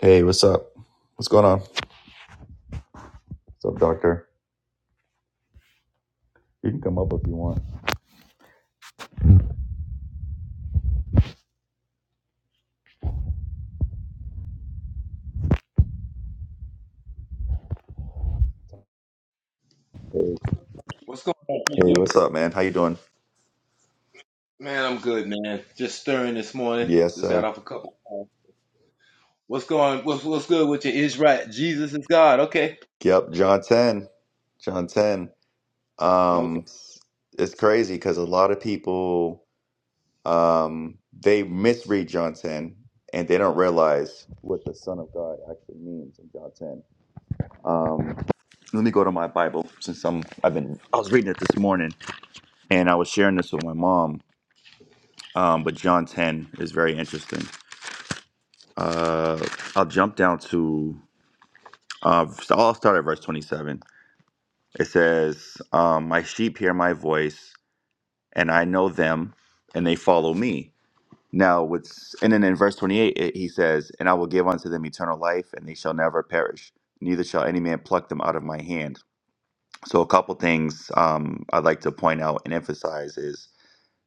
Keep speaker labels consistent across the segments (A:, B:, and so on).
A: Hey, what's up? What's going on? What's up, doctor? You can come up if you want. Hey,
B: What's going on,
A: hey,
B: Peter?
A: what's up, man? How you doing?
B: man? I'm good, man. Just stirring this morning.
A: Yes,
B: Just got
A: sir.
B: off a couple. calls. What's going? What's what's good with you? Is right. Jesus is God. Okay.
A: Yep, John 10. John 10.
B: Okay.
A: Um, it's crazy because a lot of people um they misread John 10 and they don't realize what the Son of God actually means in John 10. Um, let me go to my Bible since I'm I've been I was reading it this morning and I was sharing this with my mom. Um, but John 10 is very interesting. uh, I'll jump down to. Uh, so I'll start at verse 27. It says, um, "My sheep hear my voice, and I know them, and they follow me." Now, what's and then in verse 28, it, he says, "And I will give unto them eternal life, and they shall never perish; neither shall any man pluck them out of my hand." So, a couple things um, I'd like to point out and emphasize is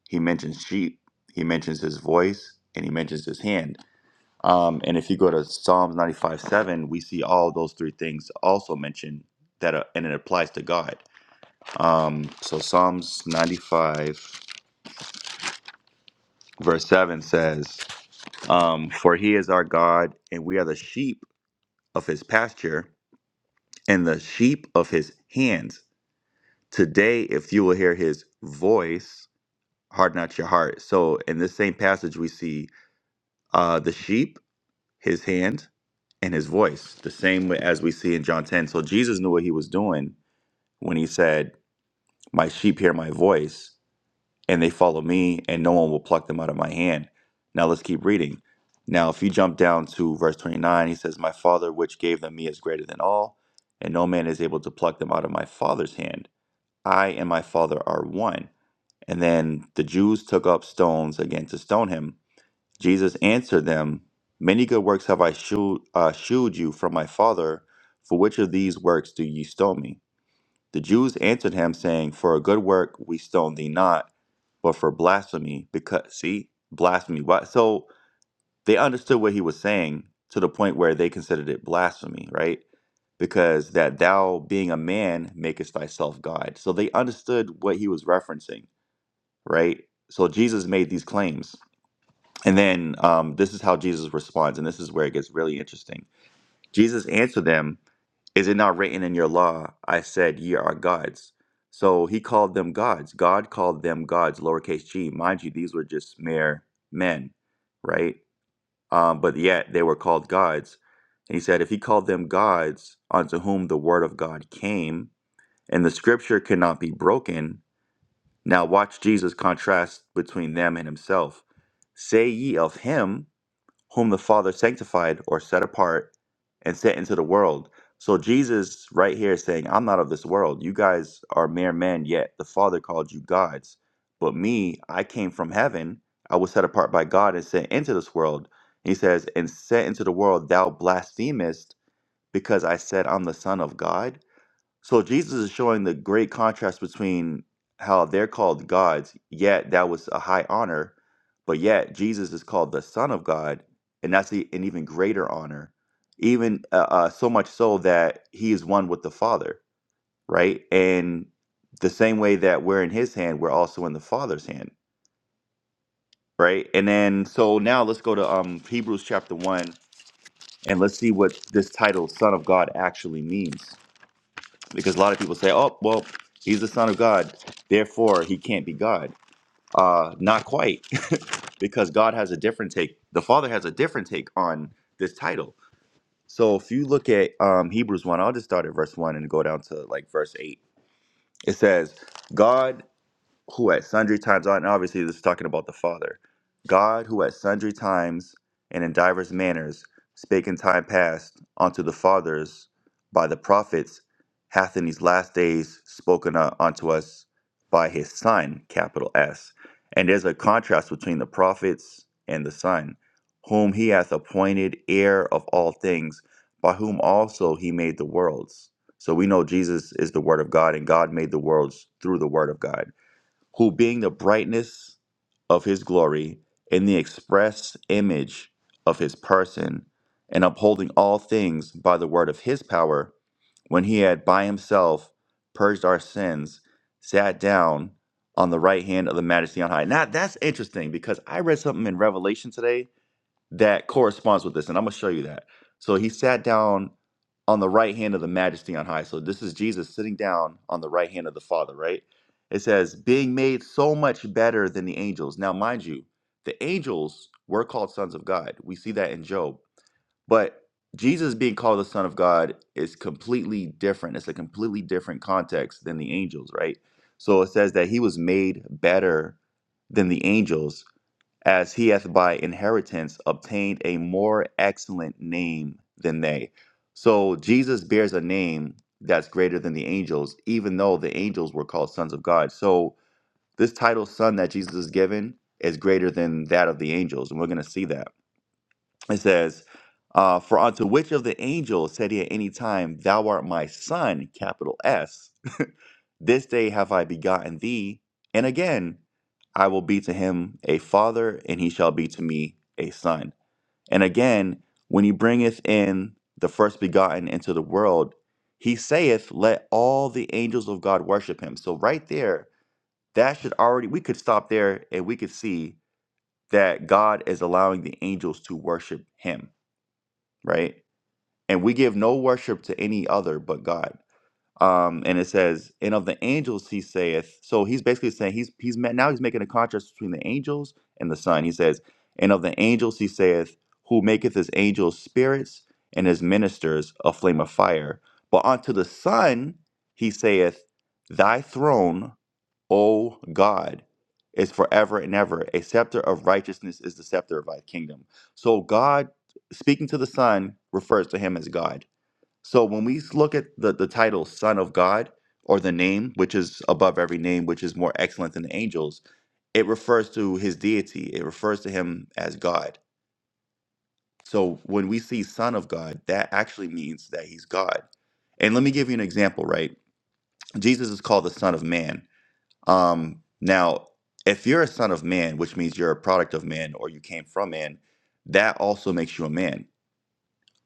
A: he mentions sheep, he mentions his voice, and he mentions his hand Um, and if you go to Psalms 95 7, we see all those three things also mentioned that are, and it applies to God. Um, so Psalms 95 verse 7 says, um, For he is our God, and we are the sheep of his pasture and the sheep of his hands. Today, if you will hear his voice, harden not your heart. So in this same passage, we see uh, the sheep, his hand, and his voice, the same way as we see in John 10. So Jesus knew what he was doing when he said, My sheep hear my voice, and they follow me, and no one will pluck them out of my hand. Now let's keep reading. Now, if you jump down to verse 29, he says, My Father, which gave them me, is greater than all, and no man is able to pluck them out of my Father's hand. I and my Father are one. And then the Jews took up stones again to stone him. Jesus answered them, Many good works have I shewed, uh, shewed you from my Father. For which of these works do ye stone me? The Jews answered him, saying, For a good work we stone thee not, but for blasphemy, because see, blasphemy. Why so they understood what he was saying to the point where they considered it blasphemy, right? Because that thou being a man makest thyself God. So they understood what he was referencing, right? So Jesus made these claims. And then um, this is how Jesus responds, and this is where it gets really interesting. Jesus answered them is it not written in your law, I said, Ye are gods? So he called them gods. God called them gods, lowercase g. Mind you, these were just mere men, right? Um, but yet they were called gods. And he said, If he called them gods, unto whom the word of God came, and the scripture cannot be broken, now watch Jesus contrast between them and himself. Say ye of him, whom the Father sanctified or set apart and sent into the world. So Jesus right here is saying, I'm not of this world. You guys are mere men, yet the Father called you gods. But me, I came from heaven. I was set apart by God and sent into this world. He says, and sent into the world, thou blasphemest because I said I'm the Son of God. So Jesus is showing the great contrast between how they're called gods, yet that was a high honor, but yet Jesus is called the Son of God, and that's e- an even greater honor, even uh, uh, so much so that he is one with the Father, right? And the same way that we're in His hand, we're also in the Father's hand, right? And then so now let's go to um, Hebrews chapter one, and let's see what this title "Son of God" actually means. because a lot of people say, "Oh, well, he's the son of God, therefore he can't be God." Uh, not quite, because God has a different take. The Father has a different take on this title. So if you look at um, Hebrews one, I'll just start at verse one and go down to like verse eight. It says, "God." who at sundry times, and obviously this is talking about the Father, God who at sundry times and in divers manners spake in time past unto the fathers by the prophets, hath in these last days spoken u- unto us by his Son, capital S. And there's a contrast between the prophets and the Son, whom he hath appointed heir of all things, by whom also he made the worlds. So we know Jesus is the Word of God, and God made the worlds through the Word of God who being the brightness of his glory and the express image of his person, and upholding all things by the word of his power, when he had by himself purged our sins, sat down on the right hand of the majesty on high. Now that's interesting because I read something in Revelation today that corresponds with this, and I'm going to show you that. So he sat down on the right hand of the majesty on high. So this is Jesus sitting down on the right hand of the Father, right? It says, being made so much better than the angels. Now, mind you, the angels were called sons of God. We see that in Job. But Jesus being called the Son of God is completely different. It's a completely different context than the angels, right? So it says that he was made better than the angels as he hath by inheritance obtained a more excellent name than they. So Jesus bears a name that's greater than the angels, even though the angels were called sons of God. So this title, son, that Jesus is given is greater than that of the angels. And we're going to see that. It says, uh, For unto which of the angels said he at any time, Thou art my son, capital S, this day have I begotten thee, and again I will be to him a father, and he shall be to me a son. And again, when he bringeth in the first begotten into the world, he saith, Let all the angels of God worship him. So, right there, that should already, we could stop there and we could see that God is allowing the angels to worship him right? And we give no worship to any other but God. Um, and it says, and of the angels he saith. So he's basically saying he's he's ma- now he's making a contrast between the angels and the Son. He says, and of the angels he saith, who maketh his angels spirits and his ministers a flame of fire. But unto the Son he saith, Thy throne. O God is forever and ever. A scepter of righteousness is the scepter of thy kingdom. So God speaking to the Son refers to him as God. So when we look at the, the title Son of God or the name, which is above every name, which is more excellent than the angels, it refers to his deity. It refers to him as God. So when we see Son of God, that actually means that he's God. And let me give you an example, right? Jesus is called the Son of Man um, now, if you're a son of man, which means you're a product of man or you came from man, that also makes you a man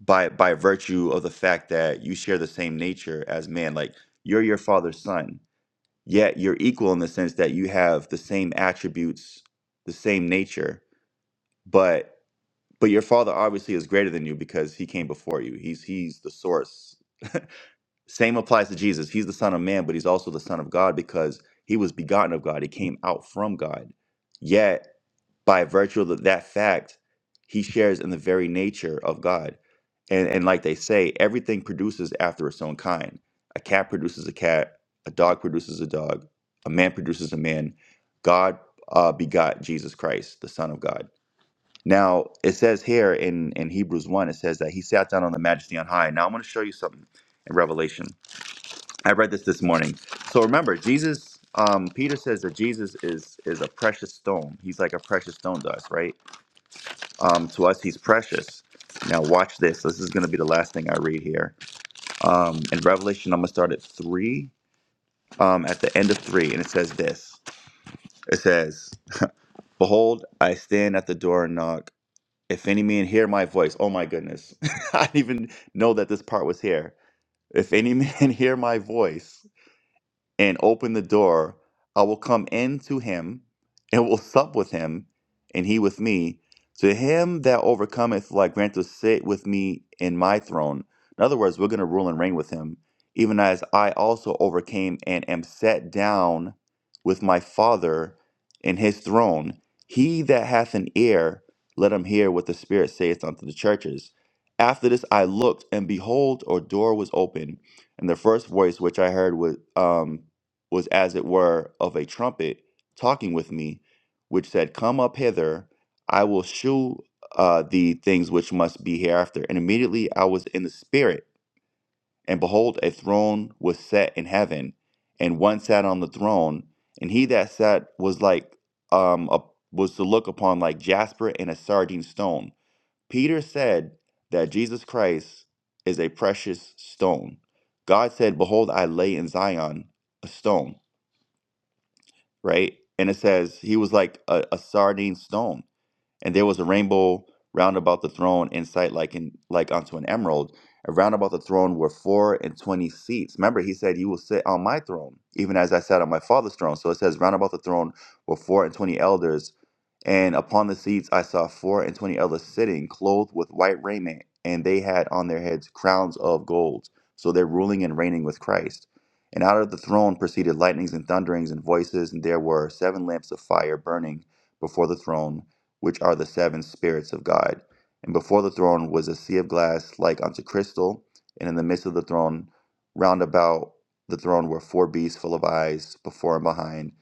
A: by by virtue of the fact that you share the same nature as man. Like you're your father's son, yet you're equal in the sense that you have the same attributes, the same nature, but but your father obviously is greater than you because he came before you. He's he's the source. Same applies to Jesus. He's the Son of Man, but he's also the Son of God because he was begotten of God. He came out from God. Yet, by virtue of that fact, he shares in the very nature of God. And, and like they say, everything produces after its own kind. A cat produces a cat, a dog produces a dog, a man produces a man. God uh, begot Jesus Christ, the Son of God. Now, it says here in, in Hebrews 1, it says that he sat down on the majesty on high. Now, I'm going to show you something in Revelation. I read this this morning. So remember, Jesus. Um, Peter says that Jesus is is a precious stone. He's like a precious stone to us, right? Um, to us, he's precious. Now, watch this. This is going to be the last thing I read here. Um, in Revelation, I'm going to start at three. Um, at the end of three, and it says this. It says, "Behold, I stand at the door and knock. If any man hear my voice, oh my goodness, I didn't even know that this part was here. If any man hear my voice." and open the door, I will come in to him and will sup with him, and he with me. To him that overcometh, will I grant to sit with me in my throne. In other words, we're going to rule and reign with him, even as I also overcame and am set down with my Father in his throne. He that hath an ear, let him hear what the Spirit saith unto the churches. After this I looked, and behold, a door was open. And the first voice which I heard was, um, was as it were of a trumpet talking with me, which said, Come up hither, I will shew uh, thee things which must be hereafter. And immediately I was in the spirit, and behold, a throne was set in heaven, and one sat on the throne, and he that sat was like um a, was to look upon like jasper and a sardine stone. Peter said that Jesus Christ is a precious stone. God said, Behold, I lay in Zion a stone right? And it says he was like a, a sardine stone. And there was a rainbow round about the throne in sight, like in like unto an emerald. And round about the throne were four and twenty seats. Remember, he said, "You will sit on my throne, even as I sat on my father's throne." So it says, "Round about the throne were four and twenty elders, and upon the seats I saw four and twenty elders sitting, clothed with white raiment, and they had on their heads crowns of gold." So they're ruling and reigning with Christ. And out of the throne proceeded lightnings and thunderings and voices, and there were seven lamps of fire burning before the throne which are the seven spirits of God. And before the throne was a sea of glass like unto crystal, and in the midst of the throne, round about the throne were four beasts full of eyes before and behind.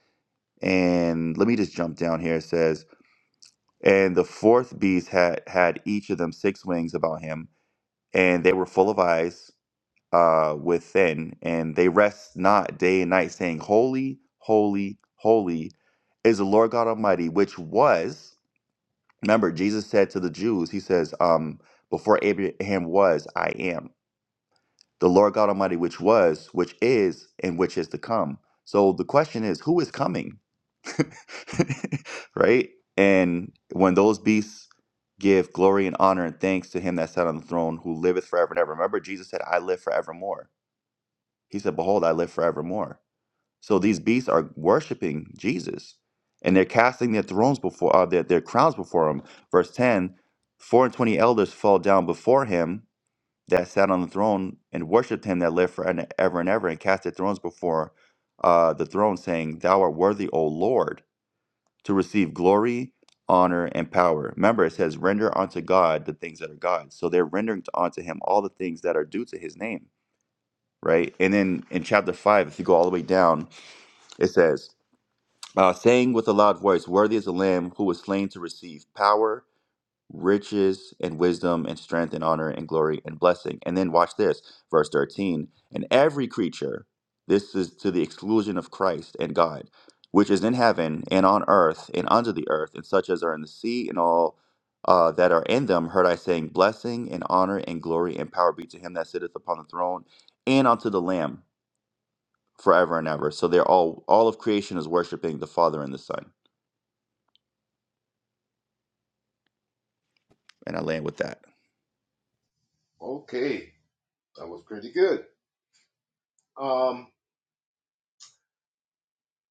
A: And let me just jump down here. It says, And the fourth beast had had each of them six wings about him, and they were full of eyes uh within, and they rest not day and night, saying, Holy, holy, holy is the Lord God Almighty, which was Remember, Jesus said to the Jews, He says, um, Before Abraham was, I am. The Lord God Almighty, which was, which is, and which is to come. So the question is, who is coming? right? And when those beasts give glory and honor and thanks to him that sat on the throne, who liveth forever and ever. Remember, Jesus said, I live forevermore. He said, Behold, I live forevermore. So these beasts are worshiping Jesus, and they're casting their thrones before uh, their their crowns before him. Verse ten: Four and twenty elders fall down before him that sat on the throne and worshipped him that lived forever and ever, and ever, cast their thrones before uh, the throne, saying, "Thou art worthy, O Lord, to receive glory." Honor and power. Remember, it says, render unto God the things that are God's." So they're rendering unto him all the things that are due to his name, right? And then in chapter 5, if you go all the way down, it says, uh, saying with a loud voice, Worthy is the Lamb who was slain to receive power, riches, and wisdom, and strength, and honor, and glory, and blessing. And then watch this, verse 13. And every creature, this is to the exclusion of Christ and God, which is in heaven, and on earth, and under the earth, and such as are in the sea, and all. Uh, that are in them heard I saying, Blessing and honor and glory and power be to him that sitteth upon the throne and unto the Lamb forever and ever. So they're all all of creation is worshiping the Father and the Son. And I land with that.
B: Okay. That was pretty good. Um,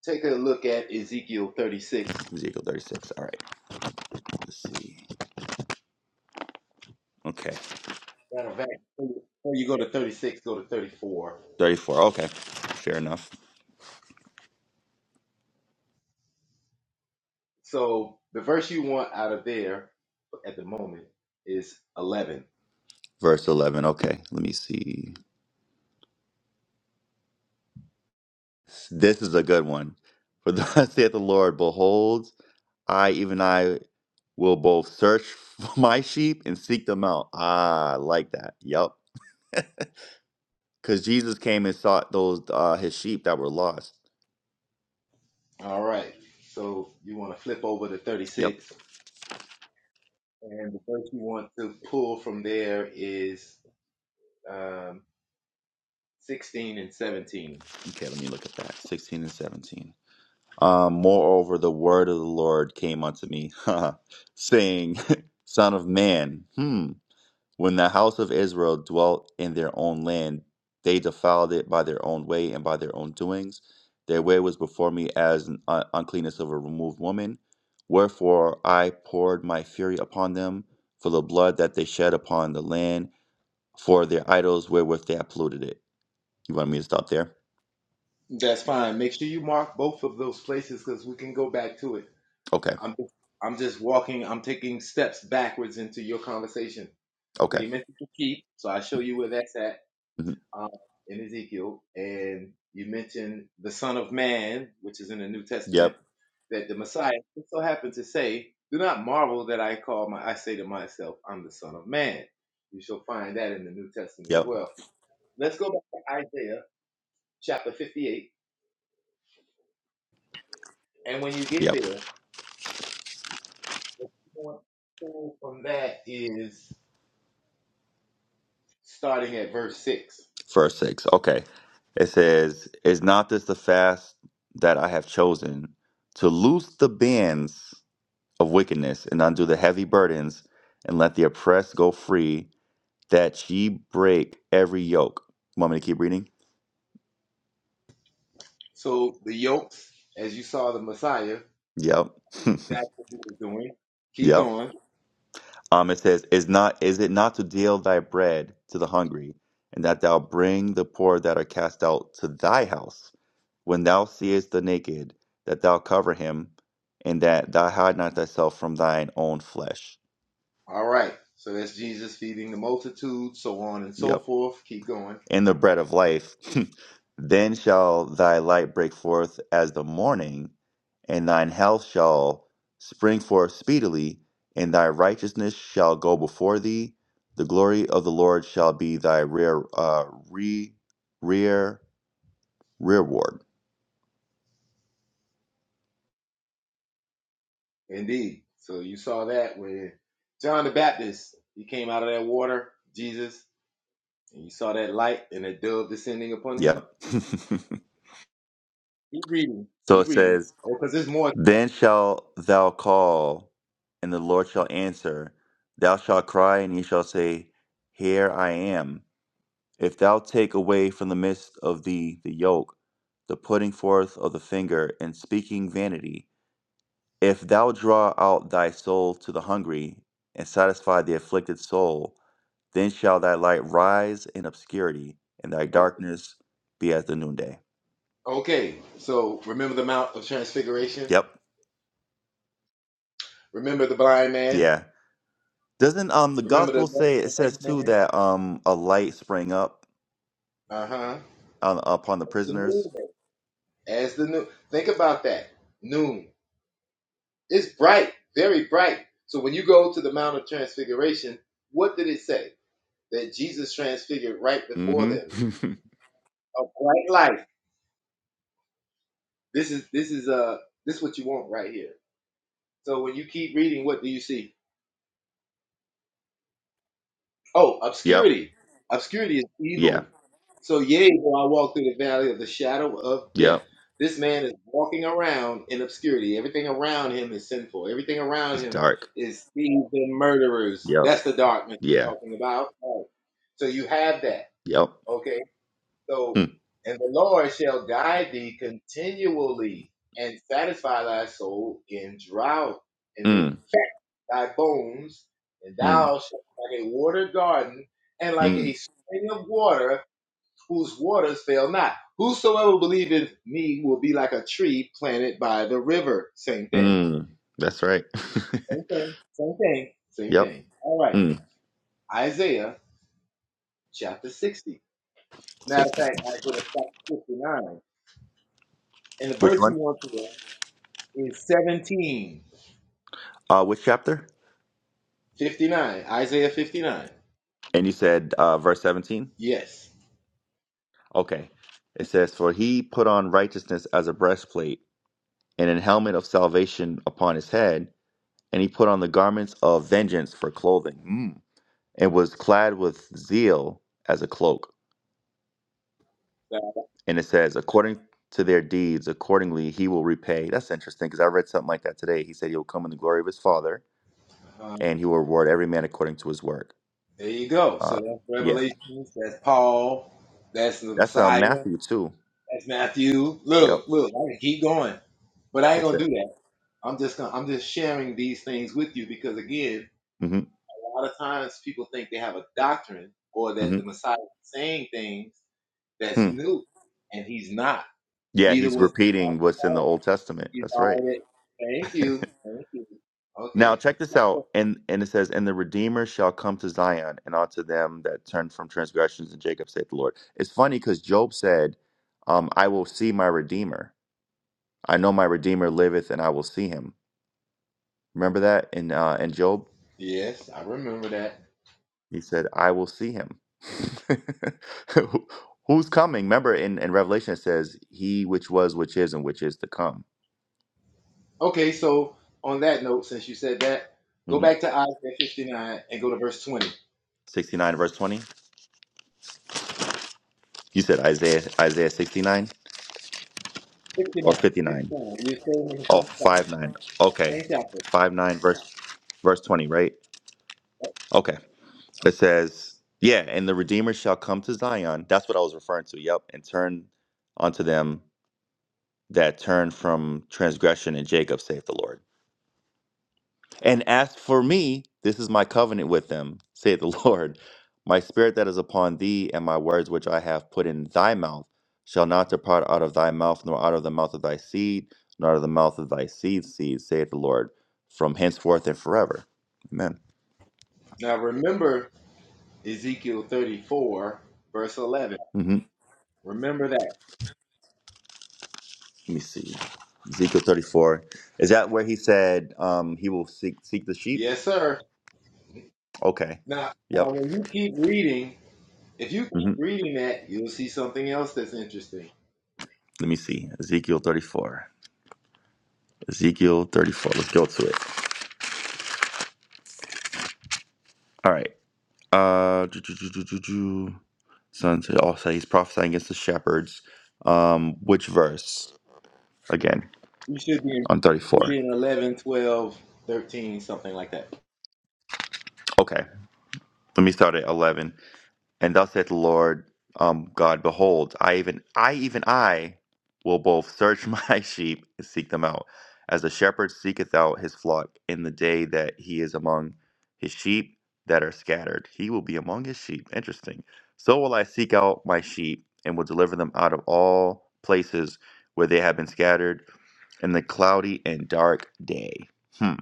B: take a look at Ezekiel 36.
A: Ezekiel 36. All right. Let's see. Okay.
B: Matter of fact, Before you go to 36, go to 34.
A: 34. Okay. Fair enough.
B: So the verse you want out of there at the moment is 11.
A: Verse 11. Okay. Let me see. This is a good one. For thus saith the Lord, behold, I, even I, will both search for my sheep and seek them out. Ah, I like that. Yep. Because Jesus came and sought those, uh, his sheep that were lost.
B: All right. So you want to flip over to
A: Yep.
B: 36. And the verse you want to pull from there is um, 16 and 17.
A: Okay. Let me look at that. 16 and 17. Um, moreover, the word of the Lord came unto me, saying, Son of man, hmm, when the house of Israel dwelt in their own land, they defiled it by their own way and by their own doings. Their way was before me as an un- uncleanness of a removed woman. Wherefore I poured my fury upon them for the blood that they shed upon the land, for their idols wherewith they have polluted it. You want me to stop there?
B: That's fine. Make sure you mark both of those places because we can go back to it.
A: Okay.
B: I'm just, I'm just walking, I'm taking steps backwards into your conversation. So
A: Okay.
B: you mentioned the keep, so I show you where that's at
A: hmm
B: um, in Ezekiel. And you mentioned the Son of Man, which is in the New
A: Yep.
B: Testament. that the Messiah just so happened to say, "Do not marvel that I call my I say to myself, I'm the Son of Man." You shall find that in the New Testament as
A: Yep.
B: well. Let's go back to Isaiah chapter 58, and when you get
A: Yep.
B: there, what you want to pull from that is starting at verse six.
A: Verse 6. Okay. It says, Is not this the fast that I have chosen to loose the bands of wickedness and undo the heavy burdens and let the oppressed go free, that ye break every yoke? Want me to keep reading?
B: So the yokes, as you saw the Messiah,
A: Yep.
B: that's what he was doing. Keep
A: yep.
B: going.
A: Um, it says, Is not is it not to deal thy bread to the hungry, and that thou bring the poor that are cast out to thy house? when thou seest the naked, that thou cover him, and that thou hide not thyself from thine own flesh.
B: All right. So that's Jesus feeding the multitude, so on and so
A: Yep.
B: forth. Keep going
A: In the bread of life, then shall thy light break forth as the morning, and thine health shall spring forth speedily, and thy righteousness shall go before thee. The glory of the Lord shall be thy rear, uh, re, rear, rearward.
B: Indeed. So you saw that when John the Baptist he came out of that water, Jesus, and you saw that light and a dove descending upon him.
A: Yep.
B: Keep reading.
A: so
B: Keep
A: it says,
B: reading. Oh, because there's more. to
A: Then shalt thou call, and the Lord shall answer. Thou shalt cry, and he shall say, Here I am. If thou take away from the midst of thee the yoke, the putting forth of the finger, and speaking vanity, if thou draw out thy soul to the hungry, and satisfy the afflicted soul, then shall thy light rise in obscurity, and thy
B: that. Okay.
A: darkness be as the noonday.
B: Okay. So remember the Mount of Transfiguration.
A: Yep.
B: Remember the blind man.
A: Yeah. Doesn't um the
B: Remember the
A: gospel say it says
B: lame
A: too
B: man.
A: that um a light sprang up
B: Uh huh.
A: on, upon the
B: The noon.
A: prisoners?
B: As the noon. Think about that. Noon. It's bright, very bright. So when you go to the Mount of Transfiguration, what did it say? that Jesus transfigured right before them.
A: Mm-hmm.
B: A bright life. This is this is uh this is what you want right here. So when you keep reading, what do you see? Oh,
A: yep.
B: obscurity. Obscurity is
A: Yeah.
B: evil. So yea, though I walk through the valley of the shadow of death.
A: Yep.
B: This man is walking around in obscurity. Everything around him is sinful. Everything around
A: It's
B: him
A: dark.
B: is thieves and murderers.
A: Yep.
B: That's the darkness
A: Yeah.
B: I'm talking about. Right. So you have that.
A: Yep.
B: okay? So,
A: Mm.
B: and the Lord shall guide thee continually and satisfy thy soul in drought and make
A: Mm.
B: fat thy bones, and
A: Mm.
B: thou shalt be like a watered garden and like
A: Mm.
B: a spring of water whose waters fail not. Whosoever believeth me will be like a tree planted by the river. Same thing.
A: Mm. That's right.
B: Same thing. Same thing. Same
A: yep.
B: thing. All right.
A: Mm.
B: Isaiah chapter 60. Matter
A: Sixty.
B: of fact, Isaiah chapter 59. And the
A: Which
B: verse you
A: one?
B: want to read It's 17.
A: Uh, which chapter?
B: 59, Isaiah 59.
A: And you said uh, verse seventeen.
B: Yes.
A: Okay. It says, "For he put on righteousness as a breastplate, and an helmet of salvation upon his head." and he put on the garments of vengeance for clothing, mm. and was clad with zeal as a cloak. And it says, according to their deeds, accordingly he will repay. That's interesting because I read something like that today. He said he'll come in the glory of his father,
B: Uh,
A: and he will reward every man according to his work.
B: there you go. So
A: Uh,
B: that's
A: yeah,
B: Revelations, that's Paul, that's the
A: that's um,
B: Messiah,
A: Matthew too.
B: that's Matthew.
A: Yep,
B: Look, look, I can keep going. But I ain't
A: it's
B: gonna
A: it.
B: do that. I'm just gonna I'm just sharing these things with you because again,
A: hmm
B: a lot of times people think they have a doctrine or that
A: hmm
B: the Messiah is saying things that's
A: Hmm.
B: new, and he's not.
A: Yeah,
B: Neither
A: he's
B: was the
A: repeating
B: Apostle
A: what's in the
B: Paul.
A: Old Testament.
B: He's
A: That's right.
B: already. Thank you. Thank you.
A: Now
B: Okay.
A: check this out, and and it says, "And the Redeemer shall come to Zion, and unto them that turn from transgressions." In Jacob saith the Lord. It's funny because Job said, um, "I will see my Redeemer. I know my Redeemer liveth, and I will see him." Remember that in uh, in Job,
B: Yes, I remember that.
A: he said, "I will see him." Who- Who's coming? Remember in in Revelation it says, "He which was, which is, and which is to come."
B: Okay, so on that note, since you said that, go
A: hmm
B: back to Isaiah 59 and go to verse 20. 59,
A: Sixty nine verse twenty. You said Isaiah Isaiah sixty nine or fifty nine.
B: 59. You're staying in the
A: Oh,
B: same chap-
A: five nine. Okay,
B: same chapter.
A: five nine verse verse twenty, right? Okay. It says, "Yeah, and the Redeemer shall come to Zion." That's what I was referring to. Yep, and turn unto them that turn from transgression, and Jacob saith the Lord. And as for me, this is my covenant with them, saith the Lord. My spirit that is upon thee, and my words which I have put in thy mouth, shall not depart out of thy mouth, nor out of the mouth of thy seed, nor out of the mouth of thy seed's seed, saith the Lord, from henceforth and forever. Amen.
B: Now remember Ezekiel 34, verse 11.
A: hmm
B: Remember that.
A: Let me see. Ezekiel 34. Is that where he said um, he will seek, seek the sheep?
B: Yes, sir.
A: Okay.
B: Now, now
A: Yep.
B: when you keep reading, if you keep
A: hmm
B: reading that, you'll see something else that's interesting.
A: Let me see. Ezekiel 34. Ezekiel 34. Let's go to it. All right. Uh, do, do, do, do, do, do. Son said, also he's prophesying against the shepherds. Um, which verse? Again,
B: You should be in,
A: on
B: you should
A: 34.
B: be in 11, 12, 13, something like that.
A: Okay, let me start at 11. And thus saith the Lord um, God, behold, I even I even I will both search my sheep and seek them out, as a shepherd seeketh out his flock in the day that he is among his sheep that are scattered. He will be among his sheep. Interesting. So will I seek out my sheep and will deliver them out of all places where they have been scattered in the cloudy and dark day. Hmm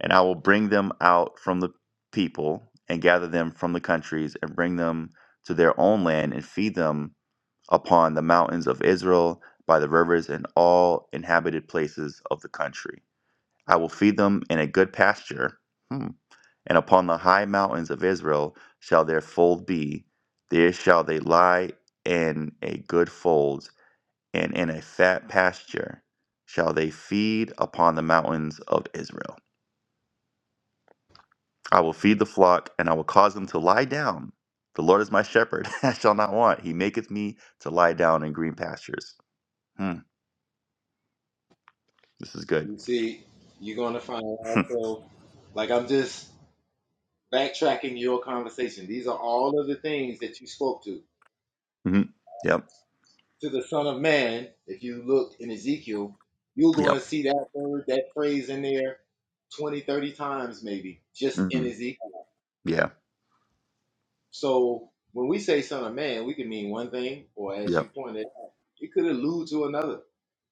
A: and I will bring them out from the people and gather them from the countries and bring them to their own land and feed them upon the mountains of Israel, by the rivers and all inhabited places of the country. I will feed them in a good pasture, hmm, and upon the high mountains of Israel shall their fold be. There shall they lie in a good fold, and in a fat pasture shall they feed upon the mountains of Israel. I will feed the flock, and I will cause them to lie down. The Lord is my shepherd, I shall not want. He maketh me to lie down in green pastures. Hmm, this is good.
B: You see, you're going to find also, like I'm just backtracking your conversation. These are all of the things that you spoke to.
A: hmm Yep.
B: To the Son of Man, if you look in Ezekiel, you're going
A: Yep.
B: to see that word, that phrase in there 20, 30 times maybe, just
A: hmm
B: in Ezekiel.
A: Yeah.
B: So when we say Son of Man, we can mean one thing, or as you
A: Yep.
B: pointed out, it could allude to another.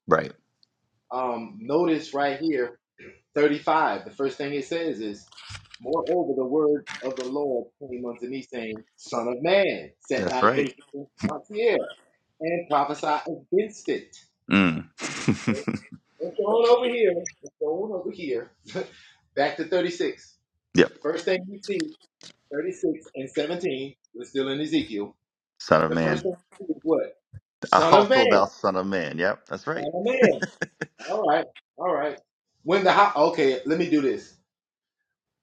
A: Right.
B: Um, notice right here 35, the first thing it says is, Moreover, the word of the Lord came unto me, saying, Son of man, set
A: That's
B: thy
A: right.
B: face against Mount Seir, and prophesy against it.
A: Mm.
B: Okay? Let's go on over here. Let's go on over here. Back to 36.
A: yep.
B: The first thing you see, 36 and 17, we're still in Ezekiel.
A: Son of
B: The first
A: man.
B: thing you see is what? Son of man.
A: Also, thou son of man. Yep. That's right.
B: Son of man. All right. All right. When the house, okay, let me do this.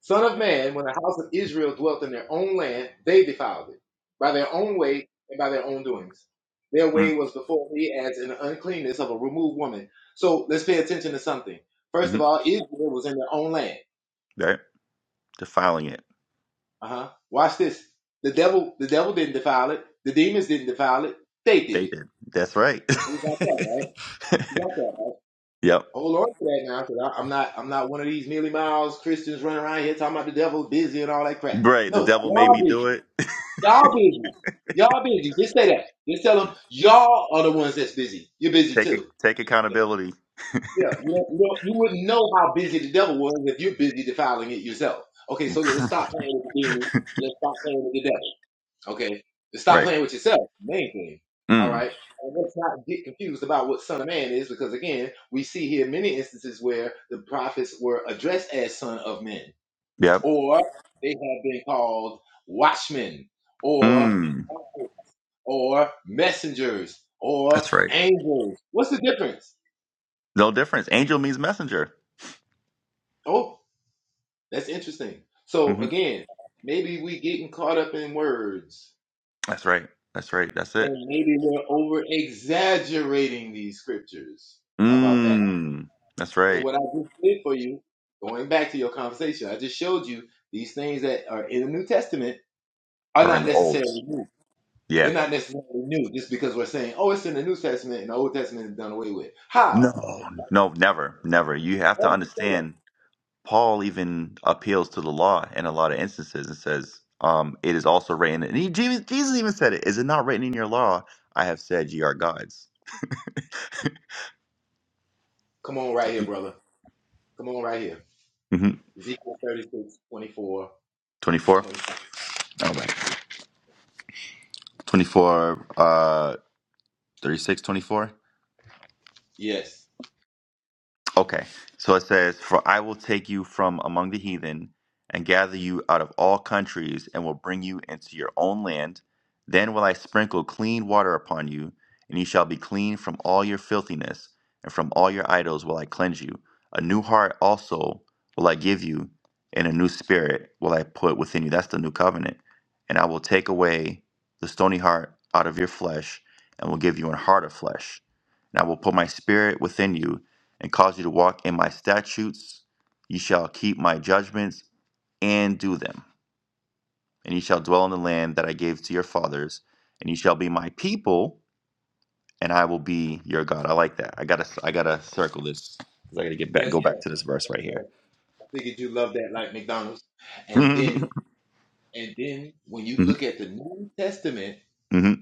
B: Son of man, when the house of Israel dwelt in their own land, they defiled it by their own way and by their own doings. Their way
A: Mm.
B: was before me as an uncleanness of a removed woman. So let's pay attention to something. First
A: Mm-hmm.
B: of all, Israel was in their own land.
A: Right. Defiling it.
B: Uh huh. Watch this. The devil, the devil didn't defile it. The demons didn't defile it. They
A: They
B: did it.
A: did. That's right.
B: You got that right. You got that right.
A: yep.
B: Hold on to that now, because I'm not, I'm not one of these mealy miles Christians running around here talking about the devil busy and all that crap.
A: Right. The
B: No,
A: devil made
B: y'all
A: me
B: busy.
A: do it.
B: Y'all busy. Y'all busy. Just say that. Just tell them y'all are the ones that's busy. You're busy
A: Take a,
B: too.
A: take
B: Okay.
A: accountability.
B: Yeah. You, don't- you, don't- you wouldn't know how busy the devil was if you're busy defiling it yourself. Okay. So let's stop playing with the demon. and Let's stop playing with the devil. Okay. Let's stop
A: Right.
B: playing with yourself. Main thing. All
A: Mm.
B: right. And let's not get confused about what son of man is because again, we see here many instances where the prophets were addressed as son of men
A: Yep.
B: or they have been called watchmen or
A: Mm.
B: or messengers or
A: That's right.
B: angels. What's the difference?
A: No difference. Angel means messenger.
B: Oh, that's interesting. So
A: hmm
B: again, maybe we getting caught up in words
A: That's right. That's right. That's it.
B: and maybe we're over exaggerating these scriptures. How about that?
A: Mm. That's
B: So
A: right.
B: what I just did for you, going back to your conversation, I just showed you these things that are in the New Testament are
A: Or in
B: not
A: the olds.
B: necessarily new.
A: Yeah.
B: They're not necessarily new just because we're saying, oh, it's in the New Testament and the Old Testament is done away with.
A: No.
B: How?
A: No, never. Never. You have
B: Why
A: to
B: would you say that?
A: understand Paul even appeals to the law in a lot of instances and says, um, it is also written and he, Jesus, Jesus even said it, is it not written in your law? I have said ye are gods.
B: Come on right
A: So
B: here,
A: he,
B: brother. Come on, right here.
A: Mhm.
B: Ezekiel 36, twenty-four,
A: 24. All right.
B: twenty-four.
A: 24 uh 36 24.
B: Yes.
A: Okay. So it says, For I will take you from among the heathen and gather you out of all countries and will bring you into your own land. Then will I sprinkle clean water upon you, and you shall be clean from all your filthiness, and from all your idols will I cleanse you. A new heart also will I give you, and a new spirit will I put within you. That's the new covenant. And I will take away the stony heart out of your flesh, and will give you an heart of flesh. And I will put my spirit within you and cause you to walk in my statutes. You shall keep my judgments and do them. And you shall dwell in the land that I gave to your fathers, and you shall be my people, and I will be your God. I like that. I gotta, I gotta circle this because I gotta get back,
B: Yes,
A: go back
B: sir.
A: to this verse
B: Yes,
A: right
B: sir.
A: here.
B: I figured you love that like McDonald's. And then, and then when you
A: hmm
B: look at the New Testament,
A: hmm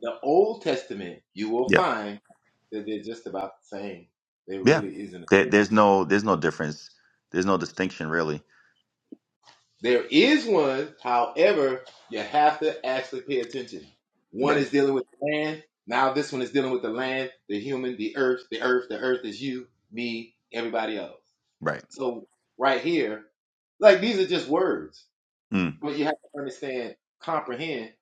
B: the Old Testament, you will
A: Yeah,
B: find that they're just about the same. There
A: yeah.
B: really isn't a
A: There,
B: difference.
A: there's no, there's no difference. There's no distinction really.
B: There is one, however, you have to actually pay attention. One
A: Right,
B: is dealing with the land. Now this one is dealing with the land, the human, the earth, the earth, the earth is you, me, everybody else.
A: right,
B: So right here, like these are just words,
A: mm,
B: but you have to understand, comprehend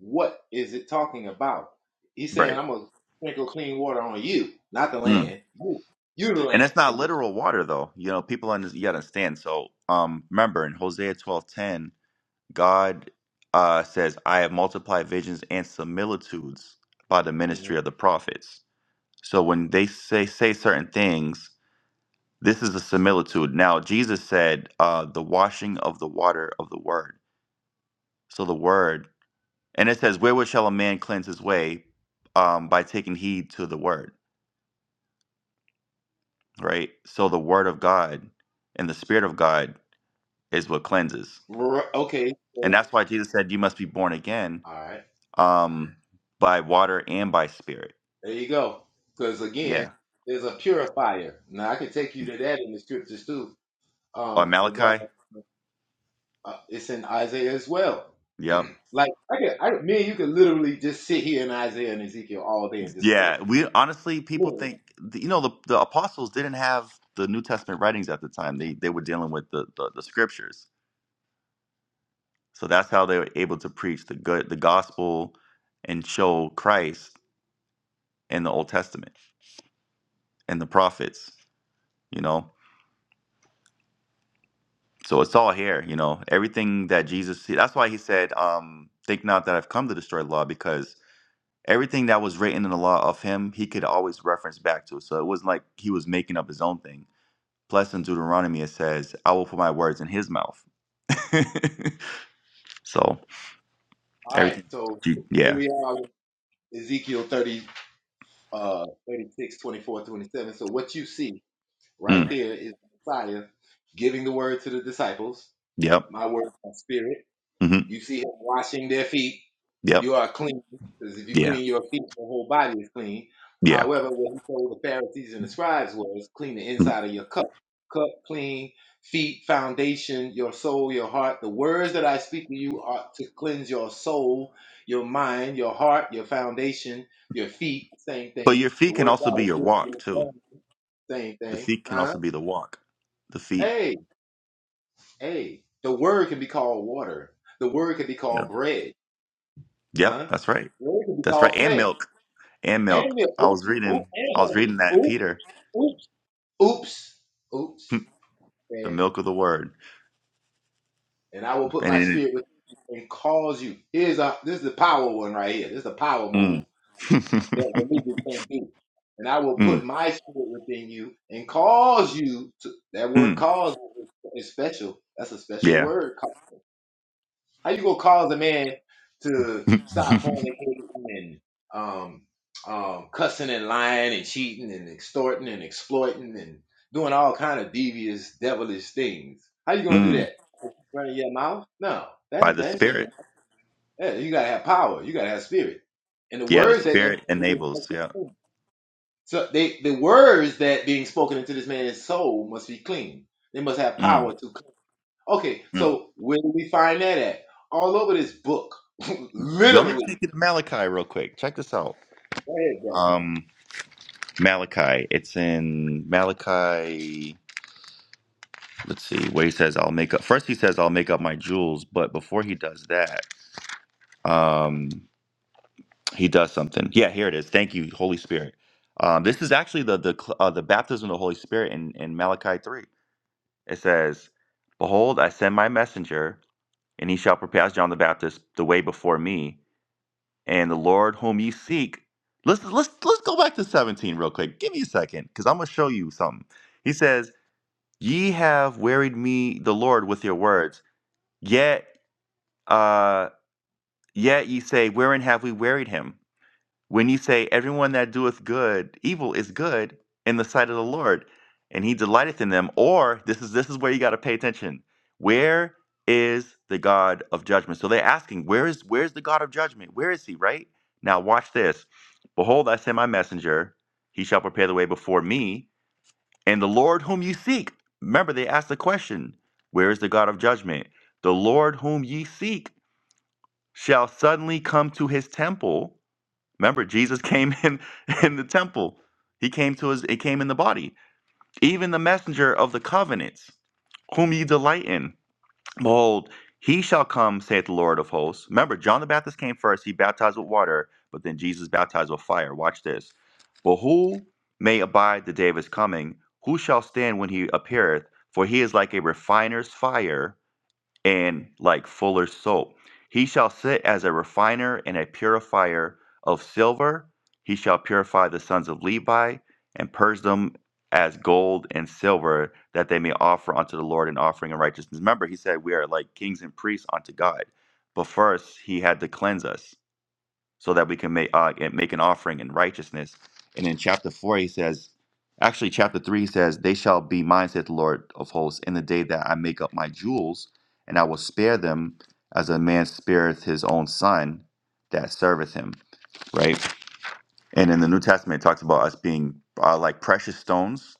B: what is it talking about. He's saying,
A: right.
B: "I'm gonna sprinkle clean water on you, not the
A: Mm.
B: land. You, you the
A: And
B: land."
A: that's not literal water though. You know, people under, you gotta understand. So, um, remember in Hosea twelve ten God uh, says, I have multiplied visions and similitudes by the ministry
B: Mhm.
A: of the prophets. So when they say, say certain things, this is a similitude. Now, Jesus said, uh, the washing of the water of the word. So the word, and it says, wherewith shall a man cleanse his way? Um, by taking heed to the word, right? So the word of God and the spirit of God is what cleanses.
B: R- Okay,
A: And
B: so, all
A: that's why Jesus said, you must be born again
B: right,
A: um, by water and by spirit
B: there you go. Because again,
A: Yeah.
B: there's a purifier. Now I can take you to that in the scriptures too.
A: Oh,
B: Um,
A: Malachi.
B: regarding uh, it's in Isaiah as well.
A: Yep.
B: Like I could, I, me and you could literally just sit here in Isaiah and Ezekiel all day and just play.
A: Yeah. We honestly,
B: Yeah.
A: people think you know the the apostles didn't have the New Testament writings at the time. They they were dealing with the the, the scriptures, so that's how they were able to preach the good the gospel and show Christ in the Old Testament and the prophets. You know, so it's all here. You know, everything that Jesus. That's why he said, um, "Think not that I've come to destroy the law," because everything that was written in the law of him, he could always reference back to. So it wasn't like he was making up his own thing Plus in Deuteronomy it says, I will put my words in his mouth. so
B: All right,
A: everything
B: so
A: you-
B: here
A: yeah.
B: we are with Ezekiel 30, uh, 36, twenty-four, twenty-seven. So what you see right
A: Mm,
B: there is the Messiah giving the word to the disciples.
A: yep.
B: My word is my spirit.
A: hmm
B: You see him washing their feet.
A: Yep.
B: You are clean because if you
A: Yeah.
B: clean your feet, your whole body is clean.
A: Yeah.
B: However, what he told the Pharisees and the scribes was clean the
A: Mhm.
B: inside of your cup. Cup clean, feet, foundation, your soul, your heart. The words that I speak to you are to cleanse your soul, your mind, your heart, your foundation, your feet. Same
A: But your
B: thing. The
A: feet can
B: word of
A: also
B: God
A: be
B: is
A: your
B: good for
A: walk
B: your
A: too.
B: soul. Same
A: The
B: thing.
A: feet can
B: Huh?
A: also be the walk. The feet.
B: Hey, hey. The word can be called water. The word can be
A: Yep.
B: called bread.
A: Yep,
B: Huh?
A: that's right.
B: Or it could be
A: That's right.
B: called
A: And
B: flesh.
A: milk. And
B: And
A: milk.
B: the
A: I
B: oop,
A: was
B: oop,
A: reading
B: and
A: I was reading
B: heaven.
A: that in
B: Oop,
A: Peter.
B: oops, oops,
A: the
B: oops. And
A: milk of the word.
B: and I will put
A: And
B: my
A: in it
B: spirit within you and cause you. Here's a this is the power one right here. This is the power
A: mm.
B: move that religion can't do. And I will put
A: mm.
B: my spirit within you and cause you to that word
A: Mm.
B: cause is special. That's a special
A: Yeah.
B: word. How you gonna cause a man to stop fornicating and um, um, cussing and lying and cheating and extorting and exploiting and doing all kind of devious, devilish things? How you gonna do
A: mm.
B: that? Running your mouth? No,
A: By
B: that,
A: the
B: that ain't gonna do.
A: Spirit.
B: That. Yeah, You gotta have power. You gotta have spirit. And the
A: Yeah, the
B: words that that
A: Spirit
B: man is
A: enables.
B: spoken-
A: Yeah.
B: to, so they the words that being spoken into this man's soul must be clean. They must have power
A: Mm,
B: to Okay,
A: mm.
B: so where do we find that at? All over this book,
A: Let me take
B: literally.
A: you to Malachi real quick. Check this out.
B: Go ahead, brother.
A: Um, Malachi. It's in Malachi. Let's see where he says, "I'll make up." First, he says, "I'll make up my jewels," but before he does that, um, he does something. Yeah, here it is. Thank you, Holy Spirit. Um, this is actually the the cl- uh, the baptism of the Holy Spirit in in Malachi three. It says, "Behold, I send my messenger, and he shall prepare as John the Baptist the way before me." and the Lord whom ye seek. Let's let's let's go back to 17 real quick. Give me a second, because I'm gonna show you something. He says, Ye have wearied me the Lord with your words, yet uh yet ye say, Wherein have we wearied him? When you say, Everyone that doeth good, evil is good in the sight of the Lord, and he delighteth in them, or this is this is where you gotta pay attention. Where is the God of judgment? So they're asking, Where is where's the God of judgment? Where is he, right? Now watch this. Behold, I send my messenger, he shall prepare the way before me, and the Lord whom you seek. Remember, they asked the question, Where is the God of judgment? The Lord whom ye seek shall suddenly come to his temple Remember, Jesus came in in the temple. He came to his. It came in the body. Even the messenger of the covenants, whom ye delight in. Behold, he shall come, saith the Lord of hosts. Remember, John the Baptist came first. He baptized with water, but then Jesus baptized with fire. Watch this. But who may abide the day of his coming? Who shall stand when he appeareth? For he is like a refiner's fire and like fuller's soap. He shall sit as a refiner and a purifier of silver. He shall purify the sons of Levi and purge them as gold and silver, that they may offer unto the Lord an offering of righteousness. Remember, he said we are like kings and priests unto God. But first, he had to cleanse us so that we can make uh, and make an offering in righteousness. And in chapter four, he says, actually, chapter three he says, "They shall be mine," saith the Lord of hosts, in the day that I make up my jewels, and I will spare them as a man spareth his own son that serveth him. Right. And in the New Testament, it talks about us being uh, like precious stones.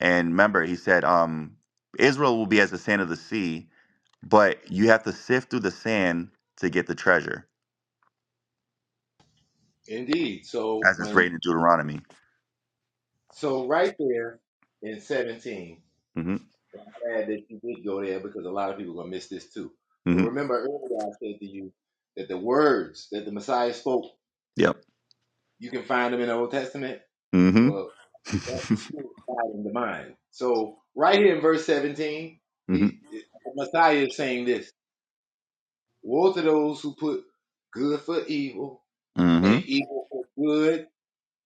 A: And remember, he said, um, Israel will be as the sand of the sea, but you have to sift through the sand to get the treasure,
B: Indeed. So
A: as it's written
B: when
A: in Deuteronomy.
B: so right there in seventeen.
A: hmm
B: I'm glad that you did go there because a lot of people are gonna miss this too. But remember earlier I said to you that the words that the Messiah spoke,
A: Yep.
B: you can find them in the Old Testament.
A: Mm-hmm.
B: Well, that's the spirit side in the mind. So right here in verse seventeen,
A: mm-hmm.
B: he, the Messiah is saying this: Woe to those who put good for evil
A: Mm-hmm.
B: and evil for good.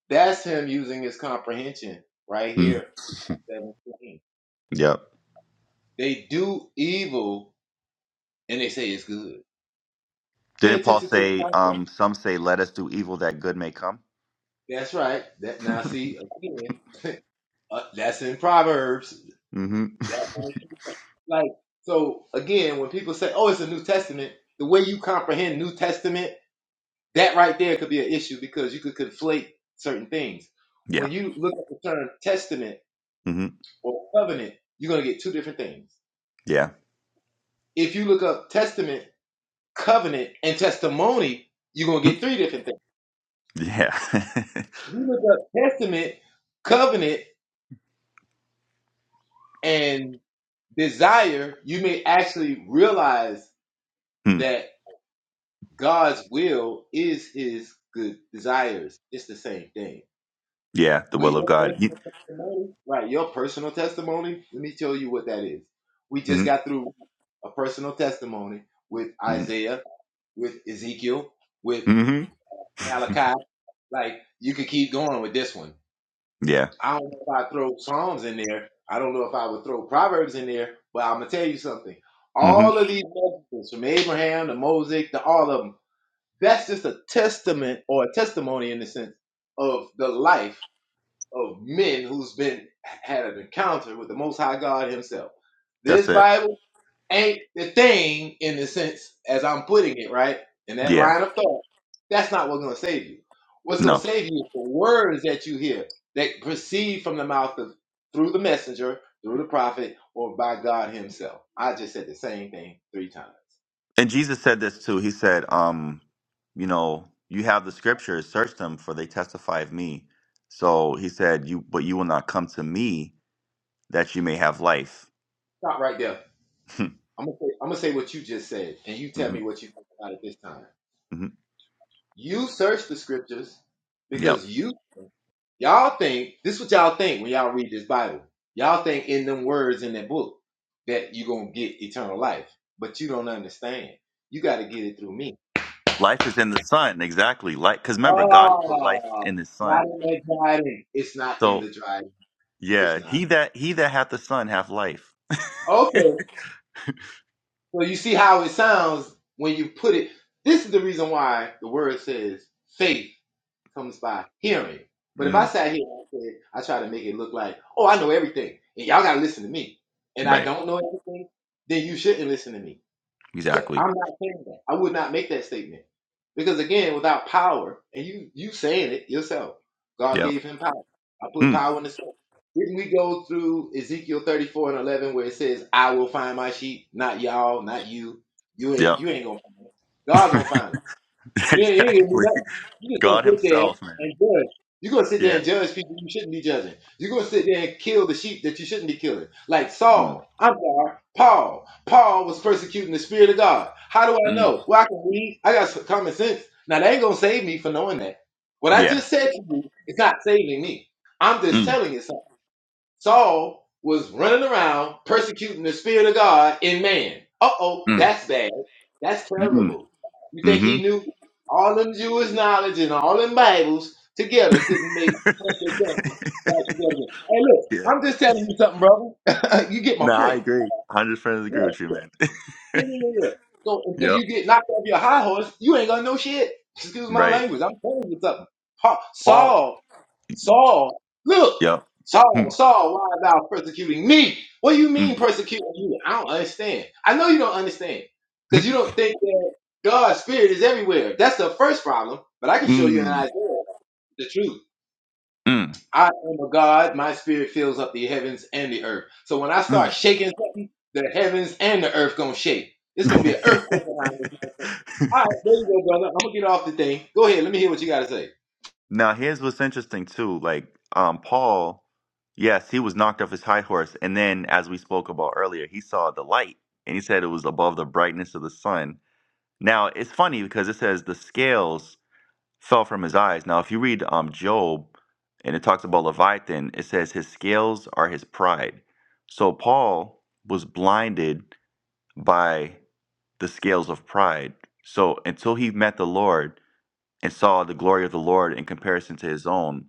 B: That's him using his comprehension right
A: Mm.
B: here. 17.
A: Yep.
B: They do evil and they say it's good. Pay
A: Didn't Paul
B: attention to the
A: say,
B: concept.
A: um, some say, let us do evil that good may come?
B: That's right. That now see again. uh, that's in Proverbs.
A: mm-hmm.
B: That's in- like so again when people say, "Oh, it's a New Testament," the way you comprehend New Testament, that right there could be an issue because you could conflate certain things.
A: Yeah.
B: When you look at the term testament
A: Mm-hmm.
B: or covenant, you're gonna get two different things.
A: Yeah.
B: If you look up testament, covenant, and testimony, you're gonna
A: Mm.
B: get three different things.
A: Yeah.
B: If you look up testament, covenant, and desire, you may actually realize
A: Mm.
B: that God's will is his good desires. It's the same thing.
A: yeah. The
B: But
A: will of
B: your
A: God.
B: personal testimony, right? Your personal testimony, let me tell you what that is. We just
A: Mm-hmm.
B: got through a personal testimony with
A: Mm-hmm.
B: Isaiah, with Ezekiel, with
A: Mm-hmm.
B: Malachi. Like you could keep going with this one.
A: yeah.
B: I don't know if I throw Psalms in there. I don't know if I would throw Proverbs in there, but I'm gonna tell you something.
A: Mm-hmm.
B: All of these messages from Abraham to Moses to all of them, that's just a testament or a testimony in the sense of the life of men who's been had an encounter with the Most High God Himself. This
A: That's it.
B: Bible ain't the thing in the sense as I'm putting it, right? In that
A: Yeah.
B: line of thought, that's not what's going to save you. What's going to
A: No.
B: save you is the words that you hear that proceed from the mouth of through the messenger, through the prophet, or by God Himself. I just said the same thing three times.
A: And Jesus said this too. He said, um, you know, you have the scriptures, search them, for they testify of me. So he said, you, but you will not come to me that you may have life.
B: Stop right there.
A: hmm
B: I'm gonna say, I'm gonna say what you just said, and you tell me
A: hmm
B: what you think about it this time. You search the scriptures
A: Yep.
B: because you Y'all think this is what y'all think when y'all read this Bible. Y'all think in them words in that book that you're gonna get eternal life, but you don't understand. You got to get it through me.
A: Life is in the Son, exactly. Like, because remember, God put life
B: Oh,
A: in His
B: not
A: Son.
B: in the dry. It's not in
A: So
B: the dry. It's
A: yeah,
B: not.
A: he that he that hath the Son hath life.
B: Okay. So you see how it sounds when you put it. This is the reason why the word says faith comes by hearing. But if I
A: Mm,
B: sat here and said, I try to make it look like, oh, I know everything, and y'all got to listen to me, and I
A: right.
B: don't know everything, then you shouldn't listen to me. I'm
A: Exactly.
B: not saying that. I would not make that statement because again, without power, and you you saying it yourself, God
A: Yep.
B: gave him power. I put
A: Mm,
B: power in the soul. Didn't we go through Ezekiel 34 and 11 where it says, "I will find my sheep, not y'all, not you. You ain't
A: yep.
B: you ain't gonna find it. God gonna find them." Yeah, you ain't gonna do
A: exactly.
B: nothing. You just
A: God
B: gonna sit there
A: Himself, man.
B: and judge. You're gonna sit there
A: Yeah.
B: and judge people you shouldn't be judging. You're gonna sit there and kill the sheep that you shouldn't be killing. Like
A: Mm,
B: Saul, I'm sorry, Paul. Paul was persecuting the Spirit of God. How do I
A: mm,
B: know? Well, I can read. I got some common sense. Now that ain't gonna save me for knowing that. What I
A: yeah.
B: just said to you is not saving me. I'm just
A: Mm,
B: telling you something. Saul was running around persecuting the Spirit of God in man. Uh oh,
A: mm,
B: that's bad. That's
A: mm,
B: terrible. You think
A: mm-hmm.
B: he knew all them Jewish knowledge and all them Bibles together couldn't make sense of justice back together? Hey, look,
A: yeah.
B: I'm just telling you something, brother. you get my
A: No, I
B: point.
A: agree. one Hundred percent
B: Yeah,
A: agree with you,
B: yeah,
A: man.
B: yeah, yeah, yeah. yeah. So until
A: yep.
B: you get knocked off your high horse, you ain't gonna know shit. Excuse my
A: Right.
B: language. I'm telling you something. Pa-
A: Paul.
B: Saul Saul, look,
A: Yep. Hmm.
B: Saul, Saul, why thou persecuting me? What do you
A: Mm.
B: mean persecuting you? I don't understand. I know you don't understand because you don't think that God's spirit is everywhere. That's the first problem. But I can show you in
A: Mm.
B: Isaiah the truth.
A: Mm.
B: I am a God. My spirit fills up the heavens and the earth. So when I
A: Mm.
B: start shaking something, the heavens and the earth gonna shake. It's gonna be an earthquake around this. motherfucker. All right, there you go, brother. I'm gonna get off the thing. Go ahead. Let me hear what you got to say.
A: now here's what's interesting too. Like um Paul, yes, he was knocked off his high horse, and then as we spoke about earlier, he saw the light and he said it was above the brightness of the sun. Now it's funny because it says the scales fell from his eyes. Now if you read um Job and it talks about Leviathan, it says his scales are his pride. So Paul was blinded by the scales of pride. So until he met the Lord and saw the glory of the Lord in comparison to his own,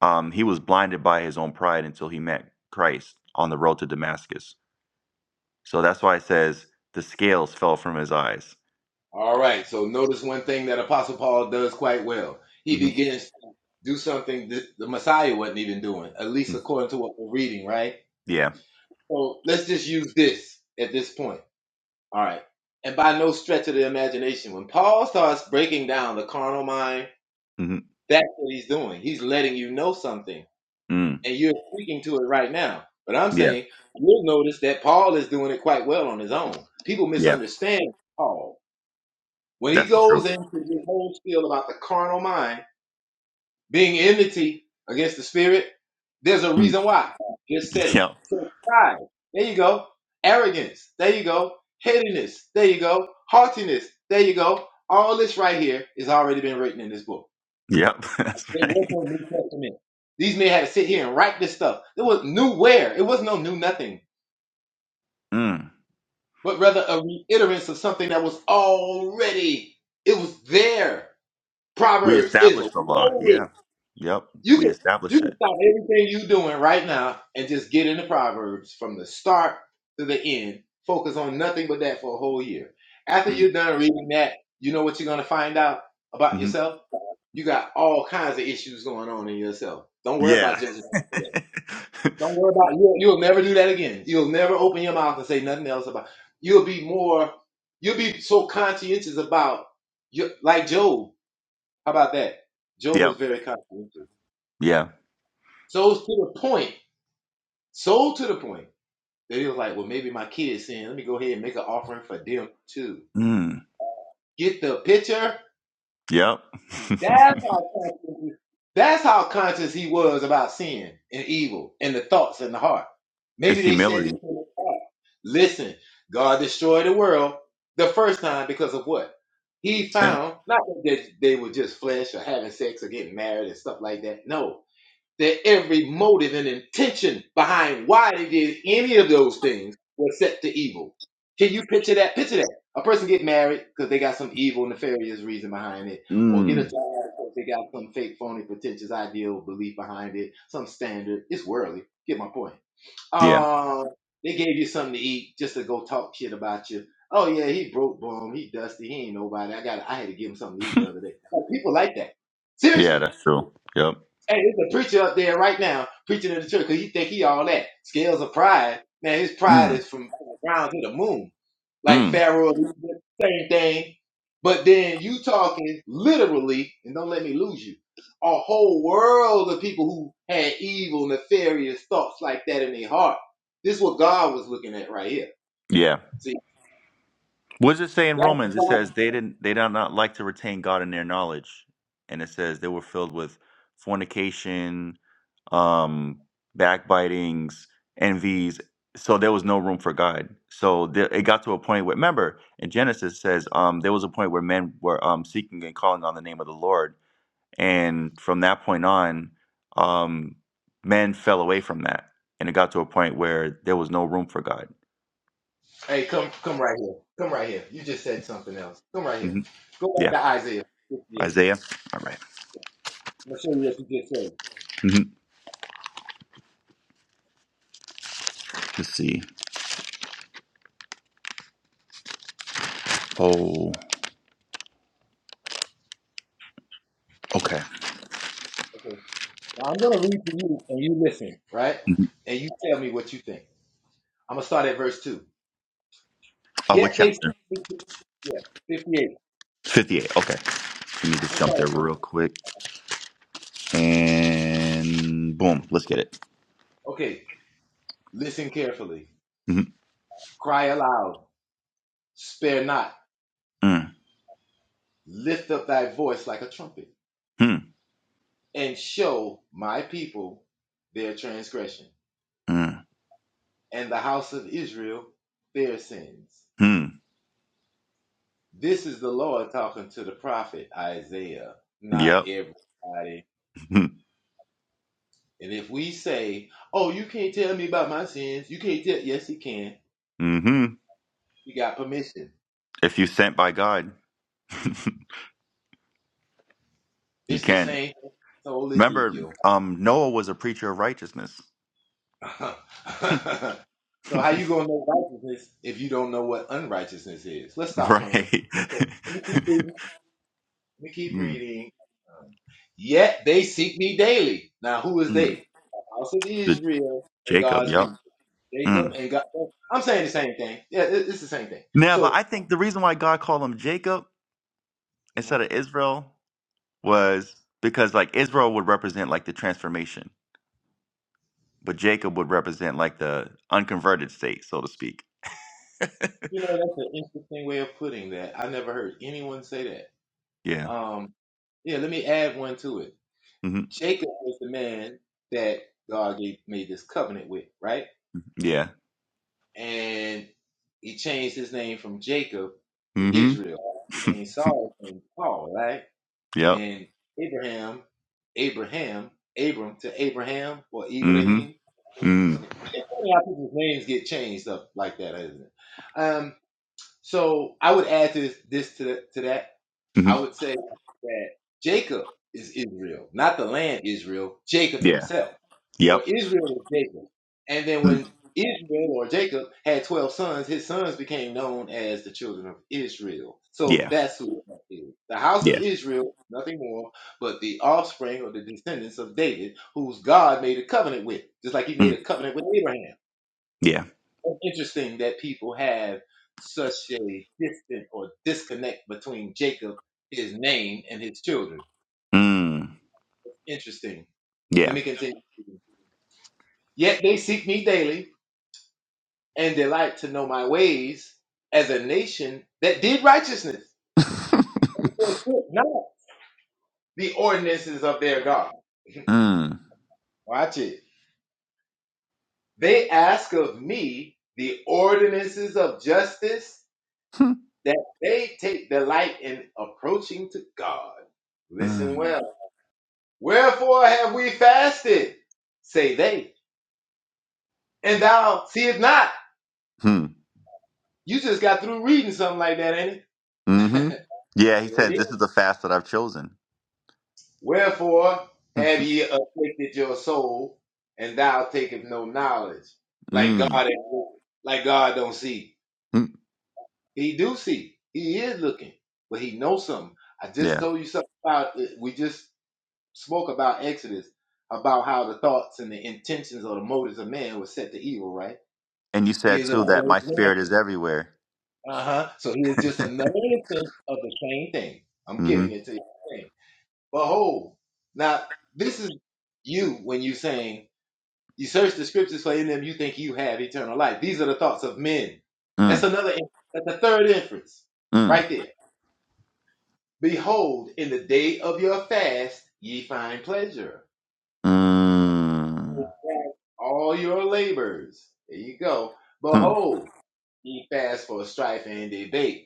A: um, he was blinded by his own pride until he met Christ on the road to Damascus. So that's why it says the scales fell from his eyes.
B: All right. So notice one thing that Apostle Paul does quite well. He
A: hmm
B: begins to do something that the Messiah wasn't even doing, at least according to what we're reading, right?
A: Yeah.
B: So let's just use this at this point. All right. And by no stretch of the imagination, when Paul starts breaking down the carnal mind,
A: hmm
B: that's what he's doing. He's letting you know something,
A: Mm.
B: and you're speaking to it right now. But I'm
A: Yeah.
B: saying you'll notice that Paul is doing it quite well on his own. People
A: Yeah.
B: misunderstand Paul When he
A: That's the truth.
B: goes into the whole spiel about the carnal mind being enmity against the spirit, there's a
A: Mm.
B: reason why. Just said it.
A: Yep.
B: So pride. There you go. Arrogance. There you go. Headiness. There you go. Haughtiness. There you go. All this right here is already been written in this book.
A: Yep. That's
B: It was
A: right.
B: no New Testament. These men had to sit here and write this stuff. There was new where. It was no new nothing,
A: Mm.
B: but rather a reiterance of something that was already. It was there.
A: We
B: Proverbs is
A: established the law.
B: loaded
A: Yeah. Yep.
B: You
A: We
B: can you
A: established it.
B: can stop everything you doing right now and just get into Proverbs from the start to the end. Focus on nothing but that for a whole year. After
A: Mm.
B: you're done reading that, you know what you're gonna find out about
A: hmm
B: yourself. You got all kinds of issues going on in yourself. Don't worry about
A: Yeah.
B: judging. another way. Don't worry about you. You'll never do that again. You'll never open your mouth and say nothing else about. You'll be more. You'll be so conscientious about. You like Job. How about that? Job was
A: yep.
B: very conscientious.
A: Yeah.
B: So to the point, so to the point that he was like, well, maybe my kid's sin. Let me go ahead and make an offering for them too.
A: Mm.
B: Get the picture?
A: Yep.
B: That's how conscious he- that's how conscious he was about sin and evil and the thoughts in the heart.
A: it's
B: Maybe they said this
A: humility.
B: in the heart. Listen, God destroyed the world the first time because of what? He
A: Sin.
B: found not that they were just flesh or having sex or getting married and stuff like that. No, Their every motive and intention behind why they did any of those things was set to evil. Can you picture that? Picture that. A person get married because they got some evil, nefarious reason behind it, or get a job
A: Mm.
B: because they got some fake, phony, pretentious ideal belief behind it, some standard. It's worldly. Get my point.
A: Yeah.
B: Um, they gave you something to eat just to go talk shit about you. Oh yeah, he broke bum, he dusty, he ain't nobody. I got I had to give him something to eat the other day. Like, people like that.
A: Yeah,
B: Seriously.
A: that's true. Yep.
B: Hey, there's a preacher up there right now preaching in the church because he think he all that. Scales of pride. Man, his pride
A: Mm.
B: is from the ground to the moon. Like
A: Mm.
B: Pharaoh, same thing. But then you talking literally, and don't let me lose you, a whole world of people who had evil, nefarious thoughts like that in their heart. This is what God was looking at right here.
A: Yeah.
B: See,
A: What does it say in
B: that's the
A: Romans? It says
B: problem.
A: they didn't they did not like to retain God in their knowledge. And it says they were filled with fornication, um, backbitings, envies. So there was no room for God. So there, it got to a point where remember in Genesis it says um there was a point where men were um seeking and calling on the name of the Lord And from that point on, um, men fell away from that. And it got to a point where there was no room for God.
B: Hey, come come right here. Come right here. You just said something else. Come right here.
A: hmm
B: Go
A: Yeah.
B: back to Isaiah 58.
A: Isaiah. All right.
B: I'm going to show you what you just said.
A: Mm-hmm. Let's see. Oh, okay.
B: Now I'm gonna read to you and you listen, right?
A: hmm
B: And you tell me what you think. I'm gonna start at verse two.
A: Uh,
B: Yet
A: what
B: they
A: chapter?
B: seek me 58.
A: 58. Okay. Let me
B: I'm
A: just
B: going
A: jump there real quick. And boom. Let's get it.
B: Okay, listen carefully.
A: hmm
B: Cry aloud, spare not,
A: Mm,
B: lift up thy voice like a trumpet,
A: hmm,
B: and show my people their transgression,
A: mm,
B: and the house of Israel their sins.
A: hmm.
B: This is the Lord talking to the prophet Isaiah, not
A: Yep.
B: everybody And if we say, "Oh, you can't tell me about my sins," you can't tell. Yes, he can.
A: Mm-hmm.
B: He got permission.
A: If you sent by God, you
B: It's the
A: can.
B: same soul
A: Remember,
B: Ezekiel.
A: um, Noah was a preacher of righteousness.
B: so how you gonna know righteousness if you don't know what unrighteousness is? Let's stop playing.
A: Right.
B: Okay, let me keep reading. Let me keep
A: mm,
B: reading. Um, Yet they seek me daily. Now who is
A: mm.
B: they? The house of
A: The
B: Israel and
A: Jacob,
B: God's
A: yep.
B: people,
A: Mm.
B: Jacob and God. I'm saying the same thing. Yeah, it- it's the same thing.
A: Now, but I
B: So.
A: think the reason why God called him Jacob
B: Mhm.
A: instead of Israel
B: uh-huh.
A: was because like Israel would represent like the transformation, but Jacob would represent like the unconverted state, so to speak.
B: You know, that's an interesting way of putting that. I never heard anyone say
A: Yeah.
B: that. Um, yeah, let me add one to it.
A: hmm
B: Jacob was the man that God gave, made this covenant with, right?
A: Yeah.
B: And he changed his name from Jacob to
A: hmm
B: Israel. and Saul name to Paul, right?
A: yep.
B: And Abraham, Abraham, Abram to Abraham or
A: hmm
B: Ibrahim.
A: Mm.
B: Okay. It's funny how people's names get changed up like that, isn't it? Um, So I would add to this, this to, the, to that.
A: hmm
B: I would say that Jacob is Israel, not the land Israel, Jacob
A: Yeah.
B: himself, or
A: Yep.
B: Israel is Jacob. And then
A: Mm.
B: when Israel or Jacob had 12 sons, his sons became known as the children of Israel. So
A: Yeah.
B: that's who it is. The house of
A: Yeah.
B: Israel, nothing more, but the offspring or the descendants of David, whose God made a covenant with, just like he made
A: Mm.
B: a covenant with Abraham.
A: Yeah.
B: It's interesting that people have such a distant or disconnect between Jacob, his name, and his children.
A: Mm.
B: Interesting. Let
A: Yeah.
B: me continue. Yet they seek me daily and delight to know my ways as a nation that did righteousness and forsook not the ordinances of their God.
A: mm.
B: Watch it. They ask of me the ordinances of justice that they take delight in approaching to God. Listen
A: Mm.
B: well. Wherefore have we fasted? Say they. And thou seest not.
A: Hmm.
B: You just got through reading something like that, ain't
A: hmm
B: it?
A: Yeah, he
B: sure it
A: said,
B: is.
A: This is the fast that I've chosen.
B: Wherefore have ye afflicted your soul, and thou takest no knowledge, like God
A: mm.
B: like God don't see.
A: Mm.
B: He do see. He is looking, but he knows something. I just
A: Yeah.
B: told you something about it. We just spoke about Exodus, about how the thoughts and the intentions or the motives of man was set to evil, right?
A: And you said
B: Here's
A: too that
B: another
A: my
B: example.
A: spirit is everywhere.
B: Uh-huh. So he is just another instance of the same thing. I'm
A: Mm-hmm.
B: giving it to you. Behold, now this is you when you saying you search the scriptures for in them you think you have eternal life. These are the thoughts of men. That's
A: Mm.
B: another. in- That's the third inference,
A: Mm.
B: right there. Behold, in the day of your fast ye find pleasure.
A: Mm.
B: All your labors. There you go.
A: Mm.
B: Behold, ye fast for strife and debate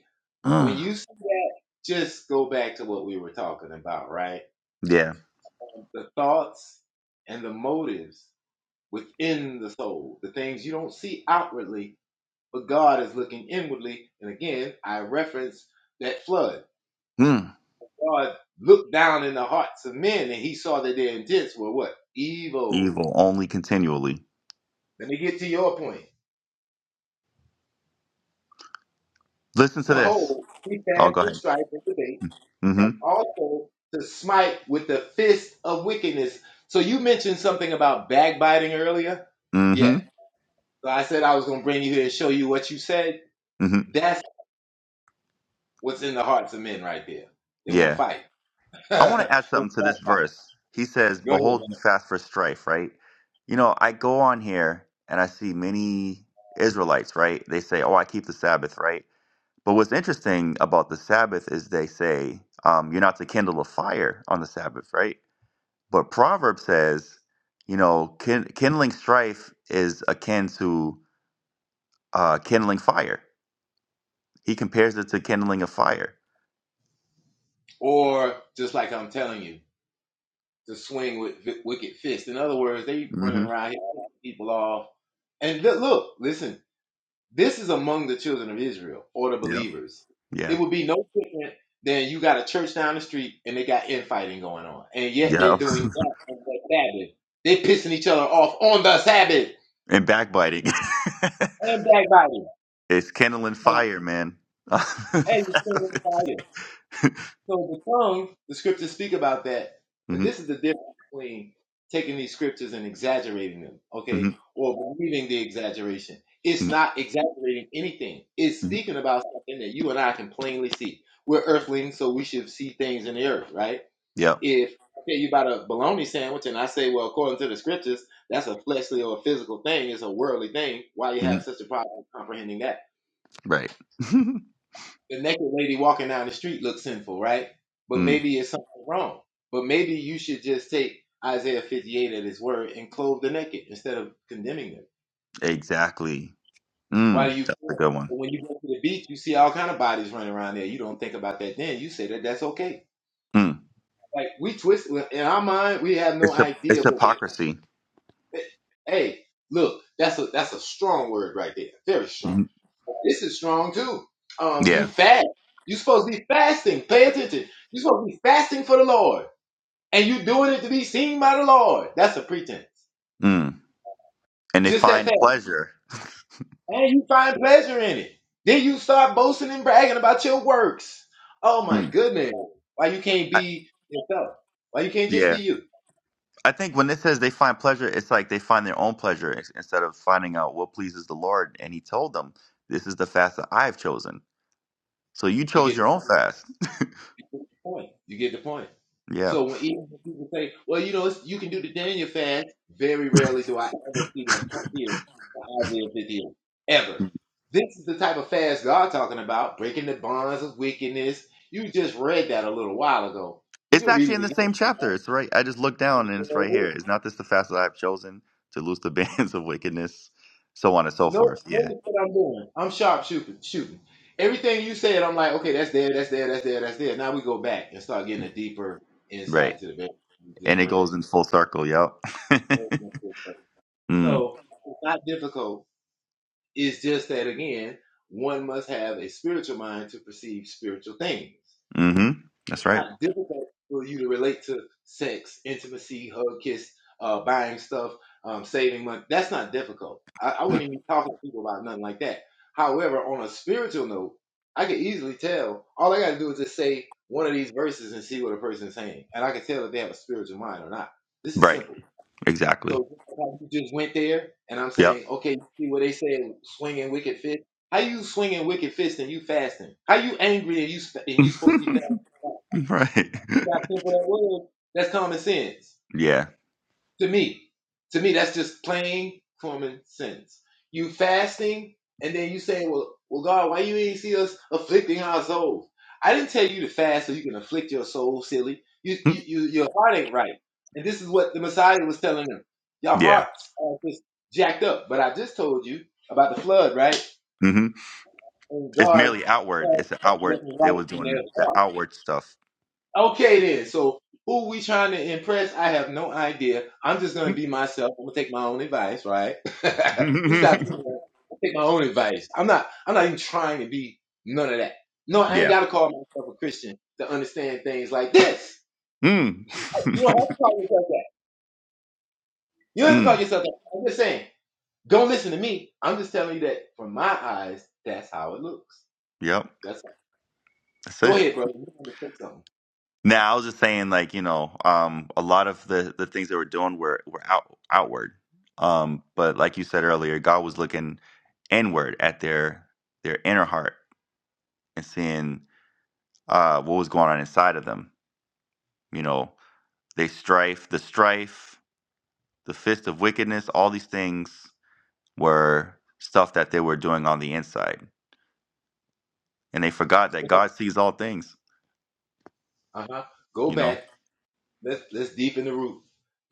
B: When
A: Mm.
B: you see that, just go back to what we were talking about, right?
A: Yeah.
B: The thoughts and the motives within the soul, the things you don't see outwardly, but God is looking inwardly. And again, I reference that flood.
A: Mm.
B: God looked down in the hearts of men and he saw that their intents were what? Evil.
A: Evil only continually.
B: Let me get to your point.
A: Listen to this.
B: Behold, he
A: Oh,
B: passed
A: go
B: the
A: ahead.
B: strife and debate and
A: Mm-hmm.
B: also to smite with the fist of wickedness. So you mentioned something about backbiting earlier. Yeah.
A: Mm-hmm.
B: So I said I was going to bring you here and show you what you said.
A: Mm-hmm.
B: That's what's in the hearts of men right there. They want to
A: Yeah.
B: fight.
A: I want to add
B: They
A: something to
B: wanna
A: this
B: backbite.
A: verse. He says,
B: Go ahead,
A: Behold
B: man.
A: you fast for strife, right? You know, I go on here and I see many Israelites, right? They say, Oh, I keep the Sabbath, right? But what's interesting about the Sabbath is they say um, you're not to kindle a fire on the Sabbath, right? But Proverbs says, you know, kin- kindling strife is akin to uh, kindling fire. He compares it to kindling a fire.
B: Or just like I'm telling you, to swing with vi- wicked fist. In other words, they running
A: Mm-hmm.
B: around here, cutting people off. And look, look, listen. This is among the children of Israel or the
A: Yep.
B: believers.
A: Yeah.
B: It would be no different than you got a church down the street and they got infighting going on, and yet
A: Yeah.
B: they're doing that on the Sabbath. They're pissing each other off on the Sabbath
A: And backbiting.
B: and backbiting.
A: it's kindling
B: Now,
A: fire, man.
B: hey,
A: mm-hmm.
B: So the tongues, the scriptures speak about that, and this is the difference between taking these scriptures and exaggerating them,
A: hmm
B: okay, or believing the exaggeration. It's
A: hmm
B: not exaggerating anything. It's speaking about something that you and I can plainly see. We're earthlings, so we should see things in the earth, right?
A: Yep.
B: If I tell you about a bologna sandwich and I say, well, according to the scriptures, that's a fleshly or a physical thing, it's a worldly thing. Why you
A: hmm
B: have such a problem comprehending that?
A: Right.
B: the naked lady walking down the street looks sinful, right? But
A: mm.
B: maybe it's something wrong. But maybe you should just take Isaiah 58 at his word and clothe the naked instead of condemning them.
A: Exactly.
B: Why
A: Mm.
B: do you
A: That's a
B: care?
A: good one.
B: But when you go to the beach, you see all kind of bodies running around there. You don't think about that then. You say that that's okay.
A: Mm.
B: Like we twist well, in our mind, we have no
A: It's a
B: idea
A: it's
B: what.
A: hypocrisy.
B: The, hey, look, that's a that's a strong word right there. Very strong
A: Mhm.
B: This is strong too. Um, you
A: Yeah.
B: fast. you supposed to be fasting. Pay attention. you supposed to be fasting for the Lord. And you doing it to be seen by the Lord. That's a pretense.
A: Mm. And they
B: Just that fast.
A: find pleasure.
B: And you find pleasure in it. Then you start boasting and bragging about your works. Oh my
A: Mm.
B: goodness. Why you can't
A: I,
B: be yourself? Why you can't just be
A: yeah.
B: you?
A: I think when it says they find pleasure, it's like they find their own pleasure ins- instead of finding out what pleases the Lord. And He told them, "This is the fast that I've chosen." So you
B: You
A: chose
B: get the
A: your own
B: point.
A: fast.
B: You get the point. You get the point.
A: Yeah.
B: So when even when people say, "Well, you know, it's, you can do the Daniel fast," very rarely do I ever see them come here to Isaiah 58 ever.
A: Mhm.
B: This is the type of fast God talking about, breaking the bonds of wickedness. You just read that a little while ago. You
A: It's
B: can read
A: actually
B: it
A: in the same
B: again.
A: chapter. It's right. I just looked down and it's right here. Is not this the fast that I've chosen to loose the bands of wickedness, so on and so
B: No,
A: forth. Yeah.
B: notice what I'm doing. I'm sharp shooting, shooting. Everything you said, I'm like, okay, that's there, that's there, that's there, that's there. Now we go back and start getting a deeper insight
A: Right.
B: to the very thing you
A: And
B: just
A: it
B: read.
A: goes in full circle. Yep. mm.
B: So it's not difficult. It's just that again, one must have a spiritual mind to perceive spiritual things.
A: hmm That's
B: It's
A: right.
B: not difficult for you to relate to sex, intimacy, hug, kiss, uh, buying stuff, um, saving money. That's not difficult. I, I wouldn't even be talking to people about nothing like that. However, on a spiritual note, I could easily tell. All I got to do is just say one of these verses and see what a person is saying, and I can tell if they have a spiritual mind or not. This is
A: Right.
B: simple.
A: Exactly.
B: So like, you just went there, and I'm
A: Yep.
B: saying, okay, you see what they said, swinging wicked fist. How you swinging wicked fist and you fasting? How you angry and you sp- and you supposed to be fasting?
A: right.
B: That's simple that was. That's common sense.
A: yeah.
B: To me, to me, that's just plain common sense. You fasting, and then you say, "Well, well, God, why you ain't see us afflicting our souls?" I didn't tell you to fast so you can afflict your soul, silly. You, you, you your heart ain't right, and this is what the Messiah was telling them. Your
A: Yeah.
B: hearts are just jacked up. But I just told you about the flood, right?
A: hmm
B: And
A: It's
B: God
A: merely outward.
B: saw
A: It's an
B: what
A: outward.
B: was
A: They
B: right
A: was
B: in
A: doing
B: their
A: the
B: heart.
A: outward stuff.
B: Okay then. So who we trying to impress? I have no idea. I'm just gonna be myself. I'm gonna take my own advice, right? this is how I feel. right? I take my own advice. I'm not I'm not even trying to be none of that. No, I ain't
A: yeah.
B: gotta call myself a Christian to understand things like this.
A: Mm.
B: You don't have to call yourself that. You don't have to call
A: mm.
B: yourself that. I'm just saying, don't listen to me. I'm just telling you that from my eyes, that's how it looks.
A: Yep.
B: That's all.
A: That's
B: Go
A: it.
B: ahead, brother. You want to say something.
A: Now I was just saying, like you know, um, a lot of the the things they were doing were were out outward. Um, but like you said earlier, God was looking inward at their their inner heart and seeing uh what was going on inside of them You know, they strife, the strife, the fist of wickedness, all these things were stuff that they were doing on the inside. And they forgot that God sees all things,
B: Uh huh. Go
A: you
B: back
A: know.
B: Let's let's deep in the root.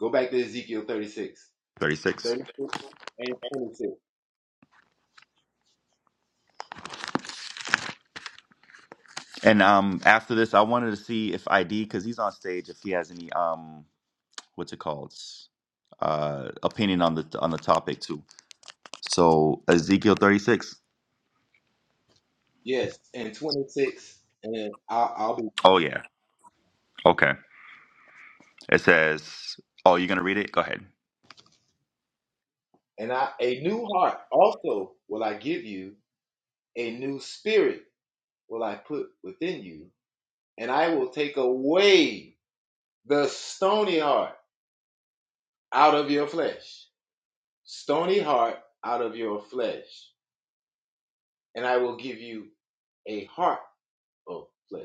B: Go back to Ezekiel 36,
A: 36.
B: 36, and 26.
A: And um after this I wanted to see if ID cuz he's on stage if he has any um what's it called? Uh opinion on the on the topic too. So Ezekiel 36.
B: Yes, and 26, and I'll, I'll be
A: Oh yeah. Okay. It says, "Oh, you're going to read it? Go ahead."
B: and I a new heart also will I give you, a new spirit will I put within you, and I will take away the stony heart out of your flesh, stony heart out of your flesh, and I will give you a heart of flesh.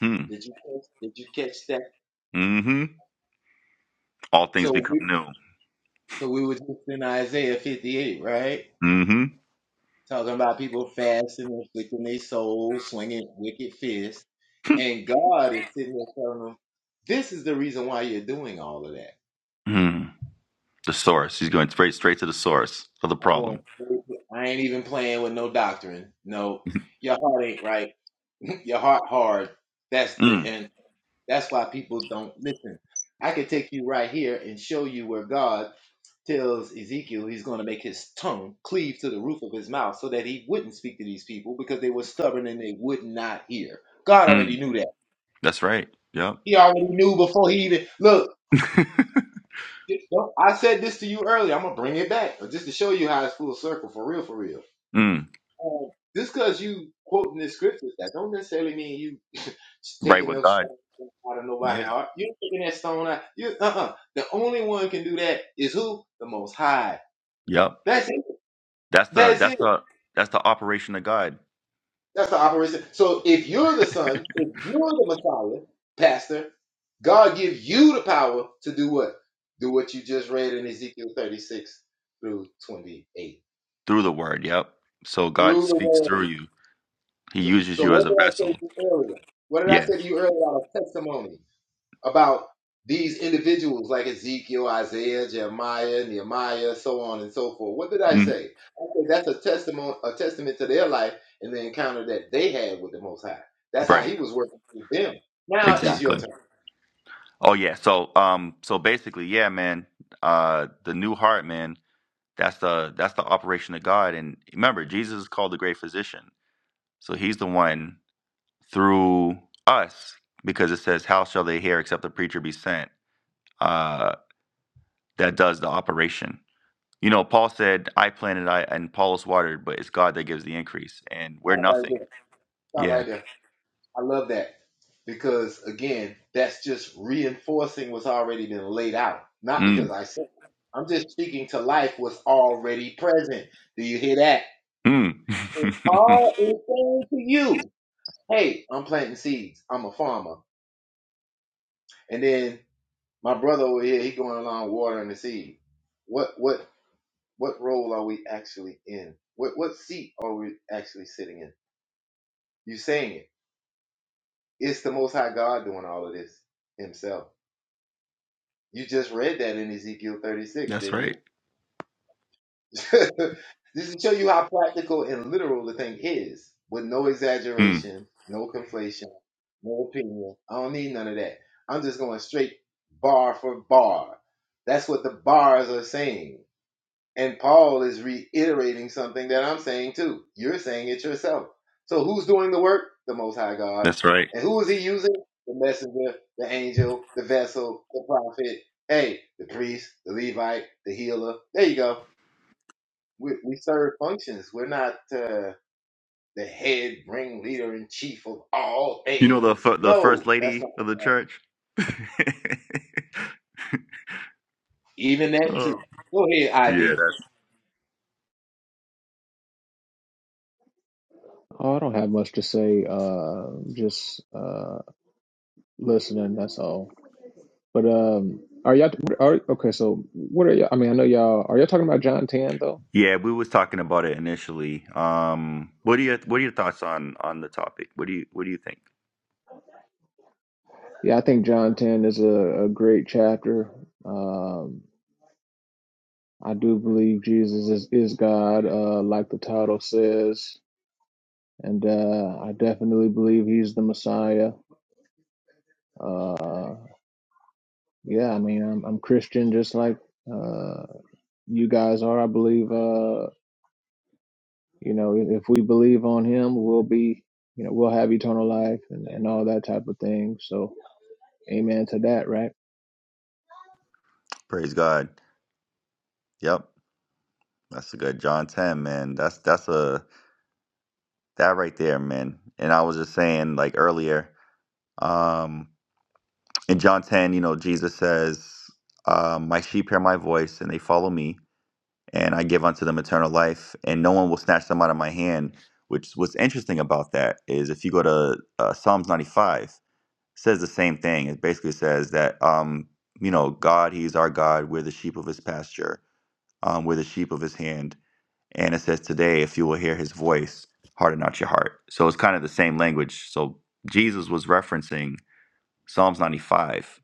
A: Hmm.
B: Did you catch, did you catch that?
A: Mhm. All things
B: So
A: become new.
B: So we were just in Isaiah 58, right?
A: Mhm.
B: Talking about people fasting, and afflicting their souls, swinging wicked fists. And God is sitting there telling them, this is the reason why you're doing all of that.
A: Mm, the source. He's going straight straight to the source of the
B: I'm
A: problem.
B: going, straight to- I ain't even playing with no doctrine. No, your heart ain't right. your heart hard. That's the,
A: Mm,
B: and that's why people don't listen. I could take you right here and show you where God tells Ezekiel he's going to make his tongue cleave to the roof of his mouth so that he wouldn't speak to these people because they were stubborn and they would not hear. God
A: mm,
B: already knew that.
A: that's right. Yep.
B: He already knew before he even look. I said this to you earlier. I'm gonna bring it back just to show you how it's full circle for real, for real.
A: mm,
B: Um, just because you quoting the scriptures, that don't necessarily mean you
A: right
B: taking
A: with
B: those
A: God.
B: stones out of
A: Yeah.
B: nobody's heart. You're taking that stone out. You uh uh The only one can do that is who? The Most High.
A: Yep.
B: That's it.
A: That's the
B: That's
A: that's
B: it.
A: the that's the operation of God
B: That's the operation. So if you're the son, if you're the Messiah, Pastor, God gives you the power to do what? Do what you just read in Ezekiel 36 through 28.
A: through the word. Yep. So
B: Through
A: God
B: the
A: speaks through
B: word.
A: you. He
B: So,
A: uses
B: so
A: you as
B: what
A: a
B: did I
A: vessel.
B: say to you earlier? What did I
A: Yeah.
B: say to you earlier about a testimony? about these individuals like Ezekiel, Isaiah, Jeremiah, Nehemiah, so on and so forth. What did I
A: Mm,
B: say? I said that's a testimony, a testament to their life and the encounter that they had with the Most High. That's how
A: right.
B: He was working through them. Now it's your
A: Exactly.
B: turn.
A: Oh yeah. So um so basically, yeah, man, uh the new heart, man, that's the that's the operation of God. And remember, Jesus is called the great physician. So he's the one through us because it says how shall they hear except the preacher be sent uh, that does the operation you know paul said i planted i and paulus watered but it's god that gives the increase and we're
B: Stop right
A: nothing
B: there. Stop
A: yeah
B: right there. I love that because again, that's just reinforcing what's already been laid out. Not
A: mm.
B: because I said. it. I'm just speaking to life what's already present. Do you hear that? If
A: Mm.
B: Paul is saying to you. hey, I'm planting seeds. I'm a farmer. And then my brother over here, he going along watering the seed. What what what role are we actually in? What what seat are we actually sitting in? You saying it. It's the most high God doing all of this himself. You just read that in Ezekiel 36,
A: that's
B: didn't you?
A: right
B: this is to show you how practical and literal the thing is, with no
A: mm.
B: exaggeration, no conflation, no opinion. I don't need none of that. I'm just going straight bar for bar. That's what the bars are saying. And Paul is reiterating something that I'm saying too. You're saying it yourself. So who's doing the work? The Most High God.
A: that's right
B: And who is he using? The messenger, the angel, the vessel, the prophet. Hey, the priest, the Levite, the healer. There you go we, we serve functions. We're not uh, the head ringleader in chief of all
A: you know the
B: things.
A: fir- the first
B: No, that's
A: lady
B: not
A: of the church oh.
B: even that too. Go ahead, ID.
A: yeah that-
C: Oh, I don't have much to say. Uh, just uh, listening. That's all. But um, are y'all are okay? So what are y'all? I mean, I know y'all are y'all talking about John Ten though.
A: yeah we was talking about it initially um what do you what are your thoughts on on the topic what do you what do you think
C: Yeah, I think John Ten is a, a great chapter. Um, I do believe Jesus is is God, uh, like the title says, and uh, I definitely believe He's the Messiah. Uh, Yeah, I mean, I'm, I'm Christian just like uh, you guys are. I believe, uh, you know, if, if we believe on him, we'll be, you know, we'll have eternal life and, and all that type of thing. So, amen to that, right?
A: Praise God. Yep. That's a good John 10, man. That's that's a that right there, man. And I was just saying like earlier, um in John 10, you know, Jesus says, uh, my sheep hear my voice and they follow me, and I give unto them eternal life, and no one will snatch them out of my hand. Which what's interesting about that is if you go to uh, Psalms 95, it says the same thing. It basically says that um, you know, God, he's our God, we're the sheep of his pasture, um, we're the sheep of his hand And it says, Today, if you will hear his voice, harden not your heart. So it's kind of the same language. So Jesus was referencing Psalms 95.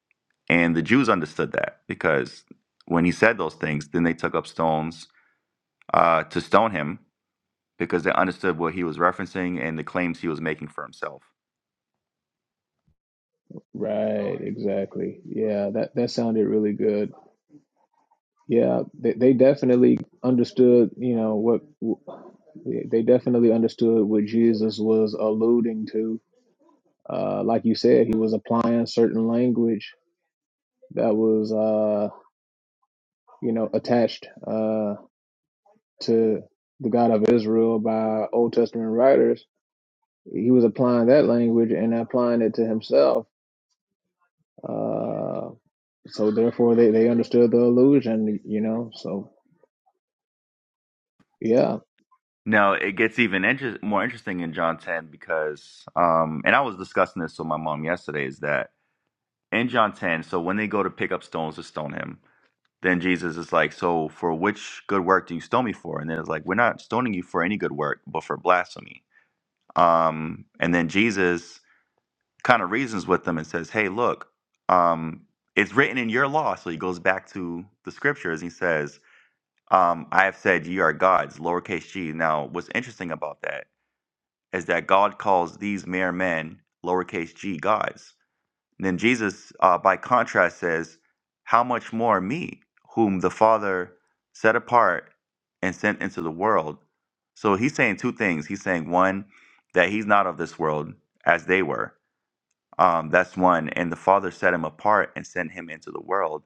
A: And the Jews understood that because when he said those things, then they took up stones uh, to stone him because they understood what he was referencing and the claims he was making for himself.
C: Right, exactly. Yeah, that, that sounded really good. Yeah, they, they definitely understood, you know, what they definitely understood what Jesus was alluding to. Uh, like you said, he was applying certain language that was uh, you know, attached uh, to the God of Israel by Old Testament writers. He was applying that language and applying it to himself. Uh, so therefore, they, they understood the illusion, you know. So yeah,
A: Now it gets even inter- more interesting in John 10 because, um, and I was discussing this with my mom yesterday, is that in John 10, so when they go to pick up stones to stone him, Then Jesus is like, So for which good work do you stone me for? And then it's like, We're not stoning you for any good work, but for blasphemy. Um, and then Jesus kind of reasons with them and says, Hey, look, um, it's written in your law. So he goes back to the scriptures. He says, um, I have said ye are gods, lowercase g. Now, what's interesting about that is that God calls these mere men, lowercase g, gods. And then Jesus, uh, by contrast, says, How much more me, whom the Father set apart and sent into the world? So he's saying two things. He's saying, one, that he's not of this world as they were. Um, that's one. And the Father set him apart and sent him into the world.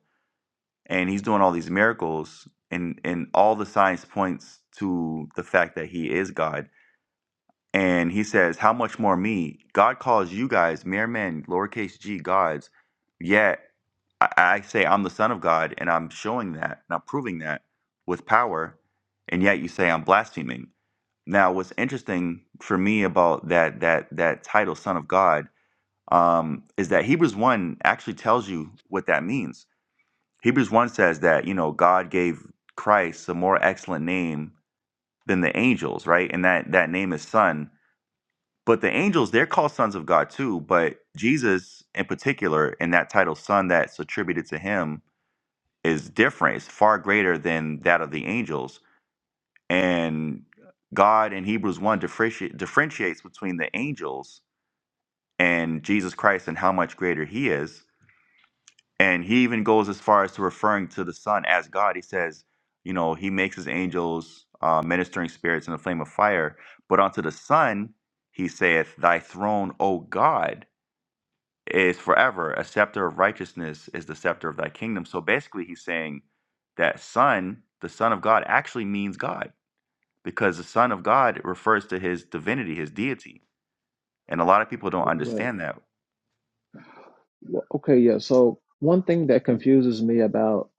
A: And he's doing all these miracles, and, and all the signs points to the fact that he is God. And he says, How much more me? God calls you guys mere men, lowercase g, gods. Yet I, I say I'm the Son of God, and I'm showing that, and I'm proving that with power, and yet you say I'm blaspheming. Now, what's interesting for me about that that that title, Son of God, um, is that Hebrews one actually tells you what that means. Hebrews one says that you know God gave Christ a more excellent name than the angels, right? And that that name is Son. But the angels, they're called sons of God too. But Jesus, in particular, and that title, Son, that's attributed to him, is different. It's far greater than that of the angels. And God in Hebrews 1 differenti- differentiates between the angels and Jesus Christ and how much greater he is. And he even goes as far as to referring to the Son as God. He says, you know, he makes his angels uh, ministering spirits in a flame of fire. But unto the Son, he saith, Thy throne, O God. is forever. A scepter of righteousness is the scepter of thy kingdom. So basically, he's saying that son, the son of God, actually means God because the son of God refers to his divinity, his deity. And a lot of people don't
C: but,
A: understand that.
C: well, okay, yeah. So one thing that confuses me about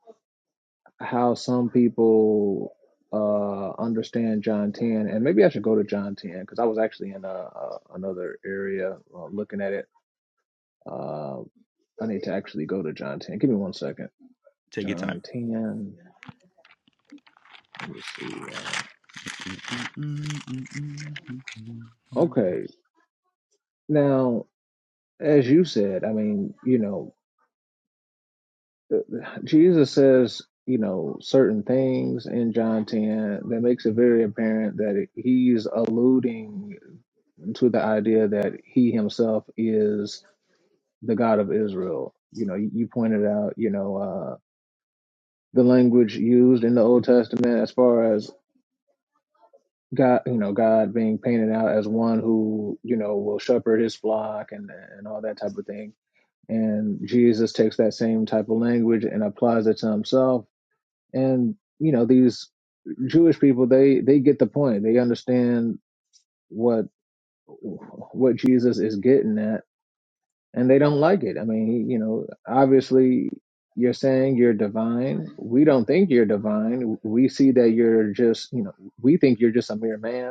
C: how some people uh understand John 10 and maybe I should go to John 10 because I was actually in a, a another area uh, looking at it Uh, I need to actually go to John 10. Give me one second.
A: Take your time.
C: John 10. Let me see. Um, okay. Now, as you said, I mean, you know, uh, Jesus says, you know, certain things in John 10 that makes it very apparent that he's alluding to the idea that he himself is the God of Israel. You know, you pointed out, you know, uh, the language used in the Old Testament as far as God, you know, God being painted out as one who, you know, will shepherd his flock and and all that type of thing. And Jesus takes that same type of language and applies it to himself. And you know, these Jewish people, they they get the point. They understand what what Jesus is getting at, and they don't like it. I mean, he, you know, obviously you're saying you're divine. We don't think you're divine. We see that you're just, you know, we think you're just a mere man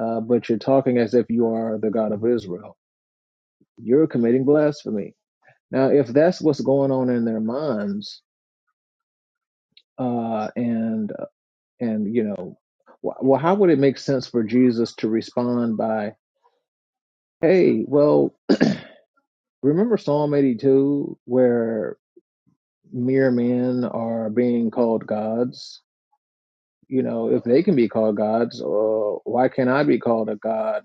C: uh, but you're talking as if you are the God of Israel. You're committing blasphemy. Now, if that's what's going on in their minds, uh, and and you know, well, how would it make sense for Jesus to respond by, "Hey, well, remember Psalm 82, where mere men are being called gods? You know, if they can be called gods, uh, why can't I be called a god?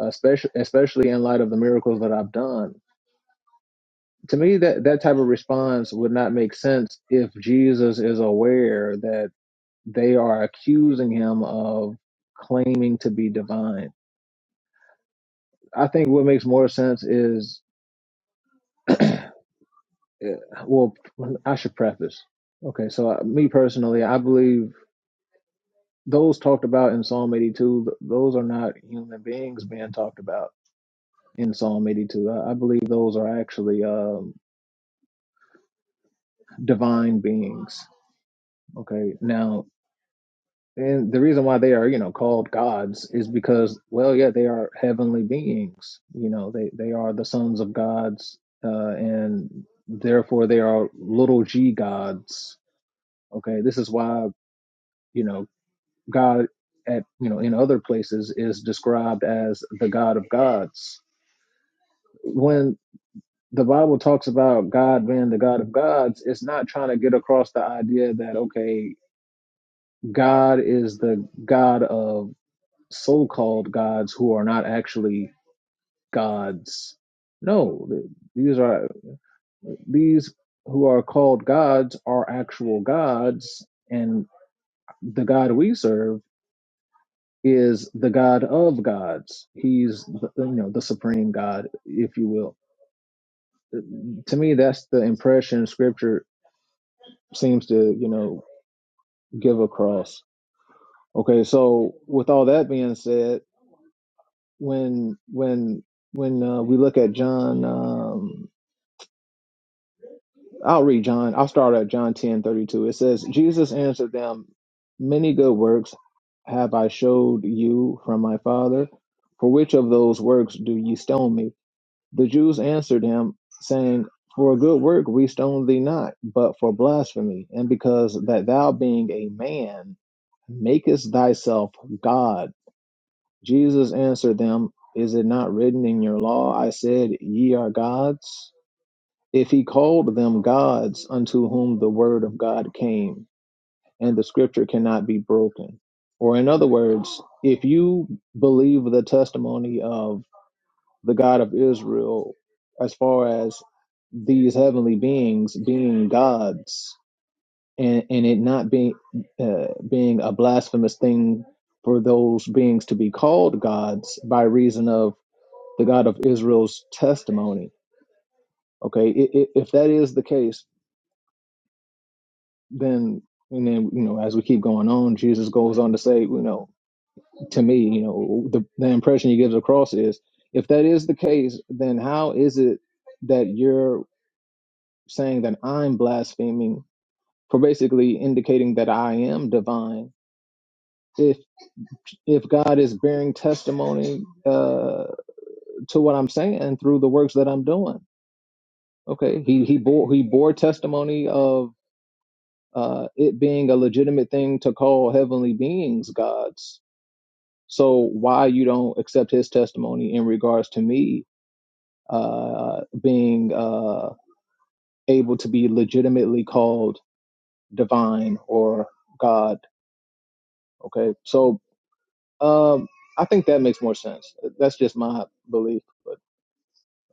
C: Especially, especially in light of the miracles that I've done." to me that that type of response would not make sense if Jesus is aware that they are accusing him of claiming to be divine. I think what makes more sense is eh, well I should preface. Okay, so uh, me personally, I believe those talked about in Psalm 82, th- those are not human beings being talked about in Psalm 82. I, I believe those are actually um, divine beings. Okay. Now, And the reason why they are, you know, called gods is because, well, yeah, they are heavenly beings. You know, they they are the sons of gods, uh, and therefore they are little g gods. Okay, this is why you know God at you know in other places is described as the God of gods. When the Bible talks about God being the God of gods, it's not trying to get across the idea that okay, God is the God of so-called gods who are not actually gods. No, these are these who are called gods are actual gods, and the God we serve is the God of gods. He's the, you know the supreme God, if you will. To me, that's the impression Scripture seems to you know give across. Okay, so with all that being said, when when when uh, we look at John. Um, I'll read John. I'll start at John ten thirty two. It says, Jesus answered them, Many good works have I showed you from my Father. For which of those works do ye stone me? The Jews answered him, saying, For a good work we stone thee not, but for blasphemy, and because that thou being a man makest thyself God. Jesus answered them, Is it not written in your law, I said, Ye are gods? If he called them gods unto whom the word of God came, and the scripture cannot be broken. Or, in other words, if you believe the testimony of the God of Israel as far as these heavenly beings being gods and, and it not being uh, being a blasphemous thing for those beings to be called gods by reason of the God of Israel's testimony. Okay, I- i- if that is the case, then and then you know as we keep going on jesus goes on to say you know to me you know the, the impression he gives across is if that is the case then how is it that you're saying that i'm blaspheming for basically indicating that i am divine if if god is bearing testimony uh to what i'm saying through the works that i'm doing okay he he bore he bore testimony of uh it being a legitimate thing to call heavenly beings gods So why you don't accept his testimony in regards to me uh, being uh, able to be legitimately called divine or God? Okay, so um, I think that makes more sense. That's just my belief, but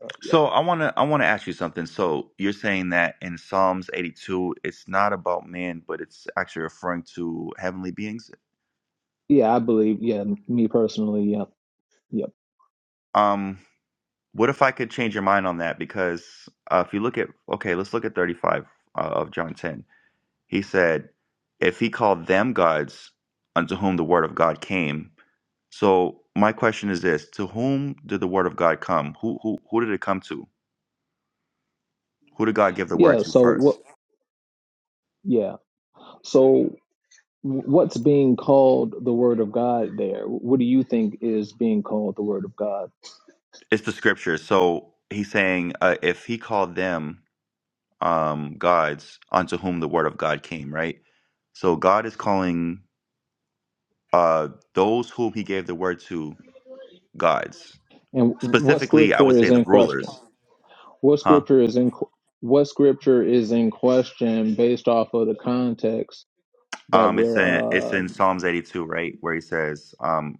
C: uh, yeah,
A: So I want to I want to ask you something. So you're saying that in Psalms 82 it's not about man but it's actually referring to heavenly beings.
C: yeah, I believe, yeah, me personally, yeah, yeah,
A: Um. What if I could change your mind on that? Because uh, if you look at, okay, let's look at 35 uh, of John 10. He said, if he called them gods unto whom the word of God came. So my question is this to whom did the word of God come? Who, who, who did it come to? Who did God give the word
C: yeah.
A: to
C: So what?
A: first?
C: Yeah, so what's being called the Word of God there? What do you think is being called the Word of God,
A: It's the scripture. So he's saying, uh, if he called them um, gods unto whom the word of God came, right? So God is calling uh, those whom he gave the word to gods
C: and what
A: specifically i
C: scripture
A: would
C: is
A: say the
C: in
A: rulers
C: question? What
A: huh
C: scripture is in what scripture is in question based off of the context that
A: um it's
C: we're
A: in it's in
C: um
A: psalms 82 right where he says um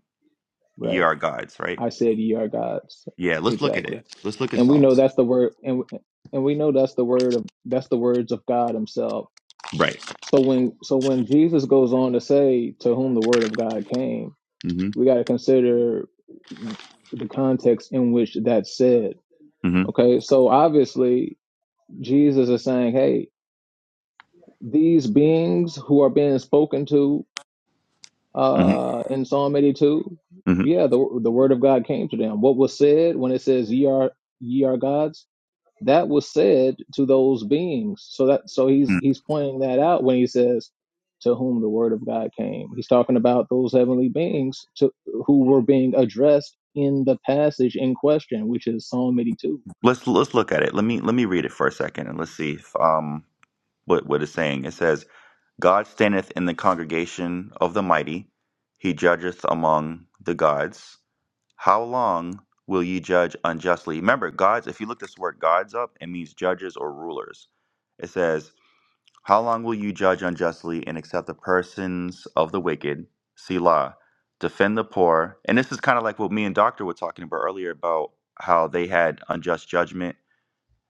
A: ye
C: right?
A: are gods right
C: I said ye are gods
A: yeah let's look at
C: exactly,
A: it let's look at
C: and we know
A: psalms
C: that's the word and and we know that's the word of that's the words of God Himself.
A: right
C: So when so when Jesus goes on to say to whom the word of God came,
A: mm-hmm
C: we got to consider the context in which that's said.
A: mm-hmm
C: Okay, so obviously Jesus is saying, hey. these beings who are being spoken to
A: mm-hmm,
C: uh, in Psalm 82,
A: mm-hmm.
C: yeah, the, the word of God came to them. What was said when it says ye are ye are gods, that was said to those beings. So that so he's
A: Mm.
C: he's pointing that out when he says to whom the word of God came. He's talking about those heavenly beings to who were being addressed in the passage in question, which is Psalm 82.
A: let's let's look at it let me let me read it for a second and let's see if, um what what it's saying it says god standeth in the congregation of the mighty he judgeth among the gods How long will ye judge unjustly? Remember, gods, if you look this word gods up, it means judges or rulers. It says, How long will you judge unjustly and accept the persons of the wicked? Selah. Defend the poor. And this is kind of like what me and Doctor were talking about earlier about how they had unjust judgment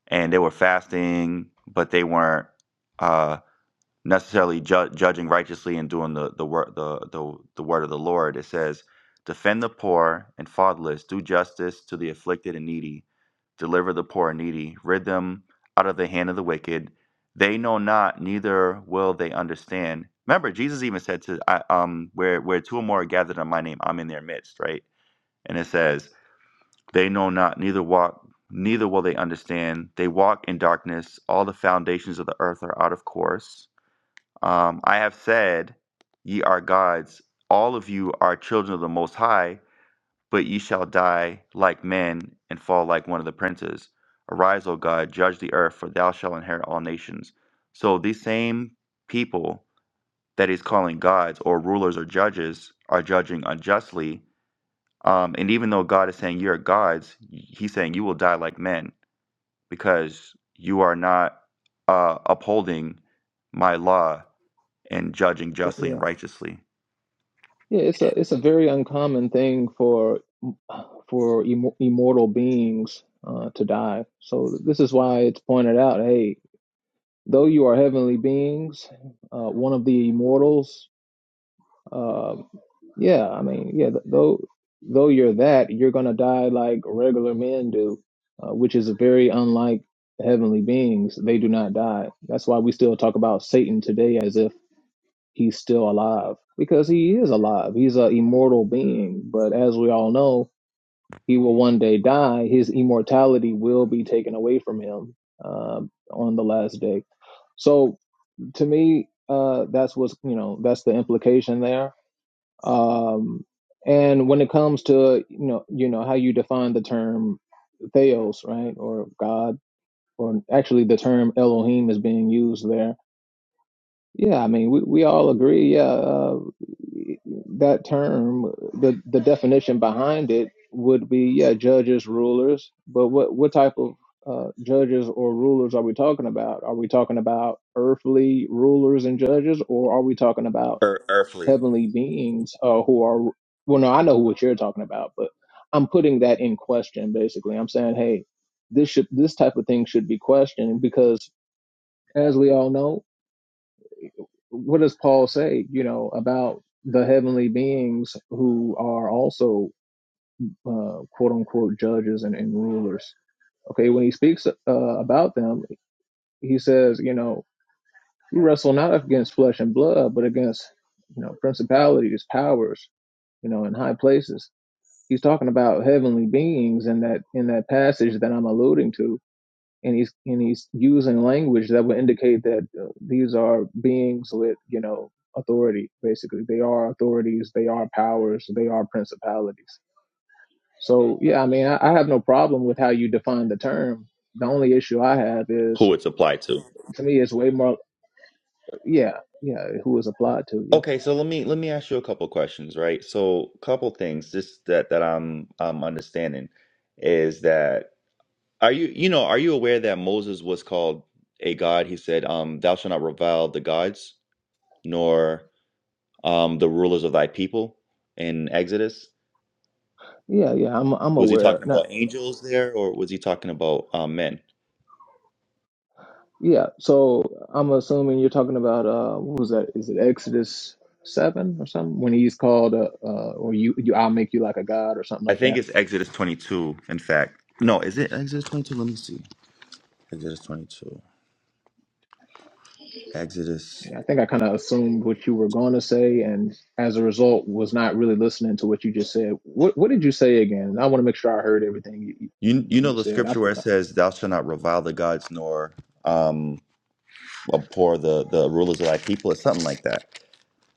A: and they were fasting, but they weren't. uh, necessarily ju- judging righteously and doing the the word the, the the word of the Lord. It says, "Defend the poor and fatherless, do justice to the afflicted and needy, deliver the poor and needy, rid them out of the hand of the wicked. They know not, neither will they understand." Remember, Jesus even said to I, um where where two or more are gathered in my name, I'm in their midst, right? And it says, "They know not, neither walk." Neither will they understand. They walk in darkness. All the foundations of the earth are out of course um, I have said, Ye are gods, all of you are children of the Most High, but ye shall die like men and fall like one of the princes. Arise, O God, judge the earth, for thou shalt inherit all nations. So these same people that he's calling gods or rulers or judges are judging unjustly. Um, and even though God is saying you're gods, he's saying you will die like men because you are not uh, upholding my law and judging justly
C: Yeah.
A: and righteously.
C: Yeah, it's a it's a very uncommon thing for for im immortal beings uh, to die. So this is why it's pointed out, hey, though you are heavenly beings, uh, one of the immortals, uh, yeah, I mean, yeah, th- though though you're that, you're gonna die like regular men do, uh, which is very unlike heavenly beings. They do not die. That's why we still talk about Satan today as if he's still alive because he is alive. He's an immortal being, but as we all know, he will one day die. His immortality will be taken away from him uh, on the last day. So to me, uh, that's what's you know that's the implication there. Um, and when it comes to you know you know how you define the term theos, right, or God, or actually the term Elohim is being used there yeah, I mean, we, we all agree. Yeah, uh, that term, the the definition behind it would be yeah, judges, rulers. But what what type of uh, judges or rulers are we talking about? Are we talking about earthly rulers and judges, or are we talking about
A: Ear- earthly,
C: heavenly beings uh, who are? Well, no, I know what you're talking about, but I'm putting that in question. Basically, I'm saying, hey, this should this type of thing should be questioned because, as we all know, what does Paul say, you know, about the heavenly beings who are also uh, quote unquote judges and, and rulers? Okay, when he speaks uh, about them, he says, you know, we wrestle not against flesh and blood, but against, you know, principalities, powers, you know, in high places. He's talking about heavenly beings in that in that passage that I'm alluding to and he's and he's using language that would indicate that uh, these are beings with you know authority basically they are authorities they are powers they are principalities so yeah i mean i, I have no problem with how you define the term the only issue i have is
A: who it's applied to.
C: to me it's way more yeah yeah who is applied to yeah
A: Okay, so let me let me ask you a couple questions, right? So, couple things just that that I'm I'm understanding is that are you you know are you aware that Moses was called a god? He said, um, "Thou shalt not revile the gods, nor um, the rulers of thy people." In Exodus,
C: yeah yeah i'm i'm
A: was he
C: aware
A: talking
C: Now,
A: about angels there, or was he talking about um, men?
C: Yeah, so I'm assuming you're talking about uh, what was that? Is it Exodus seven or something? When he's called, uh, uh, or you, you, I'll make you like a god or something
A: I
C: like
A: think
C: that.
A: it's Exodus 22. In fact, no, is it Exodus 22? Let me see. Exodus 22. Exodus.
C: Yeah, I think I kind of assumed what you were going to say, and as a result, was not really listening to what you just said. What What did you say again? I want to make sure I heard everything you you
A: You you know
C: you
A: the
C: said.
A: scripture where it
C: I,
A: says, "Thou shalt not revile the gods nor um abhor the the rulers of thy people." It's something like that.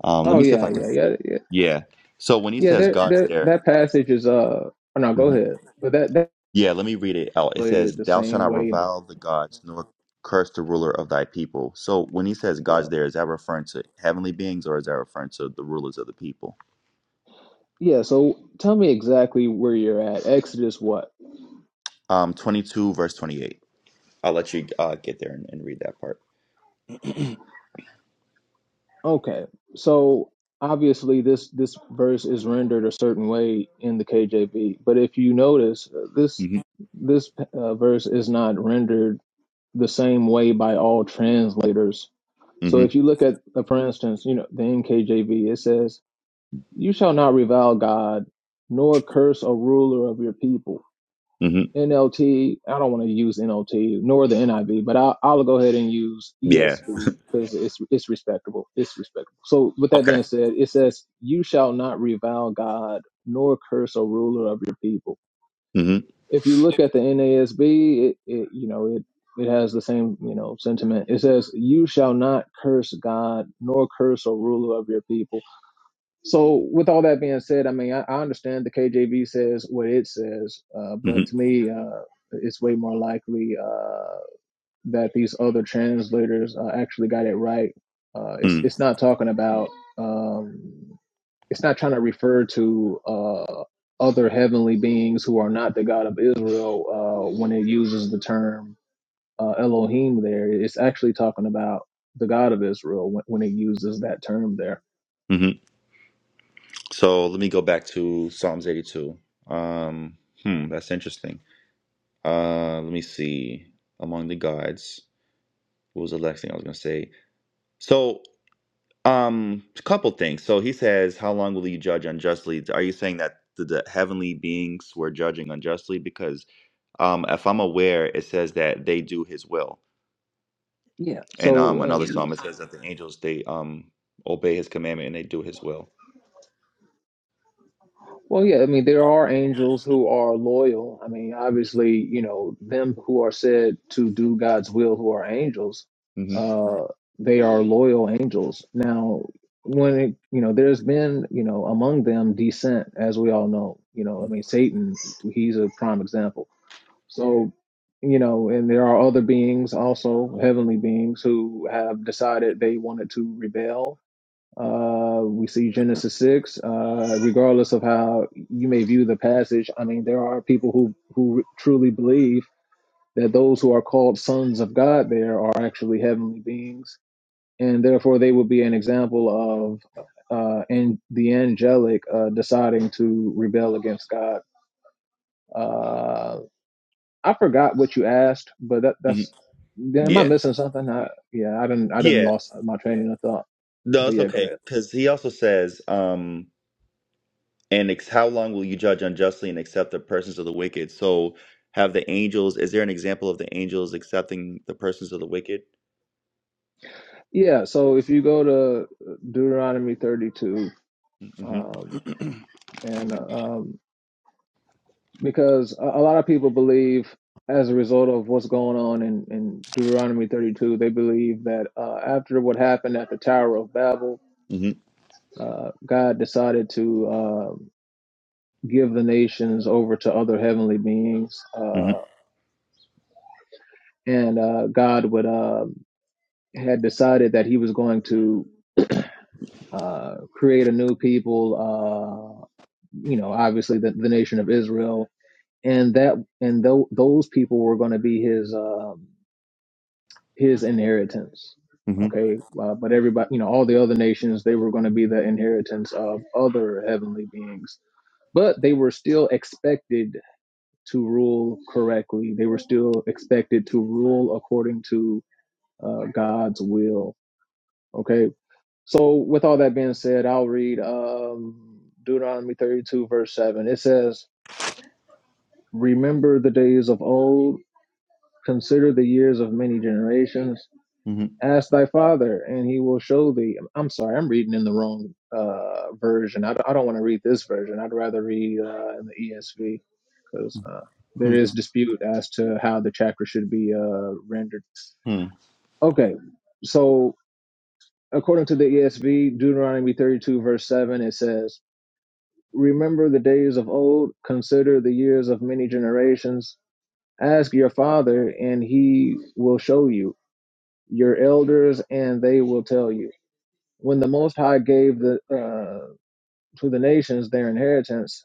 A: Um, let
C: oh
A: me see if
C: yeah,
A: I can.
C: yeah, yeah, yeah,
A: Yeah. So when he
C: yeah.
A: says
C: There,
A: God's
C: there,
A: there,
C: that passage is uh. oh, No, go
A: Mhm.
C: ahead. But that that
A: yeah. Let me read it out. It
C: related
A: says,
C: the
A: "Thou shalt
C: same
A: not
C: way.
A: revile the gods nor curse the ruler of thy people." So when he says God's there, is that referring to heavenly beings or is that referring to the rulers of the people?
C: Yeah, so tell me exactly where you're at. Exodus what?
A: Um, 22 verse 28. I'll let you uh, get there and, and read that part.
C: Okay. So obviously this this verse is rendered a certain way in the KJV, but if you notice uh, this
A: Mm
C: this uh, verse is not rendered the same way by all translators.
A: hmm
C: So if
A: hmm
C: you look at uh, for instance, you know, the NKJV, it says, "You shall not revile God, nor curse a ruler of your people."
A: hmm
C: NLT. I don't want to use NLT nor the NIV, but I'll, I'll go ahead and use
A: Yeah.
C: ESV because it's it's respectable. It's respectable. So with that
A: Okay.
C: being said, it says, "You shall not revile God nor curse a ruler of your people."
A: hmm
C: If you look at the NASB, it, it you know it it has the same you know sentiment. It says, "You shall not curse God nor curse a ruler of your people." So, with all that being said, I mean, I, I understand the KJV says what it says, uh, but to me, uh, it's way more likely uh, that these other translators uh, actually got it right. Uh, it's
A: hmm
C: it's not talking about, um, it's not trying to refer to uh, other heavenly beings who are not the God of Israel uh, when it uses the term uh, Elohim. There, it's actually talking about the God of Israel when, when it uses that term there.
A: hmm So let me go back to Psalms 82. Um, hmm, that's interesting. Uh, let me see. Among the gods, what was the last thing I was going to say? So, um, a couple things. So he says, "How long will you judge unjustly?" Are you saying that the, the heavenly beings were judging unjustly? Because, um, if I'm aware, it says that they do His will,
C: Yeah.
A: and
C: So.
A: um,
C: uh,
A: another psalm it says that the angels they um obey His commandment and they do His will.
C: Well, yeah, I mean, there are angels who are loyal. I mean, obviously, you know, them who are said to do God's will, who are angels,
A: hmm
C: uh, they are loyal angels. Now, when it, you know, there's been, you know, among them dissent, as we all know, you know, I
A: hmm
C: mean, Satan, he's a prime example. So, you know, and there are other beings also, heavenly beings, who have decided they wanted to rebel uh, we see Genesis 6. Uh, regardless of how you may view the passage, I mean, there are people who, who truly believe that those who are called sons of God there are actually heavenly beings, and therefore they would be an example of uh, and the angelic uh, deciding to rebel against God. Uh, I forgot what you asked, but that,
A: hmm
C: that's. Am I
A: Yeah.
C: missing something? I, yeah, I didn't. I didn't
A: Yeah,
C: lost my train of thought.
A: no,
C: But
A: it's
C: yeah, go ahead.
A: okay. Because he also says, um, and ex- how long will you judge unjustly and accept the persons of the wicked? So, have the angels, is there an example of the angels accepting the persons of the wicked?
C: Yeah, so if you go to Deuteronomy 32,
A: hmm
C: um,
A: hmm
C: and uh, um, because a, a lot of people believe, as a result of what's going on in, in Deuteronomy 32, they believe that uh, after what happened at the Tower of Babel,
A: hmm
C: uh, God decided to uh, give the nations over to other heavenly beings, uh, and uh, God would uh, had decided that He was going to uh, create a new people. Uh, you know, obviously the, the nation of Israel, and that and tho- those people were going to be his um, his inheritance.
A: hmm
C: Okay, uh, but everybody, you know, all the other nations, they were going to be the inheritance of other heavenly beings, but they were still expected to rule correctly. They were still expected to rule according to uh, God's will. Okay, so with all that being said, I'll read um, Deuteronomy 32, verse 7. It says, Remember the days of old, consider the years of many generations.
A: hmm
C: Ask thy father, and he will show thee. I'm sorry, I'm reading in the wrong uh, version. I, don't- don't want to read this version. I'd rather read uh, in the ESV because uh, there is dispute as to how the chapter should be uh, rendered.
A: hmm
C: Okay, so according to the ESV, Deuteronomy 32, verse 7, it says, Remember the days of old, consider the years of many generations Ask your father, and he will show you, your elders, and they will tell you. When the Most High gave the, uh, to the nations their inheritance,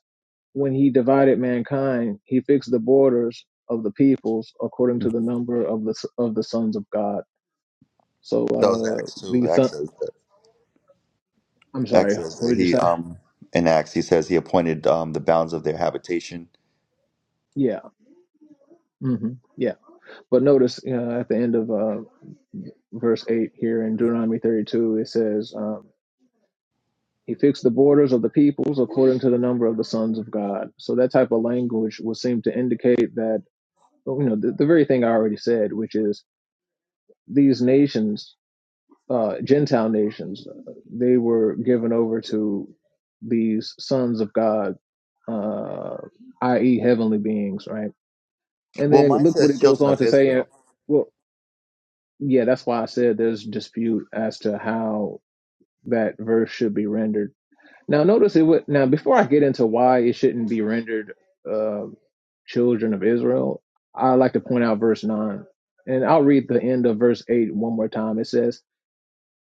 C: when he divided mankind, he fixed the borders of the peoples according to the number of the s- of the sons of God. So
A: That was
C: uh,
A: Acts
C: the
A: too. Acts
C: son,
A: says that.
C: I'm sorry,
A: Acts says
C: what
A: that
C: did you
A: he
C: say?
A: um in Acts he says he appointed um the bounds of their habitation.
C: Yeah, hmm yeah. But notice uh, at the end of uh, verse 8 here in Deuteronomy 32, it says, um, He fixed the borders of the peoples according to the number of the sons of God. So that type of language would seem to indicate that you know the, the very thing I already said, which is these nations, uh, Gentile nations, uh, they were given over to these sons of God, uh, i.e., heavenly beings, right? And
A: Well,
C: then
A: mine
C: look what it
A: says
C: goes
A: children
C: on
A: of
C: to say. uh,
A: Israel.
C: Well, yeah, that's why I said there's dispute as to how that verse should be rendered Now, notice it would. Now, before I get into why it shouldn't be rendered uh, children of Israel, I like to point out verse 9. And I'll read the end of verse 8 one more time. It says,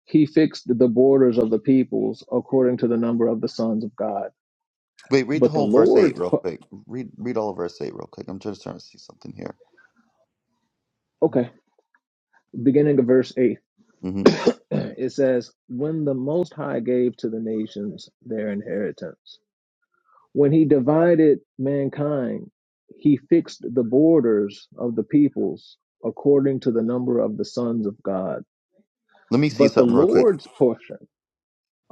C: He fixed the borders of the peoples according to the number of the sons of God.
A: Wait, read the
C: But the
A: whole verse eight
C: Lord's.
A: real
C: p-
A: quick. Read read all of verse eight real quick. I'm just trying to see something here.
C: Okay, beginning of verse 8,
A: Mm-hmm.
C: it says, When the Most High gave to the nations their inheritance. When he divided mankind, he fixed the borders of the peoples according to the number of the sons of God.
A: Let me see
C: But the
A: something real quick.
C: Lord's portion,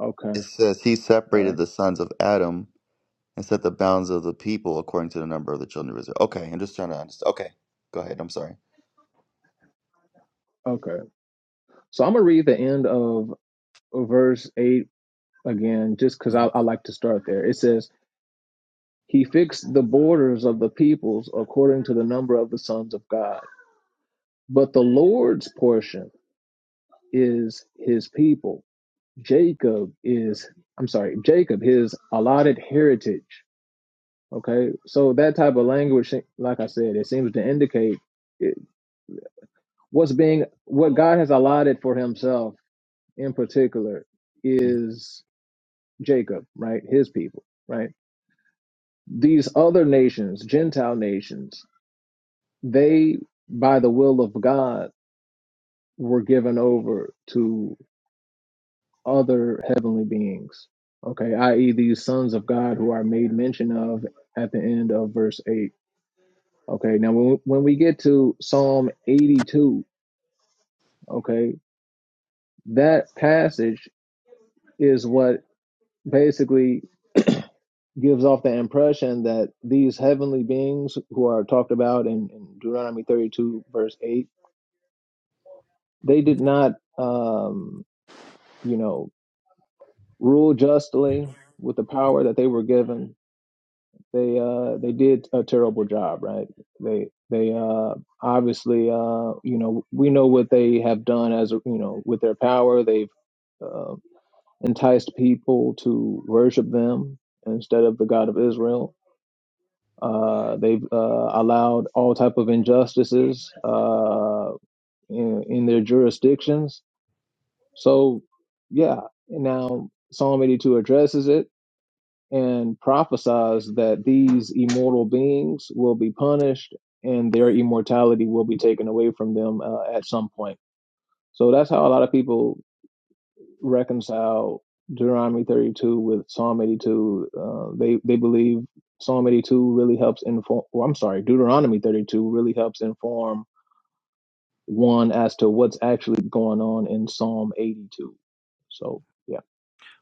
C: okay,
A: It says he
C: all
A: separated
C: right,
A: the sons of Adam and set the bounds of the people according to the number of the children of Israel. Okay, I'm just trying to understand. Okay, go ahead. I'm sorry.
C: okay. So I'm going to read the end of verse 8 again, just because I, I like to start there. It says, He fixed the borders of the peoples according to the number of the sons of God. But the Lord's portion is his people Jacob is, I'm sorry, Jacob, his allotted heritage. Okay. So that type of language, like I said, it seems to indicate it, what's being, what God has allotted for himself in particular
A: Mhm.
C: is Jacob, right? His people, right? These other nations, Gentile nations, they, by the will of God, were given over to other heavenly beings. Okay, i.e., these sons of God who are made mention of at the end of verse 8. Okay, now when, when we get to Psalm 82, okay, that passage is what basically gives off the impression that these heavenly beings who are talked about in, in Deuteronomy 32, verse 8, they did not, um, you know, rule justly with the power that they were given they uh they did a terrible job right they they uh obviously uh you know we know what they have done as a- you know with their power they've uh, enticed people to worship them instead of the god of israel uh they've uh allowed all type of injustices uh in, in their jurisdictions so yeah now psalm 82 addresses it and prophesies that these immortal beings will be punished and their immortality will be taken away from them uh, at some point. So that's how a lot of people reconcile Deuteronomy 32 with Psalm 82. Uh, they they believe Psalm 82 really helps inform. Or I'm sorry, Deuteronomy 32 really helps inform one as to what's actually going on in Psalm 82. So yeah,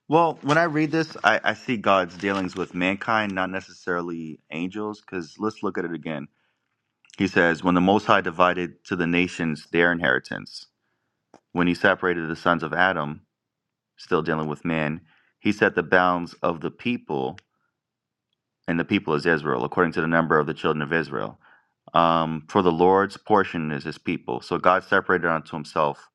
A: Well, when I read this, I, I see God's dealings with mankind, not necessarily angels, because let's look at it again. He says, When the Most High divided to the nations their inheritance, when he separated the sons of Adam, still dealing with man, he set the bounds of the people, and the people is Israel, according to the number of the children of Israel. Um, for the Lord's portion is his people. So God separated unto himself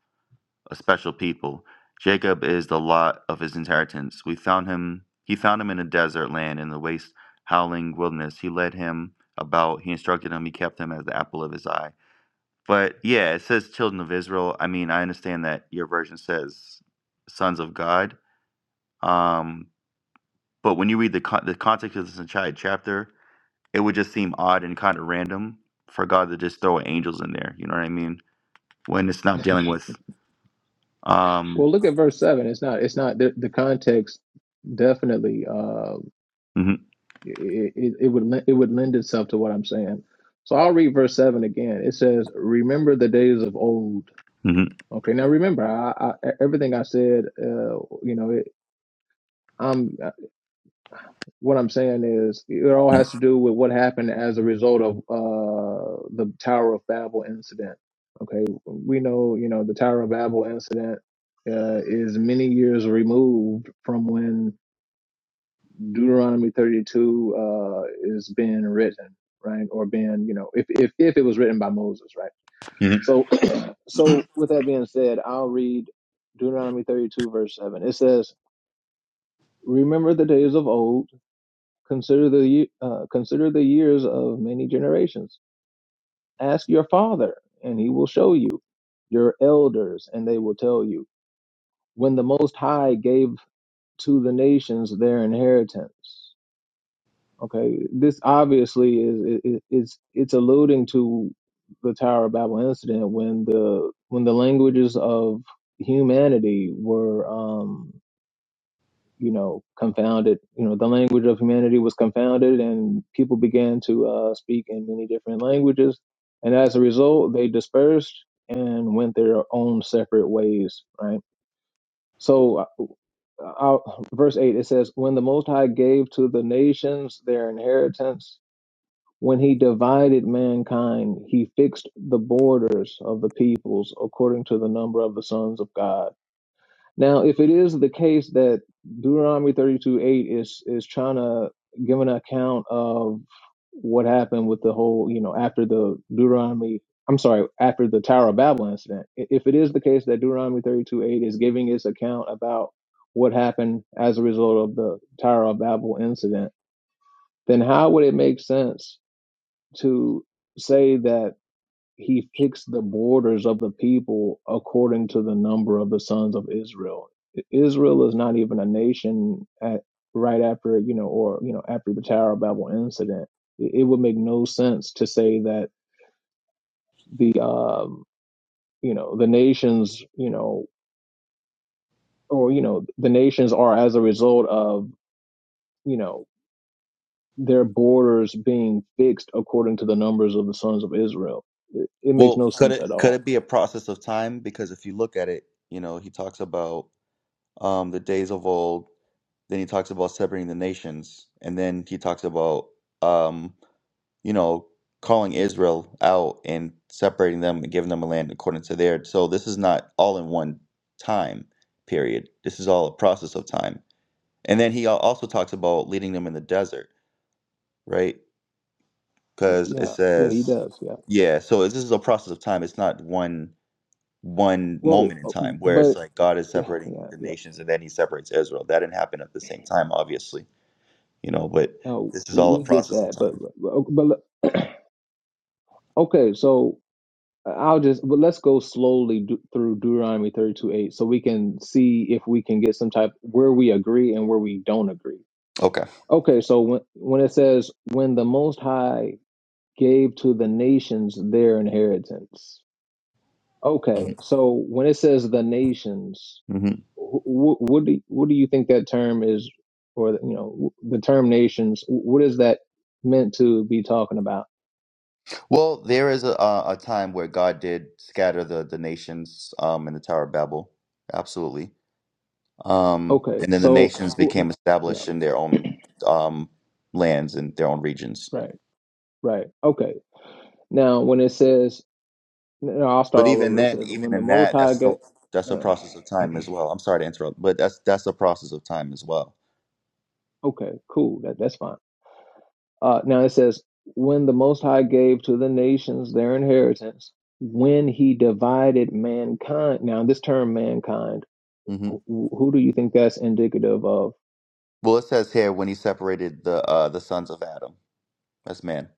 A: a special people. Jacob is the lot of his inheritance. We found him he found him in a desert land in the waste howling wilderness. He led him about, he instructed him, he kept him as the apple of his eye. But yeah, it says children of Israel. I mean, I understand that your version says sons of God. Um, but when you read the con- the context of this entire chapter, it would just seem odd and kind of random for God to just throw angels in there. You know what I mean? When it's not dealing with um.
C: well look at verse seven. It's not it's not the, the context definitely. uh,
A: hmm
C: It, it, it would len- it would lend itself to what I'm saying. So I'll read verse seven again. It says, "Remember the days of old."
A: hmm
C: Okay, now remember, I, I, everything I said, uh, you know, it, I'm what I'm saying is it all has to do with what happened as a result of uh, the Tower of Babel incident. Okay, we know, you know, the Tower of Babel incident uh, is many years removed from when Deuteronomy 32 uh, is being written, right? Or being, you know, if, if, if it was written by Moses, right?
A: hmm
C: So, so with that being said, I'll read Deuteronomy 32 verse 7. It says, remember the days of old, consider the, ye- uh, consider the years of many generations. Ask your father and he will show you your elders and they will tell you when the most high gave to the nations their inheritance Okay, this obviously is is it's it's alluding to the Tower of Babel incident when the when the languages of humanity were um you know confounded you know the language of humanity was confounded and people began to uh speak in many different languages and as a result they dispersed and went their own separate ways right so uh, uh, verse 8 it says when the most high gave to the nations their inheritance when he divided mankind, he fixed the borders of the peoples according to the number of the sons of God. Now, if it is the case that Deuteronomy 32 8 is, is trying to give an account of what happened with the whole, you know, after the Deuteronomy, I'm sorry, after the Tower of Babel incident, i- if it is the case that Deuteronomy 32 8 is giving its account about what happened as a result of the Tower of Babel incident, then how would it make sense? to say that he fixed the borders of the people according to the number of the sons of Israel. Israel is not even a nation at right after you know or you know after the Tower of Babel incident. It, it would make no sense to say that the um you know the nations you know or you know the nations are as a result of you know their borders being fixed according to the numbers of the sons of Israel. It, it makes
A: Well,
C: no
A: could
C: sense
A: it
C: at
A: could
C: all.
A: it be a process of time? Because if you look at it, you know, he talks about um, the days of old. Then he talks about separating the nations, and then he talks about um, you know calling Israel out and separating them and giving them a land according to their. So this is not all in one time period. This is all a process of time. And then he al- also talks about leading them in the desert, right? Because it
C: Yeah, yeah, he
A: says,
C: does. Yeah.
A: yeah, so it's- this is a process of time. It's not one one
C: Well,
A: moment in
C: uh,
A: time where it's
C: but
A: like God is
C: yeah,
A: separating
C: yeah,
A: the
C: yeah.
A: nations and then he separates Israel. That didn't happen at the same time, obviously, you know, but
C: No,
A: this is
C: we,
A: all a
C: we get
A: process of
C: that. But
A: time.
C: but but le- okay, so uh, I'll just but let's go slowly do, through Deuteronomy 32 8 so we can see if we can get some type where we agree and where we don't agree.
A: Okay.
C: Okay, so when when it says when the Most High gave to the nations their inheritance.
A: hmm
C: Okay, so when it says the nations.
A: hmm
C: wh- what do what do you think that term is, or you know, the term nations? What is that meant to be talking about?
A: Well, there is a, a a time where God did scatter the, the nations um, in the Tower of Babel. Absolutely. Um,
C: Okay,
A: and then the
C: so
A: nations
C: oh,
A: became
C: yeah,
A: established in their own um, lands and their own regions.
C: right, right. Okay, now when it says, no, I'll start
A: But
C: all
A: even
C: over. It
A: then,
C: says when
A: even
C: the
A: in
C: Most
A: that,
C: High
A: that's still
C: get,
A: that's a
C: uh,
A: process of time as well. I'm sorry to interrupt, but that's that's a process of time as well.
C: okay, cool, that that's fine. Uh, now it says when the Most High gave to the nations their inheritance, when He divided mankind. Now this term mankind,
A: hmm
C: wh- wh- who do you think that's indicative of?
A: Well, it says here when he separated the uh, the sons of Adam. That's man.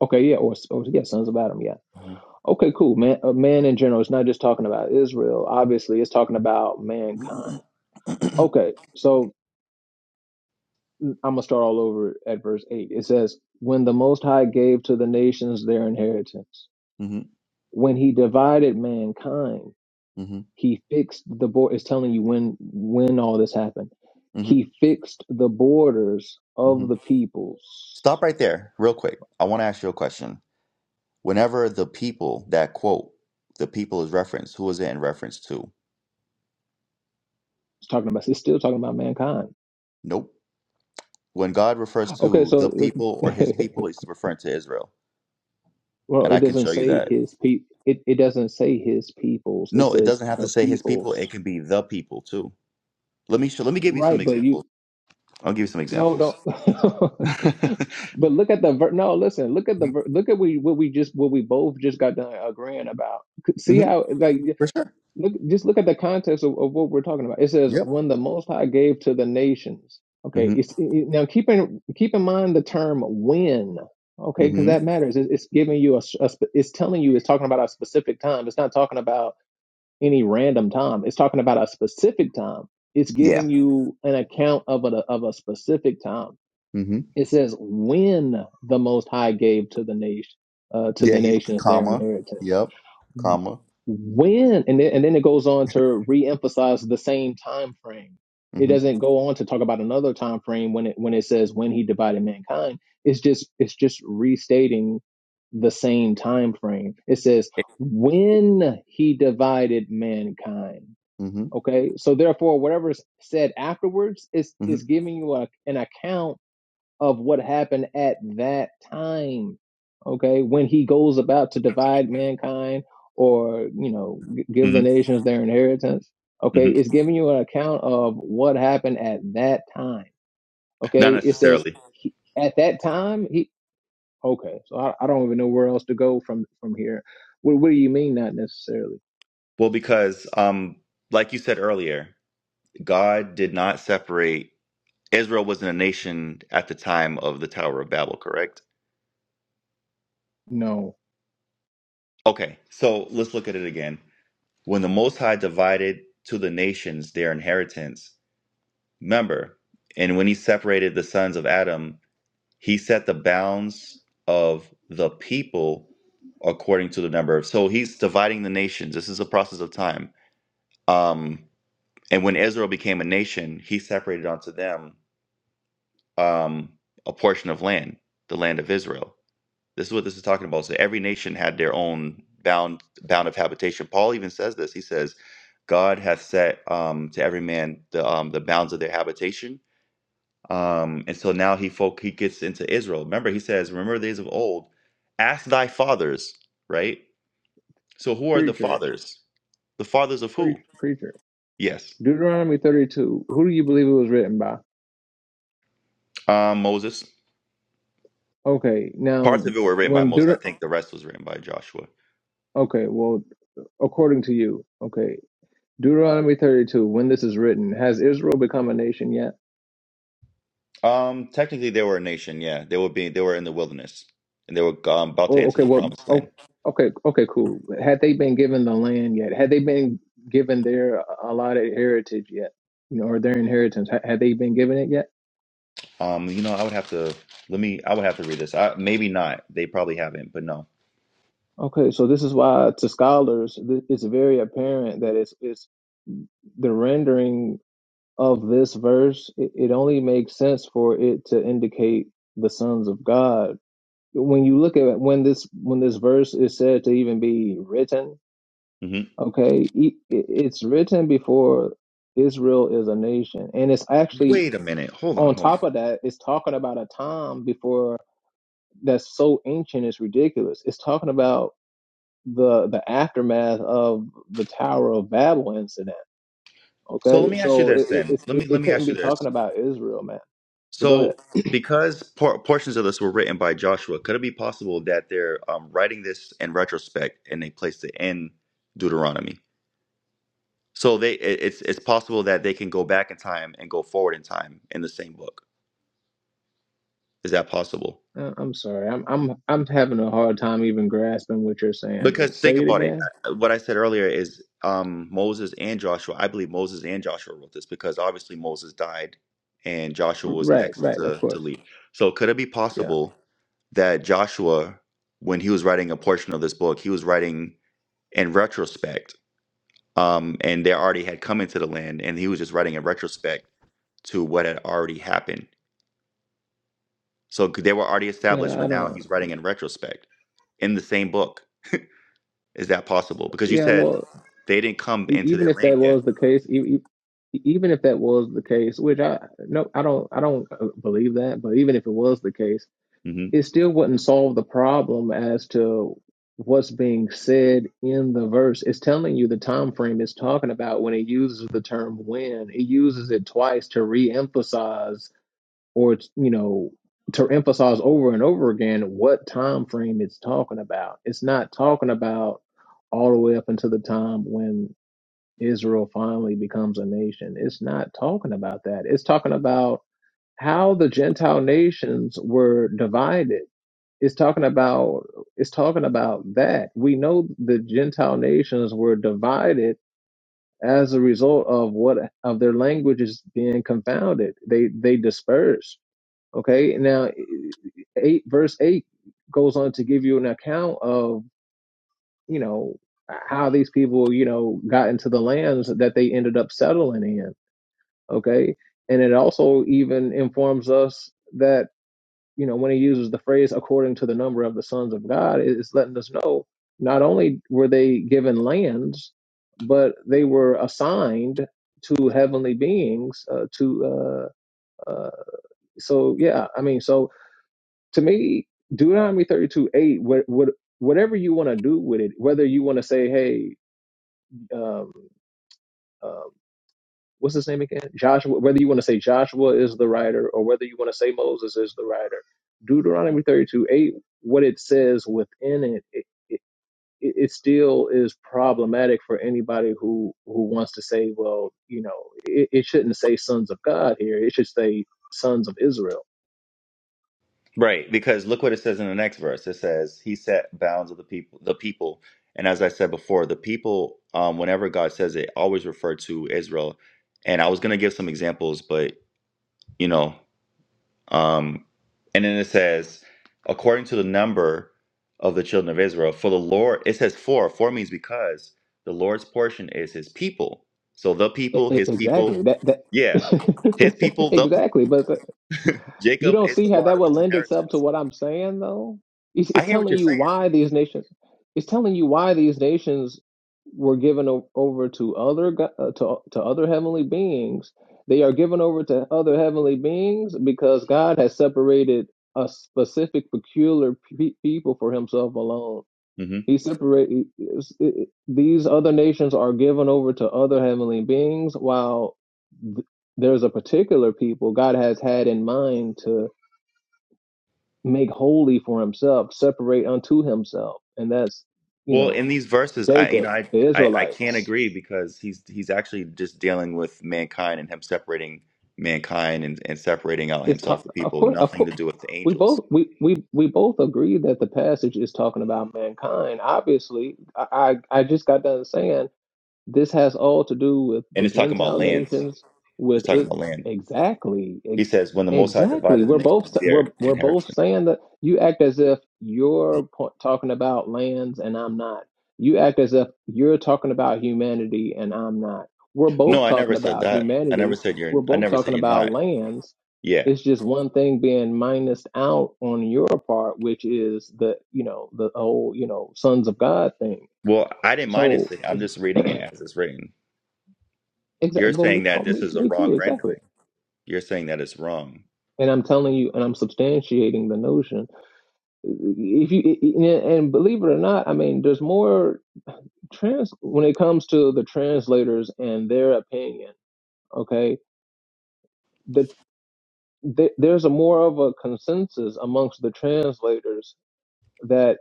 C: Okay, yeah, or, or yeah, sons of Adam, yeah.
A: hmm
C: Okay, cool, man. Uh, man in general, it's not just talking about Israel. Obviously, it's talking about
A: hmm
C: mankind. Okay, so I'm gonna start all over at verse eight. It says, "When the Most High gave to the nations their inheritance, when He divided mankind,
A: hmm
C: He fixed the board." It's telling you when when all this happened.
A: hmm hmm
C: He fixed the borders of the peoples.
A: Stop right there, real quick. I want to ask you a question. Whenever the people that quote the people is referenced, who is it in reference to?
C: It's talking about. It's still talking about mankind.
A: Nope. when God refers
C: Okay,
A: to the
C: so
A: people or his people, he's referring to Israel.
C: Well,
A: And
C: it
A: I can
C: doesn't
A: show you
C: say
A: that.
C: his pe. It, it doesn't say his peoples. It
A: No, it
C: says
A: doesn't have to
C: the
A: say his people, it
C: peoples.
A: can be the people too. Let me show, let me give you some
C: Right, but you
A: examples. I'll give you some
C: no
A: examples.
C: don't. but look at the ver- no. Listen, look at the ver- look at we what we just what we both just got done agreeing about. See
A: hmm
C: how like
A: For sure.
C: look just look at the context of, of what we're talking about. It says
A: Yep.
C: when the Most High gave to the nations. Okay,
A: hmm
C: it's it, now keep in keep in mind the term when. Okay, because
A: hmm
C: that matters. It, it's giving you a, s- a sp- it's telling you it's talking about a specific time. It's not talking about any random time. It's talking about a specific time. It's
A: Yeah.
C: giving you an account of a of a specific time.
A: hmm
C: It says when the Most High gave to the nation uh, to
A: Yeah,
C: the
A: he's
C: nations their
A: comma.
C: inheritance
A: Yep. Comma.
C: when and then, and then it goes on to reemphasize the same time frame it
A: hmm
C: doesn't go on to talk about another time frame when it when it says when he divided mankind it's just it's just restating the same time frame it says when he divided mankind
A: hmm
C: okay so therefore whatever's said afterwards is
A: hmm
C: is giving you a, an account of what happened at that time. Okay, when he goes about to divide mankind or, you know, give the
A: hmm
C: nations their inheritance.
A: hmm
C: Okay, it's giving you an account of what happened at that time.
A: Not
C: Okay, it says
A: necessarily.
C: he, at that time, he, okay, so I, I don't even know where else to go from from here. What, what do you mean, not necessarily?
A: Well, because um, like you said earlier, God did not separate Israel wasn't a nation at the time of the Tower of Babel, correct?
C: No,
A: Okay, so let's look at it again. When the Most High divided to the nations their inheritance, remember, and when he separated the sons of Adam, he set the bounds of the people according to the number of. So he's dividing the nations. This is a process of time. Um, and when Israel became a nation, he separated onto them um, a portion of land, the land of Israel This is what this is talking about. So every nation had their own bound bound of habitation. Paul even says this. He says, God hath set um, to every man the um, the bounds of their habitation. Um, and so now he folk he gets into Israel. Remember, he says, Remember the days of old, ask thy fathers, right? So who are the
C: preacher,
A: fathers? The fathers of
C: preach,
A: who?
C: preacher.
A: Yes.
C: Deuteronomy 32, who do you believe it was written by?
A: Um, Moses.
C: Okay,
A: Parts
C: now
A: of it were written by
C: when
A: Moses.
C: Deuter-
A: I think the rest was written by Joshua.
C: okay, well according to you. Okay. Deuteronomy 32, when this is written, has Israel become a nation yet?
A: Um, technically, they were a nation. Yeah, they were being they were in the wilderness, and they were um, about to
C: Oh,
A: enter
C: okay.
A: the
C: Well,
A: promised land.
C: oh, okay. Okay, cool. Had they been given the land yet? Had they been given their allotted heritage yet? You know, or their inheritance? Ha- Had they been given it yet?
A: Um, you know, I would have to let me. I would have to read this. I, maybe not. They probably haven't, but no.
C: Okay, so this is why to scholars th- it's very apparent that it's it's the rendering of this verse. It, it only makes sense for it to indicate the sons of God when you look at when this when this verse is said to even be written
A: hmm
C: okay e- it's written before israel is a nation and it's actually
A: Wait a minute. Hold on.
C: on
A: Hold on.
C: top of that it's talking about a time before that's so ancient it's ridiculous it's talking about the the aftermath of the tower of babel incident
A: So let
C: okay
A: me ask you
C: so
A: this
C: it it,
A: then.
C: it's-
A: Let
C: it,
A: me let
C: it
A: me
C: couldn't
A: ask you
C: be
A: this.
C: talking about israel man but go ahead
A: So because por- portions of this were written by Joshua, could it be possible that they're um, writing this in retrospect and they placed it in Deuteronomy? So they it, it's it's possible that they can go back in time and go forward in time in the same book. Is that possible?
C: Uh, i'm sorry i'm i'm i'm having a hard time even grasping what you're saying
A: Because think
C: say it
A: about it.
C: again
A: Uh, What I said earlier is um, Moses and Joshua. I believe Moses and Joshua wrote this because obviously Moses died and Joshua was
C: Right,
A: next
C: right, of
A: to, to
C: course.
A: lead. So could it be
C: Yeah,
A: possible that Joshua, when he was writing a portion of this book, he was writing in retrospect um, and they already had come into the land and he was just writing in retrospect to what had already happened. So c- they were already established,
C: yeah, I
A: but now
C: don't.
A: he's writing in retrospect in the same book. Is that possible? Because you
C: Yeah,
A: said
C: well,
A: they didn't come
C: e-
A: into
C: even
A: their
C: if that
A: land
C: was
A: yet.
C: the case, e- e- e-, even if that was the case, which I no, I don't, I don't uh, believe that. But even if it was the case,
A: hmm
C: it still wouldn't solve the problem as to what's being said in the verse. It's telling you the time frame it's talking about when it uses the term "when." It uses it twice to re-emphasize or you know to emphasize over and over again what time frame it's talking about it's not talking about all the way up until the time when israel finally becomes a nation it's not talking about that it's talking about how the gentile nations were divided it's talking about it's talking about that we know the gentile nations were divided as a result of what of their languages being confounded they they dispersed Okay. Now, e, e, eight verse eight goes on to give you an account of you know how these people you know got into the lands that they ended up settling in. Okay, and it also even informs us that you know when he uses the phrase according to the number of the sons of God, it- it's letting us know not only were they given lands, but they were assigned to heavenly beings uh, to uh, uh, so yeah i mean so to me, Deuteronomy 32 8, what, what, whatever you want to do with it, whether you want to say, hey, um, um, what's his name again? Joshua, whether you want to say Joshua is the writer or whether you want to say Moses is the writer, Deuteronomy 32 8, what it says within it, it, it it still is problematic for anybody who who wants to say, well, you know, it, it shouldn't say sons of God here. It should say sons of Israel.
A: Right, because look what it says in the next verse. It says, "He set bounds of the people, the people." And as I said before, the people, um, whenever God says it, always refer to Israel. And I was going to give some examples, but you know, Um, and then it says, according to the number of the children of Israel, for the Lord, it says for. For means because the Lord's portion is his people. So the
C: E-
A: people,
C: e-
A: his people,
C: Exactly. That
A: yeah, his
C: that
A: people, the people.
C: exactly. But You
A: Jacob
C: don't
A: is
C: see
A: the
C: how
A: lot
C: that
A: of
C: would
A: his
C: lend itself to
A: inheritance.
C: what I'm saying, though. It's,
A: I
C: it's
A: hear what
C: telling
A: you're
C: you
A: saying.
C: why these nations. It's telling you why these nations were given o- over to other go- uh, to to other heavenly beings. They are given over to other heavenly beings because God has separated a specific, peculiar pe- people for Himself alone.
A: hmm
C: He separate he- it's- it- it- these other nations are given over to other heavenly beings, while th- there's a particular people God has had in mind to make holy for himself, separate unto himself, and that's you
A: Well,
C: know
A: in these verses, I you
C: Jacob,
A: know I,
C: the
A: I I can't
C: Israelites.
A: agree because he's he's actually just dealing with mankind and him separating mankind and, and separating out
C: It's ta-
A: himself the
C: of
A: people,
C: course, of
A: nothing to
C: course,
A: do with the
C: we
A: angels.
C: both we we we both agree that the passage is talking about mankind. Obviously, I I, I just got done saying This has all to do with
A: And
C: the
A: it's talking about
C: Gentile
A: land.
C: nations, with
A: It's talking
C: it
A: about land.
C: exactly,
A: He
C: ex-
A: says, "When the Most High
C: exactly.
A: divided the
C: We're both
A: nations, their
C: we're we're both
A: inheritance."
C: saying that you act as if you're po- talking about lands and I'm not. You act as if you're talking about humanity and I'm not. We're both
A: No, I
C: talking
A: never said
C: about
A: that. I never
C: humanity.
A: said you're.
C: We're
A: I
C: both
A: never said
C: talking
A: you're
C: about
A: not.
C: lands.
A: Yeah.
C: It's just one thing being minused out on your part, which is the you know the whole you know sons of God thing.
A: Well, I didn't mind it.
C: So.
A: saying- I'm just reading it as it's written.
C: Exactly.
A: You're
C: Well,
A: saying
C: me,
A: that
C: oh,
A: this
C: me,
A: is a
C: me
A: wrong
C: too. Exactly.
A: rendering. You're saying that it's wrong.
C: And I'm telling you, and I'm substantiating the notion. If you and and believe it or not, I mean, there's more trans when it comes to the translators and their opinion. Okay, the, the there's a more of a consensus amongst the translators that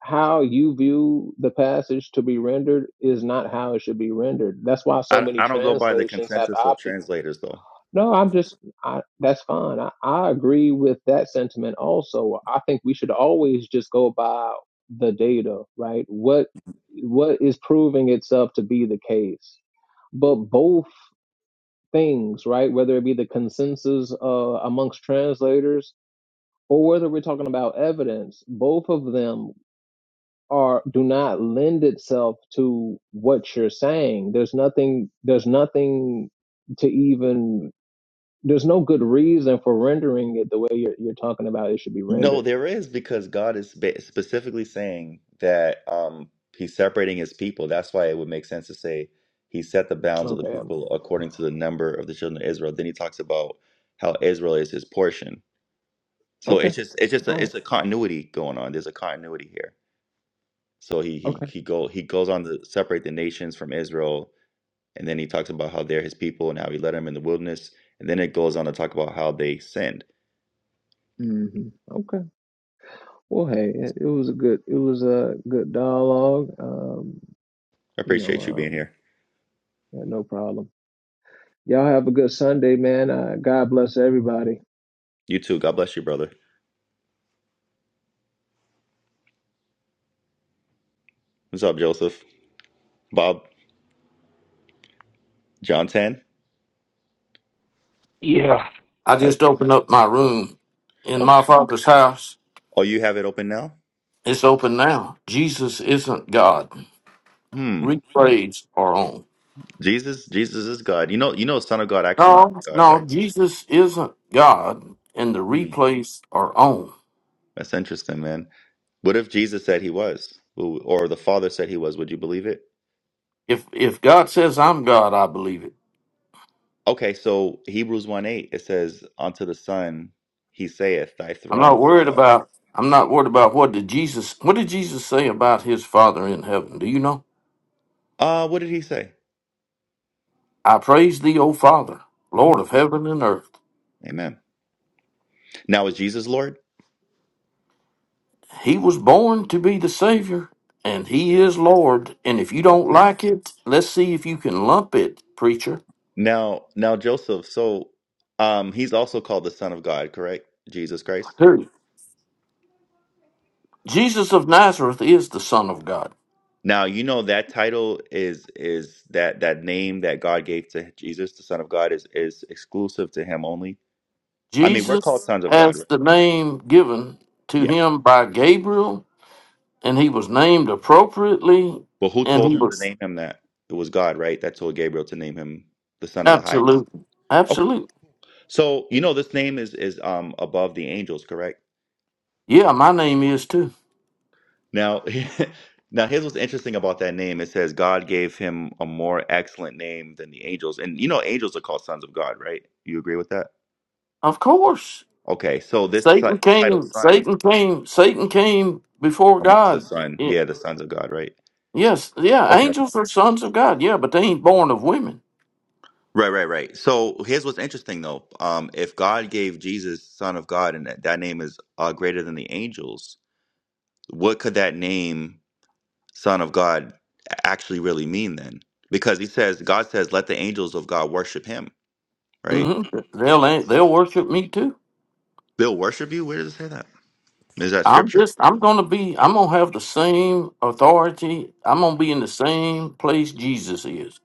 C: how you view the passage to be rendered is not how it should be rendered. That's why so
A: I,
C: many
A: I don't go by the
C: translations have
A: consensus of
C: opted
A: translators though.
C: No, I'm just, I, that's fine. I, I agree with that sentiment also. I think we should always just go by the data, right? What what is proving itself to be the case? But both things, right? Whether it be the consensus uh, amongst translators or whether we're talking about evidence, both of them are do not lend itself to what you're saying. There's nothing. There's nothing to even there's no good reason for rendering it the way you're you're talking about it should be
A: No,
C: rendered.
A: there is because God is spe- specifically saying that um, He's separating His people. That's why it would make sense to say He set the bounds of the
C: Okay. Um,
A: people according to the number of the children of Israel. Then He talks about how Israel is His portion. So
C: okay.
A: it's just it's just
C: All
A: a,
C: right.
A: it's a continuity going on. There's a continuity here. So he he
C: Okay.
A: he go he goes on to separate the nations from Israel, and then he talks about how they're His people and how He led them in the wilderness, and then it goes on to talk about how they sinned.
C: hmm Okay. Well, hey, it, it was a good it was a good dialogue. Um,
A: I
C: you know,
A: appreciate you being
C: um,
A: here.
C: yeah, no problem. Y'all have a good Sunday, man. Uh, God bless everybody.
A: You too. God bless you, brother. What's up, Joseph? Bob Johnson. 10.
D: Yeah. I
A: Has-
D: just opened up my room in
A: Okay.
D: my father's house.
A: Oh, you have it open now?
D: It's open now. Jesus isn't God.
A: Hmm.
D: Replays are on.
A: Jesus, Jesus is God. You know, you know, Son of God actually means
D: No,
A: God, right?
D: no, Jesus isn't God, and the
A: Hmm.
D: replays are on.
A: That's interesting, man. What if Jesus said he was, or the Father said he was? Would you believe it?
D: If if God says I'm God, I believe it.
A: Okay, so Hebrews 1 8, it says, Unto the Son he saith, Thy
D: I'm
A: throne,
D: not
A: O
D: worried
A: God.
D: about. I'm not worried about what did Jesus. What did Jesus say about his Father in heaven? Do you know?
A: Uh, what did he say?
D: I praise thee, O Father, Lord
A: hmm
D: of heaven and earth.
A: Amen. Now is Jesus Lord?
D: He was born to be the Savior, and He is Lord. And if you don't
A: Okay.
D: like it, let's see if you can lump it, preacher.
A: Now, now Joseph, so um, he's also called the Son of God, correct? Jesus Christ?
D: Who? Jesus of Nazareth is the Son of God.
A: Now, you know that title is is that that name that God gave to Jesus, the Son of God, is is exclusive to him only. I mean, we're called
D: Jesus
A: sons of God,
D: has
A: right?
D: the name given to
A: Yeah.
D: him by Gabriel, and he was named appropriately,
A: But who
D: and
A: told
D: he
A: him to
D: was
A: name him that? It was God, right? That told Gabriel to name him the Son of the Highest.
D: absolute.
A: Okay.
D: Absolute.
A: So, you know this name is is um above the angels, correct?
D: Yeah, my name is too.
A: Now, now here's what's interesting about that name. It says God gave him a more excellent name than the angels. And you know angels are called sons of God, right? You agree with that?
D: Of course.
A: Okay, so this
D: Satan
A: si- this title
D: came,
A: "son"
D: Satan came, Satan came before
A: amongst the
D: God.
A: son. Yeah, the sons of God, right?
D: Yes, yeah,
A: Okay.
D: angels are sons of God. Yeah, but they ain't born of women.
A: Right, right, right. So here's what's interesting though. Um, if God gave Jesus Son of God and that, that name is uh, greater than the angels, what could that name Son of God actually really mean then? Because he says, God says, let the angels of God worship him, right?
D: hmm They'll they'll worship me too.
A: They'll worship you. Where does it say that? Is that
D: I'm
A: scripture?
D: just I'm gonna be I'm gonna have the same authority. I'm gonna be in the same place Jesus is.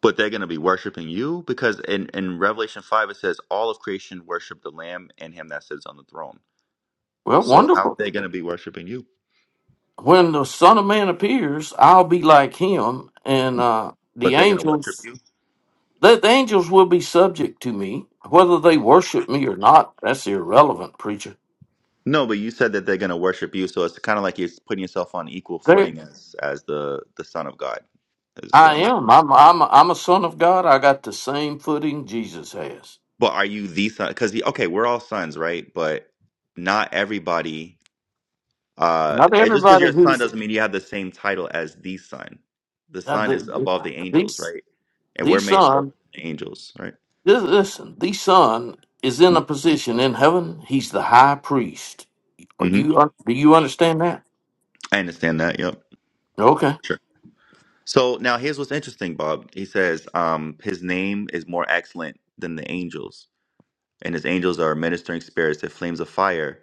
A: But they're going to be worshiping you because in, in Revelation 5, it says, all of creation worship the Lamb and him that sits on the throne.
D: Well,
A: So how are
D: wonderful.
A: they going to be worshiping you?
D: When the Son of Man appears, I'll be like him, and uh,
A: But
D: the
A: they're gonna worship
D: angels
A: you.
D: that the angels will be subject to me, whether they worship me or not. That's irrelevant, preacher.
A: No, but you said that they're gonna worship you, so it's kind of like you're putting yourself on equal
D: They
A: footing as as the the son of God. Is what
D: I
A: I'm.
D: am. I'm. I'm. I'm a son of God. I got the same footing Jesus has.
A: But are you the son? Because okay, we're all sons, right? But not everybody. Uh,
D: Not
A: and just because
D: everybody
A: you're a son
D: who's
A: doesn't mean you have the same title as the son. The
D: uh,
A: son is
D: the
A: above the angels,
D: these
A: right? And
D: the
A: we're made lower
D: son.
A: than the angels, right?
D: li- Listen, the son is in a position in heaven. He's the high priest. Are
A: hmm
D: you? un- Do you understand that?
A: I understand that. Yep.
D: Okay.
A: Sure. So now here's what's interesting, Bob. He says, um, his name is more excellent than the angels. and his angels are ministering spirits that flames of fire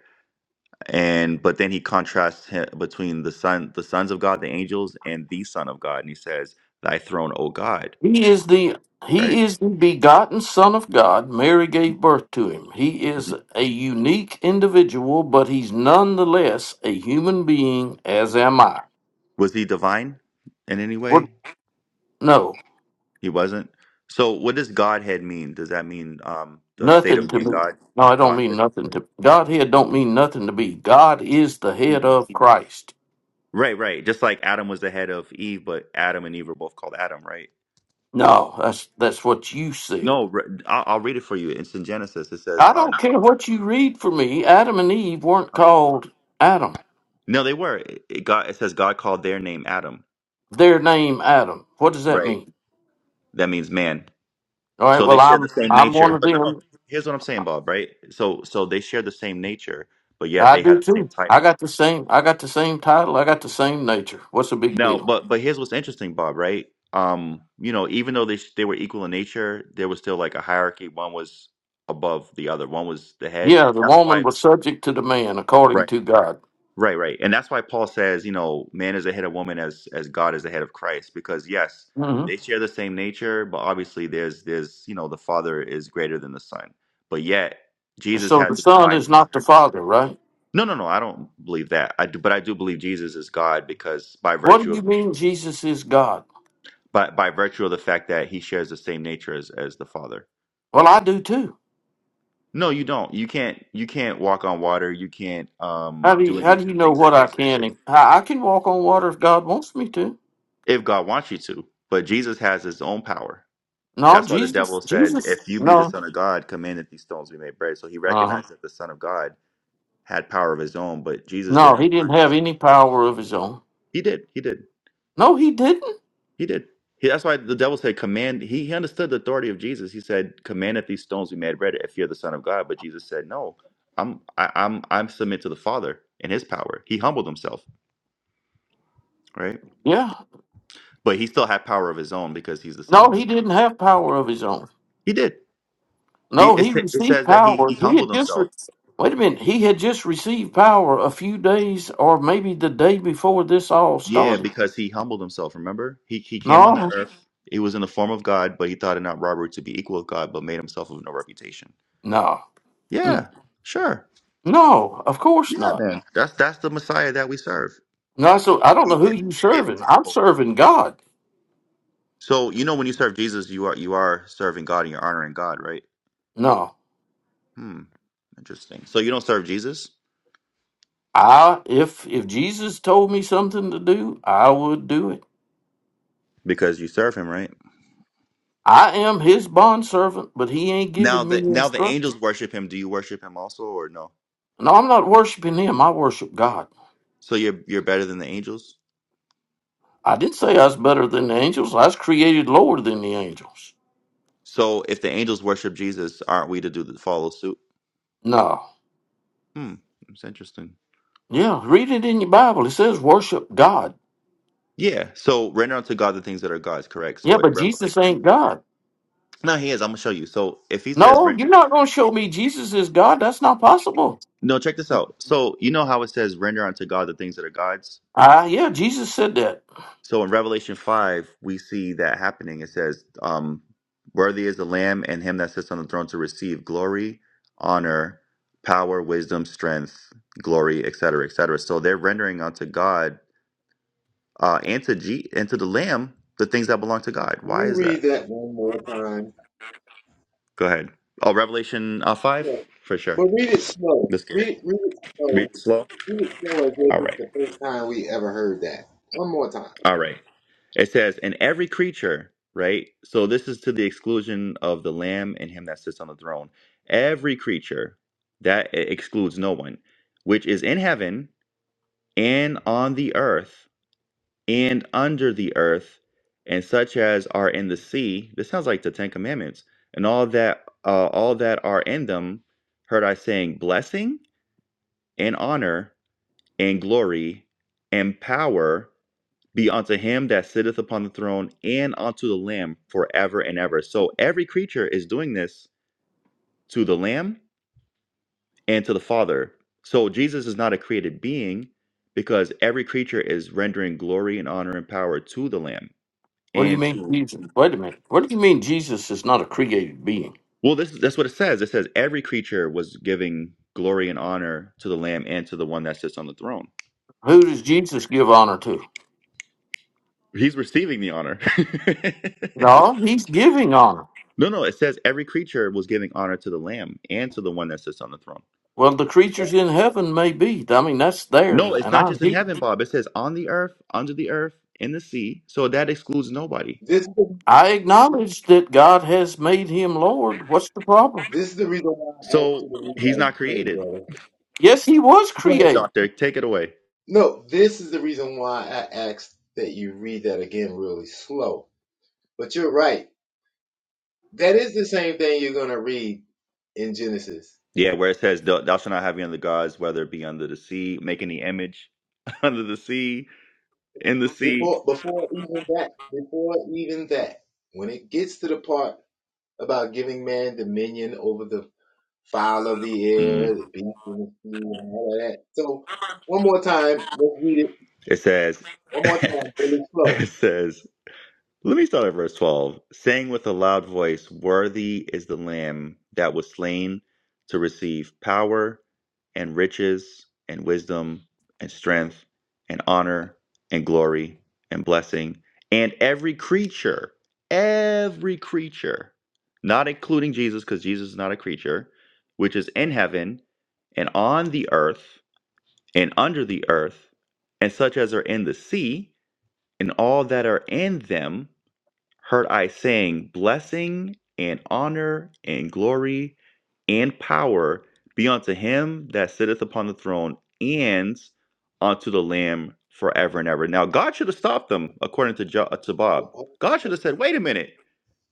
A: and but then he contrasts him between the son the sons of god the angels and the son of god and he says thy throne o god
D: He is the.
A: right
D: He is the begotten Son of God. Mary gave birth to him. He is
A: Mhm.
D: a unique individual, but he's nonetheless a human being, as am I.
A: was he divine in any
D: We're,
A: way
D: no,
A: he wasn't so what does godhead mean does that mean um the state
D: Nothing
A: of
D: to
A: being
D: me.
A: god
D: No, I don't mean
A: godhead
D: nothing to Godhead. Don't mean nothing to me. God is the head
A: Hmm.
D: of Christ.
A: right right just like adam was the head of eve but adam and eve were both called adam right
D: No, that's that's what you said.
A: no re- I'll, I'll read it for you it's in genesis it says
D: I
A: um
D: don't care what you read for me. Adam and Eve weren't called Adam.
A: No, they were. It, it- God, it says God called their name Adam.
D: Their name Adam. What does that
A: Right.
D: mean?
A: That means man.
D: All right.
A: So they
D: Well,
A: share the
D: I'm
A: same
D: I'm one
A: nature.
D: of
A: But no, no,
D: them.
A: here's what I'm saying, Bob. Right. So so they share the same nature, but yet
D: I
A: they
D: do
A: have the same
D: too. I
A: title.
D: got the same. I got the same title. I got the same nature. What's the big
A: Now,
D: deal?
A: but but here's what's interesting, Bob. Right. Um, you know, even though they they were equal in nature, there was still like a hierarchy. One was above the other. One was the head.
D: Yeah, the
A: That's
D: woman
A: why.
D: was subject to the man
A: Right.
D: according to God.
A: Right, right. And that's why Paul says, you know, man is the head of woman as as God is the head of Christ because yes,
D: hmm
A: they share the same nature, but obviously there's there's, you know, the father is greater than the son. But yet Jesus
D: So
A: has
D: the
A: the
D: son
A: divine
D: is not the
A: nature.
D: father, right?
A: No, no, no, I don't believe that. I do, but I do believe Jesus is God because by
D: What
A: virtue
D: do you
A: of
D: mean Jesus is God?
A: by by virtue of the fact that he shares the same nature as as the father.
D: Well, I do too.
A: No, you don't. You can't you can't walk on water. You can't um
D: How do
A: do
D: you,
A: any
D: how
A: of
D: do you
A: the
D: know
A: things
D: what
A: that
D: I
A: Jesus
D: can?
A: did
D: and- I, I can walk on water if God wants me to.
A: if God wants you to. But Jesus has his own power.
D: No,
A: That's why the devil
D: Jesus,
A: said,
D: Jesus,
A: If you be the
D: no,
A: Son of God, command that these stones be made bread. So he
D: uh-huh.
A: recognized that the Son of God had power of his own, but Jesus
D: no,
A: didn't.
D: he didn't have any power of his own.
A: He did. He did.
D: No, he didn't.
A: He did. He, that's why the devil said, Command. He, he understood the authority of Jesus. He said, Command that these stones be made bread if you're the Son of God. But Jesus said, No, I'm, I, I'm, I'm submit to the Father and his power. He humbled himself, right?
D: Yeah,
A: But he still had power of his own because he's the Son
D: no,
A: of
D: he
A: God.
D: didn't have power of his own.
A: He did. He,
D: No,
A: it,
D: he
A: sa- it
D: received
A: says that he, he
D: power. He
A: humbled
D: had just
A: himself.
D: re- wait a minute. He had just received power a few days, or maybe the day before this all
A: Yeah,
D: started.
A: because he humbled himself, remember? He he came on the
D: No,
A: earth. He was in the form of God, but he thought it not robbery to be equal with God, but made himself of no reputation.
D: no, Mm.
A: Yeah, sure.
D: no. Of course
A: Yeah,
D: not.
A: man. That's that's the Messiah that we serve.
D: No, so I don't
A: He
D: know who
A: came in
D: you
A: to be an
D: serving. I'm
A: example.
D: serving God.
A: So you know when you serve Jesus, you are you are serving God and you're honoring God, right?
D: No,
A: Hmm. Interesting. So you don't serve Jesus
D: I if if Jesus told me something to do, I would do it.
A: because you serve him, right?
D: I am His bond servant, but He ain't
A: Now
D: giving me
A: the now the angels
D: instruction.
A: worship him. Do you worship him also or no?
D: No, I'm not worshiping Him. I worship God.
A: So you're you're better than the angels?
D: I didn't say I was better than the angels. I was created lower than the angels.
A: So if the angels worship Jesus, aren't we to do the follow suit?
D: No,
A: Hmm, it's interesting.
D: yeah, read it in your Bible. It says worship God.
A: Yeah. So render unto God the things that are God's, correct? So
D: Yeah,
A: in
D: but Jesus
A: Revelation,
D: ain't God.
A: no, he is. I'm gonna show you. So if he says
D: No,
A: render,
D: you're not going to show me Jesus is God. That's not possible.
A: no, check this out. So you know how it says render unto God the things that are God's.
D: Ah, yeah, Jesus said that.
A: So in Revelation five, we see that happening. It says, um, "Worthy is the Lamb and Him that sits on the throne to receive glory, honor, power, wisdom, strength, glory, etc., etc." So they're rendering unto God uh, and to G and to the Lamb the things that belong to God.
B: Can
A: Why
B: you
A: is that?
B: read that one more time?
A: Go ahead. Oh, Revelation uh, five
B: Yeah.
A: for sure.
B: But read it slow.
A: Let's get
B: Read
A: it.
B: it read it
A: Read
B: slow.
A: it slow.
B: Read it slow as if
A: All
B: it's
A: right.
B: the first time we ever heard that. One more time.
A: All right. It says, "And every creature." Right. So this is to the exclusion of the Lamb and Him that sits on the throne. Every creature that e-, excludes no one, which is in heaven and on the earth and under the earth, and such as are in the sea. This sounds like the Ten Commandments, and all that uh, all that are in them. Heard I saying, blessing and honor and glory and power be unto him that sitteth upon the throne and unto the Lamb forever and ever. So every creature is doing this to the Lamb and to the Father. So Jesus is not a created being because every creature is rendering glory and honor and power to the Lamb
D: What do you
A: and
D: mean,
A: to
D: Jesus? Wait a minute. What do you mean, Jesus is not a created being?
A: Well, this that's what it says. It says every creature was giving glory and honor to the Lamb and to the one that sits on the throne.
D: Who does Jesus give honor to?
A: He's receiving the honor.
D: No, he's giving honor.
A: no, no, it says every creature was giving honor to the Lamb and to the one that sits on the throne.
D: Well, the creatures in heaven may be. I mean, that's there,
A: No, it's
D: and
A: not
D: I
A: just in heaven, Bob. It says on the earth, under the earth, in the sea. So that excludes nobody.
B: This is the
D: I acknowledge that God has made him Lord. What's the problem?
B: this is the reason why I asked
A: So
B: you to read
A: he's
B: that
A: not
B: again,
A: created.
B: brother.
D: Yes, he was
A: Go ahead,
D: created.
A: doctor. Take it away.
B: No, this is the reason why I asked that you read that again really slow. But you're right. That is the same thing you're gonna read in Genesis.
A: Yeah, where it says, Thou thou shalt not have any other gods, whether it be under the sea, make any image under the sea, in the sea.
B: Before before even that, before even that, when it gets to the part about giving man dominion over the fowl of the air, the beast and the sea, and all of that. So one more time, let's read it.
A: It says,
B: One more time, really slow.
A: it says, let me start at verse 12. Saying with a loud voice, Worthy is the Lamb that was slain to receive power and riches and wisdom and strength and honor and glory and blessing. And every creature, every creature, not including Jesus, because Jesus is not a creature, which is in heaven and on the earth and under the earth, and such as are in the sea, and all that are in them, heard I saying, Blessing and honor and glory and power be unto him that sitteth upon the throne and unto the Lamb forever and ever. Now, God should have stopped them, according to, jo- uh, to Bob.
B: Hold, hold,
A: God should have said, Wait a minute,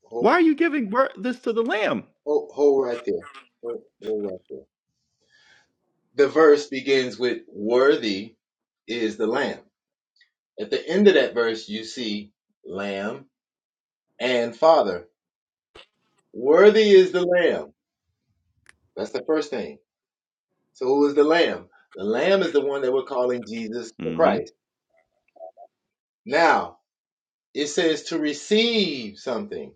B: hold,
A: why are you giving wor- this to the Lamb?
B: hold- hold right there. Hold, hold right there. The verse begins with "Worthy is the Lamb." At the end of that verse, you see "Lamb." And Father, worthy is the Lamb. That's the first thing. So who is the Lamb? The Lamb is the one that we're calling Jesus the
A: hmm
B: Christ. Now, it says to receive something.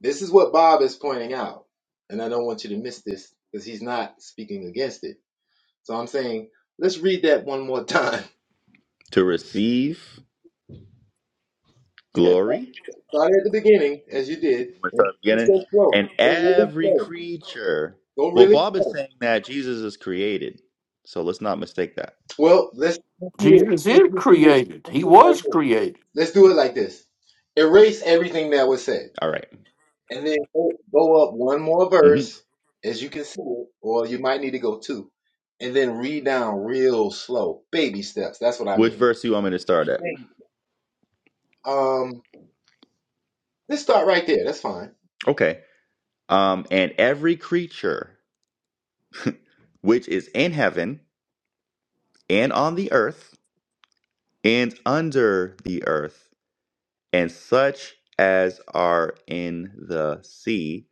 B: This is what Bob is pointing out. And I don't want you to miss this because he's not speaking against it. So I'm saying, let's read that one more time.
A: To receive
B: Yeah,
A: glory
B: start at the beginning as you did.
A: we
B: And
A: start
B: just
A: beginning.
B: go slow.
A: And
B: Go really
A: every
B: slow.
A: creature.
B: Go
A: Well,
B: really
A: Bob is
B: slow.
A: saying that Jesus is created. So let's not mistake that.
B: Well, let's let's do this.
D: Jesus
B: Let's
D: is
B: do this.
D: created.
B: Let's
D: He
B: do it like
D: was
B: this.
D: created.
B: Let's do it like this. Erase everything that was said,
A: All right.
B: and then go go up one more
A: Mhm.
B: verse as you can see it, or you might need to go two, and then read down real slow, baby steps. That's what I
A: Which
B: mean.
A: verse do you want me to start at?
B: Baby. Um, let's start right there. That's fine.
A: Okay. Um, and every creature which is in heaven and on the earth and under the earth, and such as are in the sea,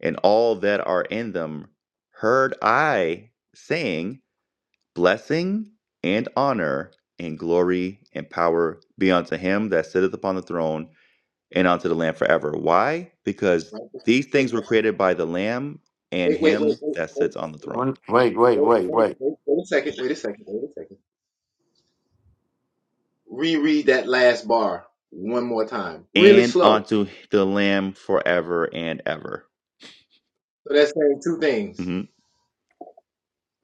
A: and all that are in them, heard I saying. blessing and honor and glory and power be unto him that sitteth upon the throne and unto the Lamb forever. Why? Because
B: Right
A: these things were
B: there.
A: created by the Lamb and
B: Wait, wait, wait, wait,
A: him
B: wait,
A: that sits on the
B: wait,
A: throne,
D: When, wait, wait,
B: wait,
D: wait,
B: wait,
D: wait.
B: wait, wait a second. Wait a second. Wait a second. Reread that last bar one more time, really
A: and
B: slow.
A: unto the Lamb forever and ever.
B: So that's saying two things.
A: Mhm.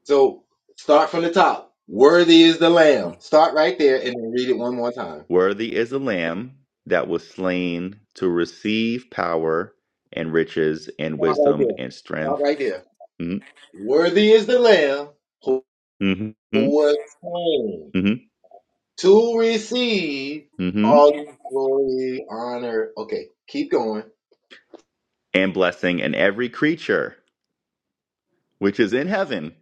B: So start from the top. Worthy is the Lamb. Start right there and then read it one more time.
A: Worthy is the Lamb that was slain to receive power and riches and
B: Start right
A: wisdom
B: there.
A: and
B: Start
A: strength.
B: right there.
A: hmm
B: Worthy is the Lamb who
A: hmm hmm
B: was slain to receive
A: hmm
B: all glory, honor. Okay, keep going.
A: and blessing and every creature. which is in heaven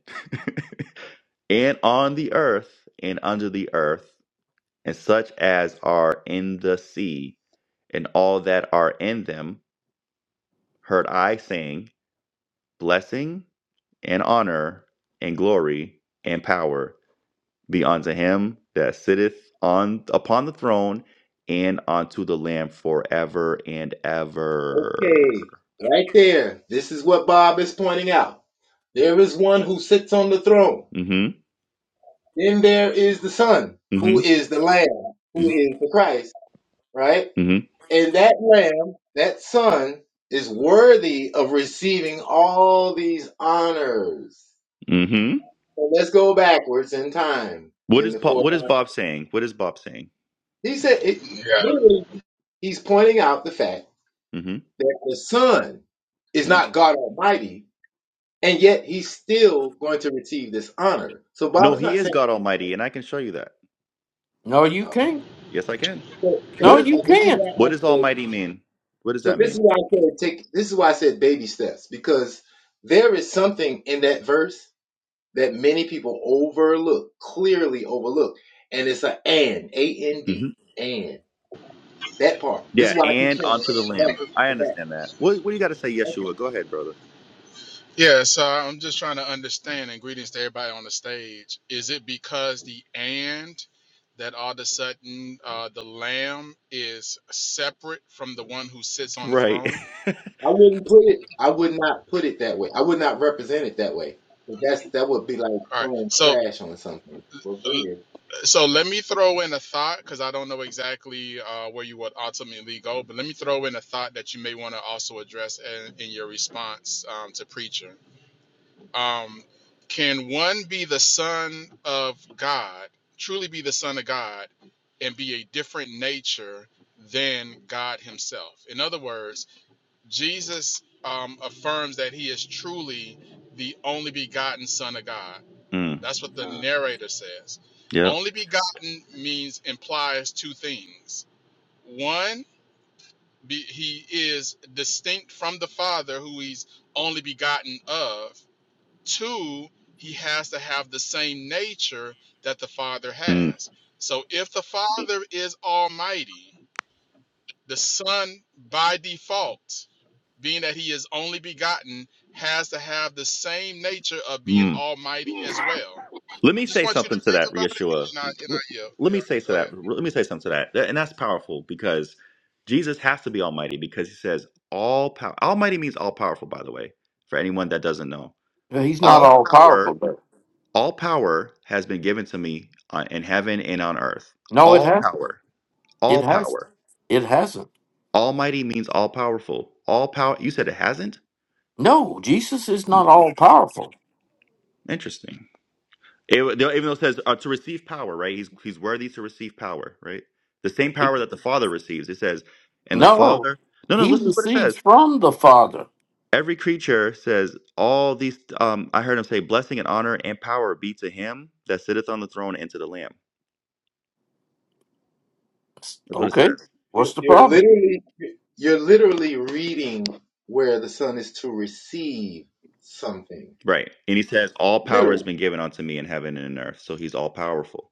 A: and on the earth and under the earth, and such as are in the sea and all that are in them, heard I saying, Blessing and honor and glory and power be unto him that sitteth on upon the throne and unto the Lamb forever and
B: Okay,
A: ever.
B: right there. This is what Bob is pointing out. There is one who sits on the throne.
A: Mm-hmm.
B: Then there is the Son, who
A: Mm-hmm.
B: is the Lamb, who
A: Mm-hmm.
B: is the Christ, right?
A: Mm-hmm.
B: And that lamb, that son, is worthy of receiving all these honors.
A: Mm-hmm.
B: So let's go backwards in time
A: What
B: in
A: is
B: the
A: Bob,
B: fourth.
A: what is Bob saying? What is Bob saying?
B: He said, it,
E: Yeah.
B: literally, he's pointing out the fact
A: Mm-hmm.
B: that the son is
A: Mm-hmm.
B: not God Almighty, and yet he's still going to receive this honor. So Bob
A: No,
B: is
A: he
B: not
A: is
B: saying.
A: God Almighty, and I can show you that.
D: No, you
B: So,
D: can't.
A: Yes, I can.
B: so,
D: No,
A: What
B: so
A: is
D: you
A: all?
B: this is
D: can't.
B: why
A: What
B: I
A: does
B: said.
A: Almighty mean? What does
B: So
A: that
B: this is
A: mean?
B: why I said take. This is why I said baby steps because there is something in that verse that many people overlook, clearly overlook. And it's a and, A N
A: hmm
B: D, and that part. This is
A: Yeah,
B: why I keep
A: and
B: saying
A: onto the
B: that.
A: Lamb. I
B: that.
A: understand that. What What do you got to say,
B: Okay.
A: Yeshua? Go ahead, brother.
E: Yeah. So I'm just trying to understand, and greetings to everybody on the stage. Is it because the and that all of a sudden uh, the lamb is separate from the one who sits on the
A: Right.
E: throne?
B: I wouldn't put it. I would not put it that way. I would not represent it that way. But that's
E: Okay.
B: that would be like
E: All right.
B: throwing
E: So,
B: trash on something. Well, go ahead.
E: so let me throw in a thought because I don't know exactly uh, where you would ultimately go, but let me throw in a thought that you may want to also address in, in your response um, to preacher. Um, can one be the son of God, truly be the son of God, and be a different nature than God Himself? In other words, Jesus um, affirms that He is truly the only begotten Son of God.
A: Mm,
E: That's what the narrator says.
A: yep.
E: Only begotten means implies two things. One, be, he is distinct from the Father, who he's only begotten of Two, he has to have the same nature that the Father
A: Mm,
E: has. So if the Father is almighty, the Son by default, being that he is only begotten, has to have the same nature of being
A: mm.
E: almighty as well.
A: Let me
E: I just
A: say
E: want you to
A: something to
E: think
A: that,
E: about it
A: Yeshua.
E: and I, and
A: L-
E: I yield.
A: Let
E: Yeah,
A: me say to
E: go
A: that.
E: ahead.
A: Let me say something to that, That- and that's powerful because Jesus has to be Almighty because He says all power. Almighty means all powerful, by the way, for anyone that doesn't know.
D: He's not
A: All Mhm.
D: all
A: power
D: powerful, but
A: All power has been given to me on, in heaven and on earth.
D: no, it
A: All
D: hasn't.
A: power. All
D: It has.
A: power.
D: It hasn't.
A: Almighty means all powerful. All power. You said it hasn't?
D: No, Jesus is
A: Hmm,
D: not all powerful.
A: Interesting. It, even though it says uh, to receive power, right? He's, he's worthy to receive power, right? The same
D: He-
A: power that the Father receives. It says, and the
D: No,
A: Father. No, no,
D: he
A: listen to what it
D: receives
A: says.
D: from the Father.
A: Every creature says, all these. Um, I heard him say, blessing and honor and power be to him that sitteth on the throne and to the Lamb.
D: S-
A: That's what it
D: Okay,
A: says.
B: You're
D: what's the
B: you're
D: problem?
B: literally you're literally reading where the sun is to receive something.
A: Right. And he says, All power has
B: Literally.
A: been given unto me in heaven and in earth. So he's all powerful.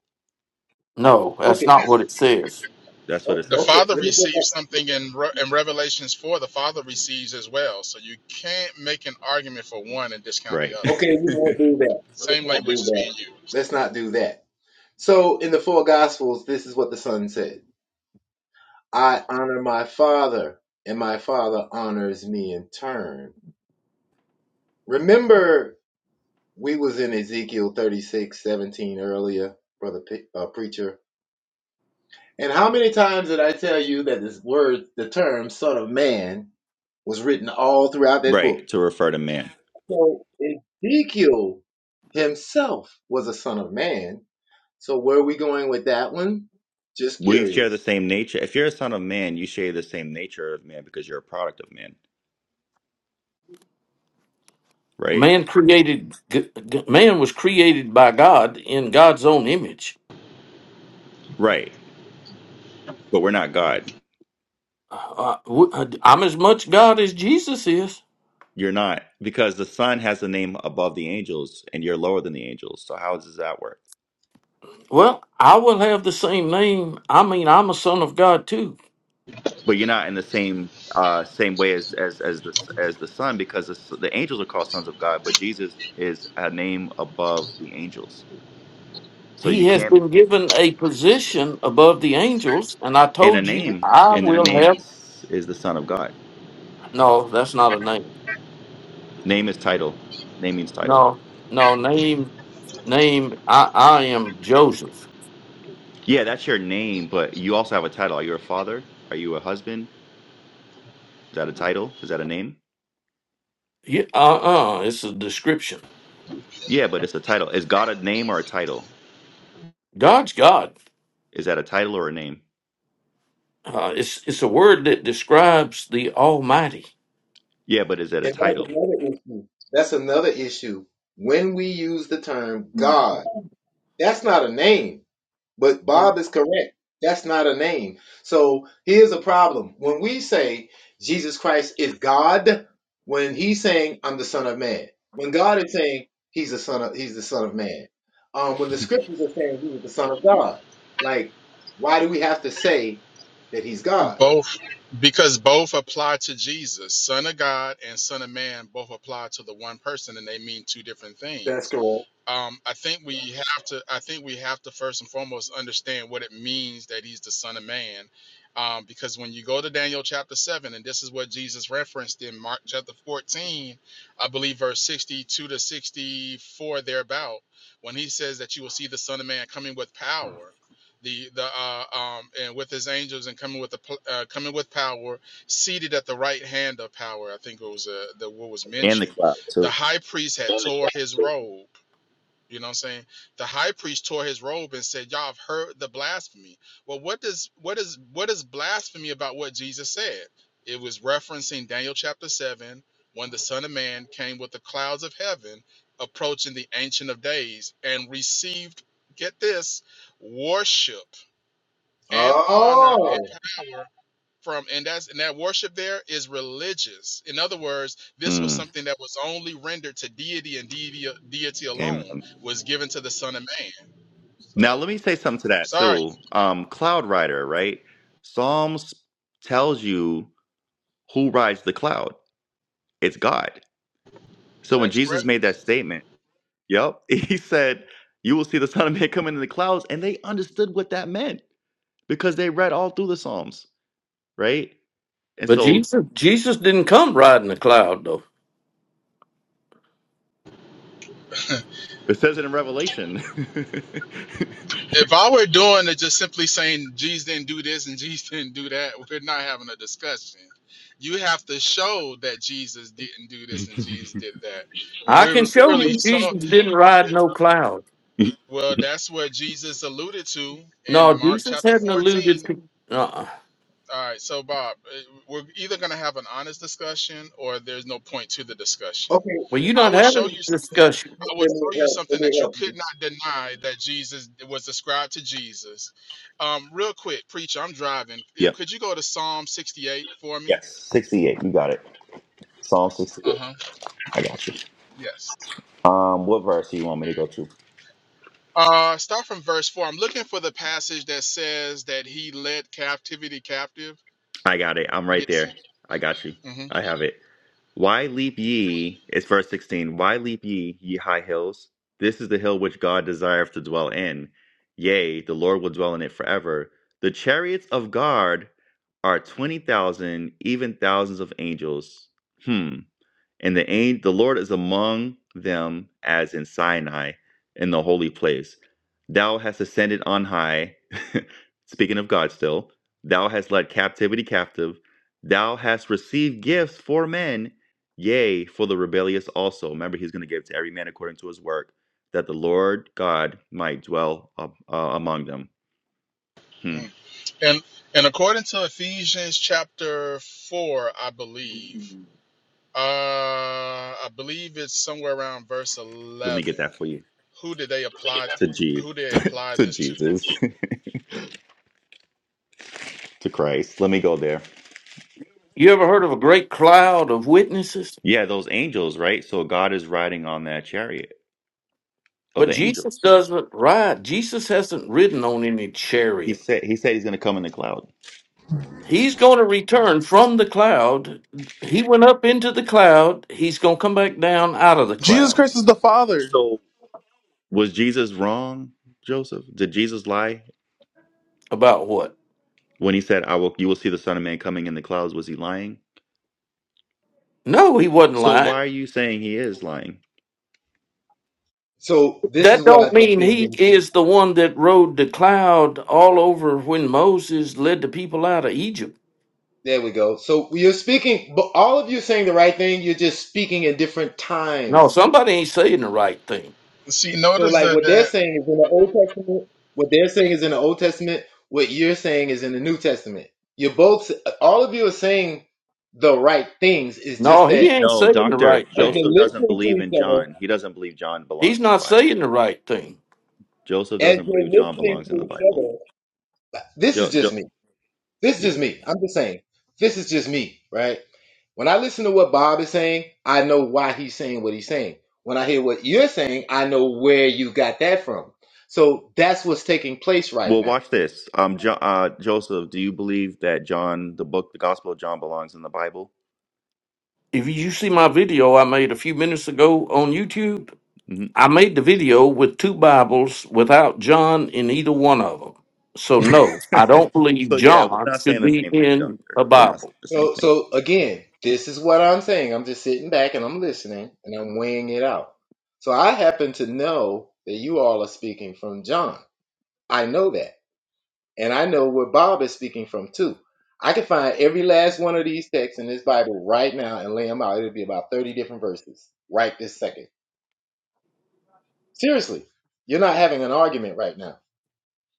D: No, that's
B: Okay.
D: not what it says.
A: That's what it
B: O-
E: The
A: says.
B: Okay.
E: Father
B: Let me go back.
E: receives something in, Re- in Revelations 4, the Father receives as well. So you can't make an argument for one and discount
A: Right.
E: the other.
B: Okay, we won't do that. Let's
E: Same
B: not
E: language
B: do
E: is being
B: that.
E: used.
B: Let's not do that. So, in the four Gospels, this is what the Son said I honor my Father, and my Father honors me in turn. Remember, we was in Ezekiel thirty-six seventeen earlier, Brother P- uh, Preacher. And how many times did I tell you that this word, the term Son of Man, was written all throughout that
A: right.
B: book?
A: To refer to man.
B: So, Ezekiel himself was a Son of Man So where are we going with that one? Just
A: We share the
B: curious.
A: same nature. If you're a son of man, you share the same nature of man because you're a product of man. Right.
D: Man created, g- g- man was created by God in God's own image.
A: Right. But we're not God.
D: Uh, w- uh, I'm as much God as Jesus is.
A: You're not. Because the son has the name above the angels and you're lower than the angels. So how does that work?
D: Well, I will have the same name. I mean, I'm a son of God too.
A: but you're not in the same uh same way as as as the as the son because the, s- the angels are called sons of god but jesus is a name above the angels so
D: He
A: you
D: has
A: can't
D: been given a position above the angels, and I
A: in a
D: told you
A: name
D: I
A: and that
D: will
A: name
D: have.
A: is is the son of god
D: No, that's not a name.
A: name is title name means title
D: No, no name. Name. I. I am Joseph.
A: yeah that's your name but you also have a title are you a father are you a husband is that a title is that a name
D: Yeah. Uh. Uh. It's a description.
A: yeah but it's a title is god a name or a title
D: God's God.
A: is that a title or a name
D: Uh, it's it's a word that describes the Almighty.
A: yeah but is that a
B: And that's
A: title
B: another issue. That's another issue. When we use the term God, that's not a name. But Bob is correct. That's not a name. So here's a problem. When we say Jesus Christ is God, when he's saying I'm the son of man, when God is saying he's the son of he's the son of man. Um, when the scriptures are saying he's the son of God, like why do we have to say that he's God?
E: Both, because both apply to Jesus, Son of God and Son of Man, both apply to the one person, and they mean two different things.
B: That's correct.
E: Um, I think we have to. I think we have to first and foremost understand what it means that he's the Son of Man, um, because when you go to Daniel chapter seven, and this is what Jesus referenced in Mark chapter fourteen, I believe verse sixty-two to sixty-four thereabout, when he says that you will see the Son of Man coming with power, the the uh, um, and with his angels and coming with the pl- uh, coming with power, seated at the right hand of power. I think it was uh, the what was
A: and the
E: mentioned.
A: cloud
E: The
A: too
E: high priest had tore his robe you know what I'm saying? The high priest tore his robe and said, Y'all have heard the blasphemy. Well, what does what is what is blasphemy about what Jesus said? It was referencing Daniel chapter seven, when the Son of Man came with the clouds of heaven, approaching the ancient of days, and received, get this, worship and honor and
B: Oh,
E: and from and that's and that worship there is religious in other words this was
A: mm.
E: something that was only rendered to deity and deity, deity
A: amen
E: alone was given to the son of man
A: Now,
E: so
A: let me say something to that
E: sorry
A: too. Um, cloud rider, right? Psalms tells you who rides the cloud. It's God. So when
E: that's
A: Jesus
E: great
A: made that statement, yep, he said, "You will see the Son of Man coming in the clouds," and they understood what that meant because they read all through the Psalms, right? And
D: But
A: so
D: Jesus Jesus didn't come riding a cloud though.
A: it says it in Revelation.
E: if i were doing it just simply saying jesus didn't do this and jesus didn't do that we're not having a discussion you have to show that jesus didn't do this and jesus did that when
D: I can
E: we
D: show
E: literally
D: you
E: saw
D: Jesus didn't ride no cloud.
E: well that's what jesus alluded to in
D: No,
E: mark
D: Jesus
E: chapter
D: hadn't
E: 14
D: alluded to. Uh-uh.
E: All right, so Bob, eh, we're either going to have an honest discussion or there's no point to the discussion.
B: okay.
D: Well, you're
E: I
D: not
E: will
D: having
E: show you
D: a
E: something.
D: discussion.
E: I will
B: Let me
E: show you
B: help.
E: something
B: Let me
E: that you
B: help
E: could
B: you.
E: not deny that Jesus was described to Jesus. Um, real quick, preacher, I'm driving. Eh,
A: yep.
E: Could you go to Psalm 68 for me?
A: Yes. Sixty-eight. You got it. Psalm
E: Uh
A: sixty-eight.
E: huh.
A: I got you.
E: Yes.
A: Um, what verse do you want me to go to?
E: Uh, start from verse four. I'm looking for the passage that says that he led captivity captive.
A: I got it. I'm right
E: Yes.
A: there. I got you.
E: Mm-hmm.
A: I have it. Why leap ye? It's verse 16. Why leap ye, ye high hills? This is the hill which God desireth to dwell in. Yea, the Lord will dwell in it forever. The chariots of God are 20,000, even thousands of angels. Hmm and the angel, the Lord is among them as in Sinai in the holy place. Thou hast ascended on high. Speaking of God still, thou hast led captivity captive. Thou hast received gifts for men, yea, for the rebellious also. Remember, he's going to give to every man according to his work, that the Lord God might dwell uh, uh, among them. Hmm.
E: And and according to Ephesians chapter four, I believe, uh, I believe it's somewhere around verse
A: Let me get
E: eleven.
A: that for you.
E: Who did they apply?
A: To, Je-
E: Who did they apply
A: to
E: this to?
A: Jesus, to Christ. Let me go there.
D: You ever heard of a great cloud of witnesses?
A: Yeah, those angels, right? So God is riding on that chariot of
D: But
A: the
D: Jesus
A: angels.
D: doesn't ride. Jesus hasn't ridden on any
A: He
D: chariot.
A: said he said he's going to come in the cloud.
D: He's going to return from the cloud. He went up into the cloud. He's going to come back down out of the
F: Jesus
D: cloud.
F: Christ is the Father.
A: So was Jesus wrong, Joseph? Did Jesus lie
D: About what?
A: when he said, "I will you will see the son of man coming in the clouds"? Was he lying?
D: No, he wasn't
A: So
D: lying.
A: why are you saying he is lying?
B: So this is
D: That
B: where I
D: don't
B: jump
D: mean
B: in
D: he
B: really quick.
D: is the one that rode the cloud all over when Moses led the people out of Egypt.
B: There we go. So you're speaking, but all of you are saying the right thing. You're just speaking in different
D: No,
B: times.
D: somebody ain't saying the right thing.
E: See,
B: So
E: notice
B: like
E: that
B: what they're
E: that
B: saying is in the Old Testament. What they're saying is in the Old Testament. What you're saying is in the New Testament. You're both. All of you are saying the right things. It's just
D: No,
B: that
D: he ain't
A: No,
D: saying the
A: doctor,
D: right
B: as
D: thing.
A: Joseph
B: you're
A: doesn't
B: listening to
A: believe in
B: each
A: John.
B: other,
A: He doesn't believe John
D: He's
A: belongs in the
D: not
A: Bible.
D: saying the right thing.
A: Joseph
B: as
A: doesn't
B: you're
A: believe John
B: listening
A: belongs in
B: to
A: the
B: each
A: Bible.
B: other, this is
A: Jo-
B: just
A: jo-
B: me. This is
A: yeah.
B: just me. I'm just saying. This is just me, right? When I listen to what Bob is saying, I know why he's saying what he's saying. When I hear what you're saying, I know where you got that from. So that's what's taking place right
A: Well,
B: now.
A: watch this. Um, jo- uh, Joseph, do you believe that John, the book, the Gospel of John, belongs in the Bible?
D: If you see my video I made a few minutes ago on YouTube,
A: hmm
D: I made the video with two Bibles without John in either one of them. So, no, I don't believe
A: so yeah, we're
D: John
A: not saying
D: should
A: the
D: be
A: same thing,
D: in
A: Doctor.
D: a
A: We're not
D: Bible.
A: saying the same
B: So
A: thing.
B: so again, this is what I'm saying. I'm just sitting back and I'm listening and I'm weighing it out. So I happen to know that you all are speaking from John. I know that. And I know where Bob is speaking from too. I can find every last one of these texts in this Bible right now and lay them out. It'll be about 30 different verses right this second. Seriously, you're not having an argument right now.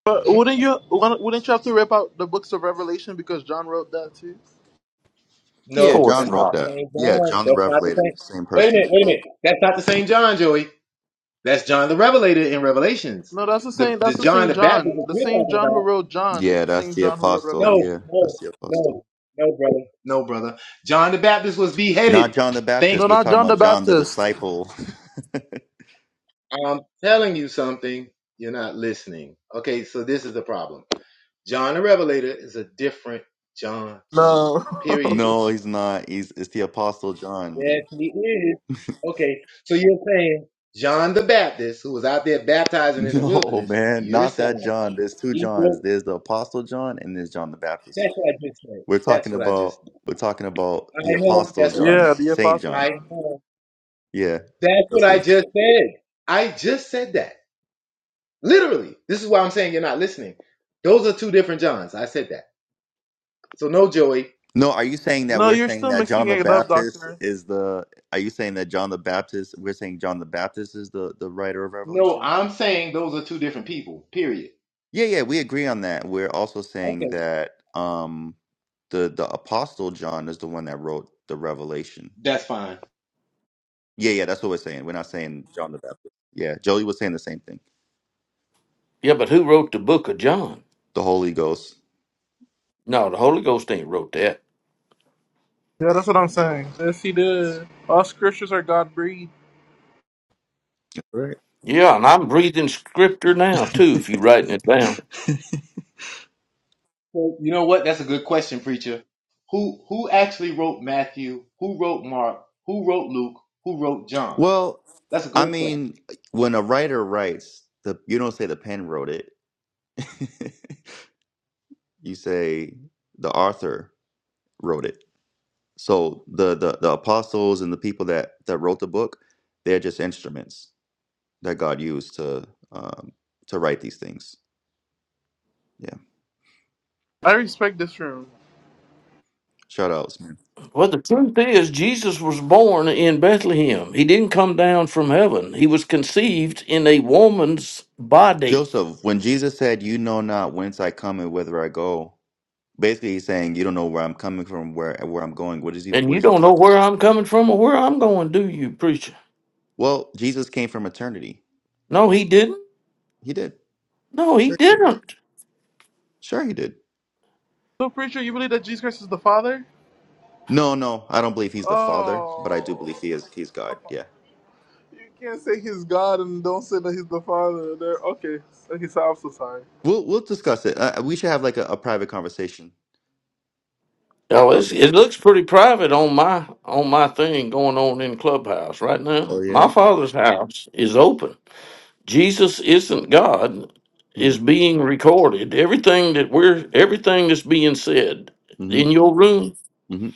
F: But wouldn't you wouldn't wouldn't you have to rip out the books of Revelation because John wrote that too?
D: Of
A: Yeah,
B: No,
D: course
A: John
B: that's not
A: wrote
B: the
D: not.
A: that.
B: same
A: Yeah,
B: John.
A: John the
B: That's not the
A: Revelator,
B: same.
A: the same
B: Wait a
A: person.
B: minute, wait a minute. That's not the same John, Joey. That's John the Revelator in Revelations.
F: No, that's the
B: The,
F: same.
B: the
F: That's the
B: John
F: same
B: the Baptist
F: John.
B: that
F: The
B: you're
F: same
B: talking
F: John who
B: about.
F: wrote John is
A: Yeah,
F: the
A: that's
F: same
A: the
F: John who wrote
A: apostle.
B: No,
F: Revelation.
A: Yeah, that's
B: no,
A: the apostle.
B: no, no, brother. No, brother. John the Baptist was
A: Not
B: beheaded.
A: John the
F: No,
A: Baptist.
B: Think.
A: We're
F: not
A: talking
F: John the
A: about John the
F: Baptist.
A: disciple.
B: I'm telling you something, you're not listening. Okay, so this is the problem. John the Revelator is a different John, son.
F: No.
B: Period.
A: no, he's not. He's it's the apostle John, man.
B: Yes, he is. Okay, so you're saying John the Baptist, who was out there baptizing in the
A: No,
B: wilderness,
A: man,
B: you're
A: not that
B: saying
A: John. There's two
B: he
A: Johns.
B: wrote.
A: There's the apostle John and there's John the Baptist.
B: That's what I just said.
A: We're talking
B: That's what I
A: about
B: just. Said.
A: we're talking about
B: I
A: the
B: know.
A: apostle
B: That's what
A: John,
F: yeah, the
A: Saint
F: Apostle
B: I,
A: John.
B: I
F: John.
B: know.
A: Yeah.
B: That's
A: that's
B: what
A: what
B: I just said. I just said that. Literally. This is why I'm saying you're not listening. Those are two different Johns. I said that. So no, Joey.
A: No, are you saying that
F: No,
A: we're
F: you're
A: saying
F: still
A: that John
F: mixing
A: the
F: it up,
A: Baptist
F: Doctor.
A: is the? Are you saying that John the Baptist? We're saying John the Baptist is the the writer of
B: No,
A: Revelation.
B: I'm saying those are two different people. Period.
A: Yeah, yeah, we agree on that. We're also saying
B: Okay.
A: that um the the apostle John is the one that wrote the Revelation.
B: That's fine.
A: Yeah, yeah, that's what we're saying. We're not saying John the Baptist. Yeah, Joey was saying the same thing.
D: Yeah, but who wrote the book of John?
A: The Holy Ghost.
D: No, the Holy Ghost ain't wrote that.
F: Yeah, that's what I'm saying. Yes, he did. All scriptures are God breathed.
A: Right.
D: Yeah, and I'm breathing scripture now, too, if you're writing it down.
B: So you know what? That's a good question, preacher. Who who actually wrote Matthew? Who wrote Mark? Who wrote Luke? Who wrote John?
A: Well,
B: That's a great
A: I
B: question.
A: mean, when a writer writes, the you don't say the pen wrote it. you say the author wrote it. So the the, the apostles and the people that that wrote the book, they're just instruments that God used to um, to write these things. Yeah,
F: I respect this room.
A: shout outs, man.
D: Well, the truth is, Jesus was born in Bethlehem. He didn't come down from heaven, he was conceived in a woman's body.
A: Joseph, when Jesus said, "You know not whence I come and whither I go," basically he's saying, "You don't know where I'm coming from, where where I'm going." What is he?
D: And
A: What
D: you
A: is he
D: don't know
A: talking?
D: where I'm coming from or where I'm going, do you, preacher?
A: Well, Jesus came from eternity.
D: No, he didn't.
A: He did.
D: No, he
A: Sure he did.
D: didn't.
A: Sure he did.
F: So, preacher, you believe that Jesus Christ is the Father?
A: No, no, I don't believe he's the Father, but I do believe
F: Oh.
A: he is. He's God. Yeah,
F: You can't say he's God and don't say that he's the Father. There. Okay. Okay. So I'm so sorry.
A: we'll we'll discuss it. Uh, we should have like a, a private conversation
D: No,
A: I'm
D: it's,
A: gonna
D: it
A: get this.
D: looks pretty private on my on my thing going on in Clubhouse right
A: Oh
D: now. My
A: yeah.
D: father's house is open. Jesus isn't God
A: Mm-hmm.
D: is being recorded. Everything that we're everything that's being said
A: hmm
D: in your room
A: hmm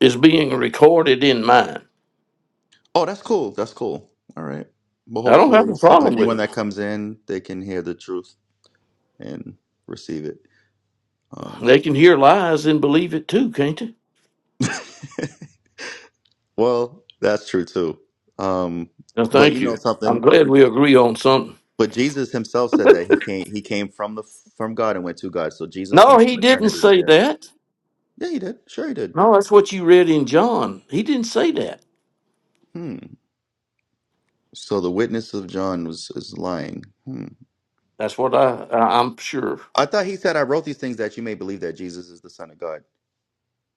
D: is being recorded in mine.
A: Oh, that's cool. That's cool. All right. Well,
D: I don't have
A: hopefully,
D: a
A: so uh,
D: problem with
A: anyone
D: it.
A: that comes in, they can hear the truth and receive it. Um,
D: They can hear lies and believe it too, can't they?
A: well, that's true too. Um,
D: Now,
A: but
D: thank
A: you know
D: you. I'm
A: something.
D: glad we agree on something.
A: But Jesus himself said that he came. He came from the from God and went to God. So Jesus
D: No,
A: came
D: he
A: from
D: didn't
A: eternity.
D: say
A: Yeah.
D: that.
A: Yeah, he did. Sure, he did.
D: No, that's what you read in John. He didn't say that.
A: Hmm. So the witness of John was is lying. Hmm.
D: That's what I, I I'm sure
A: I thought he said, "I wrote these things that you may believe that Jesus is the Son of God."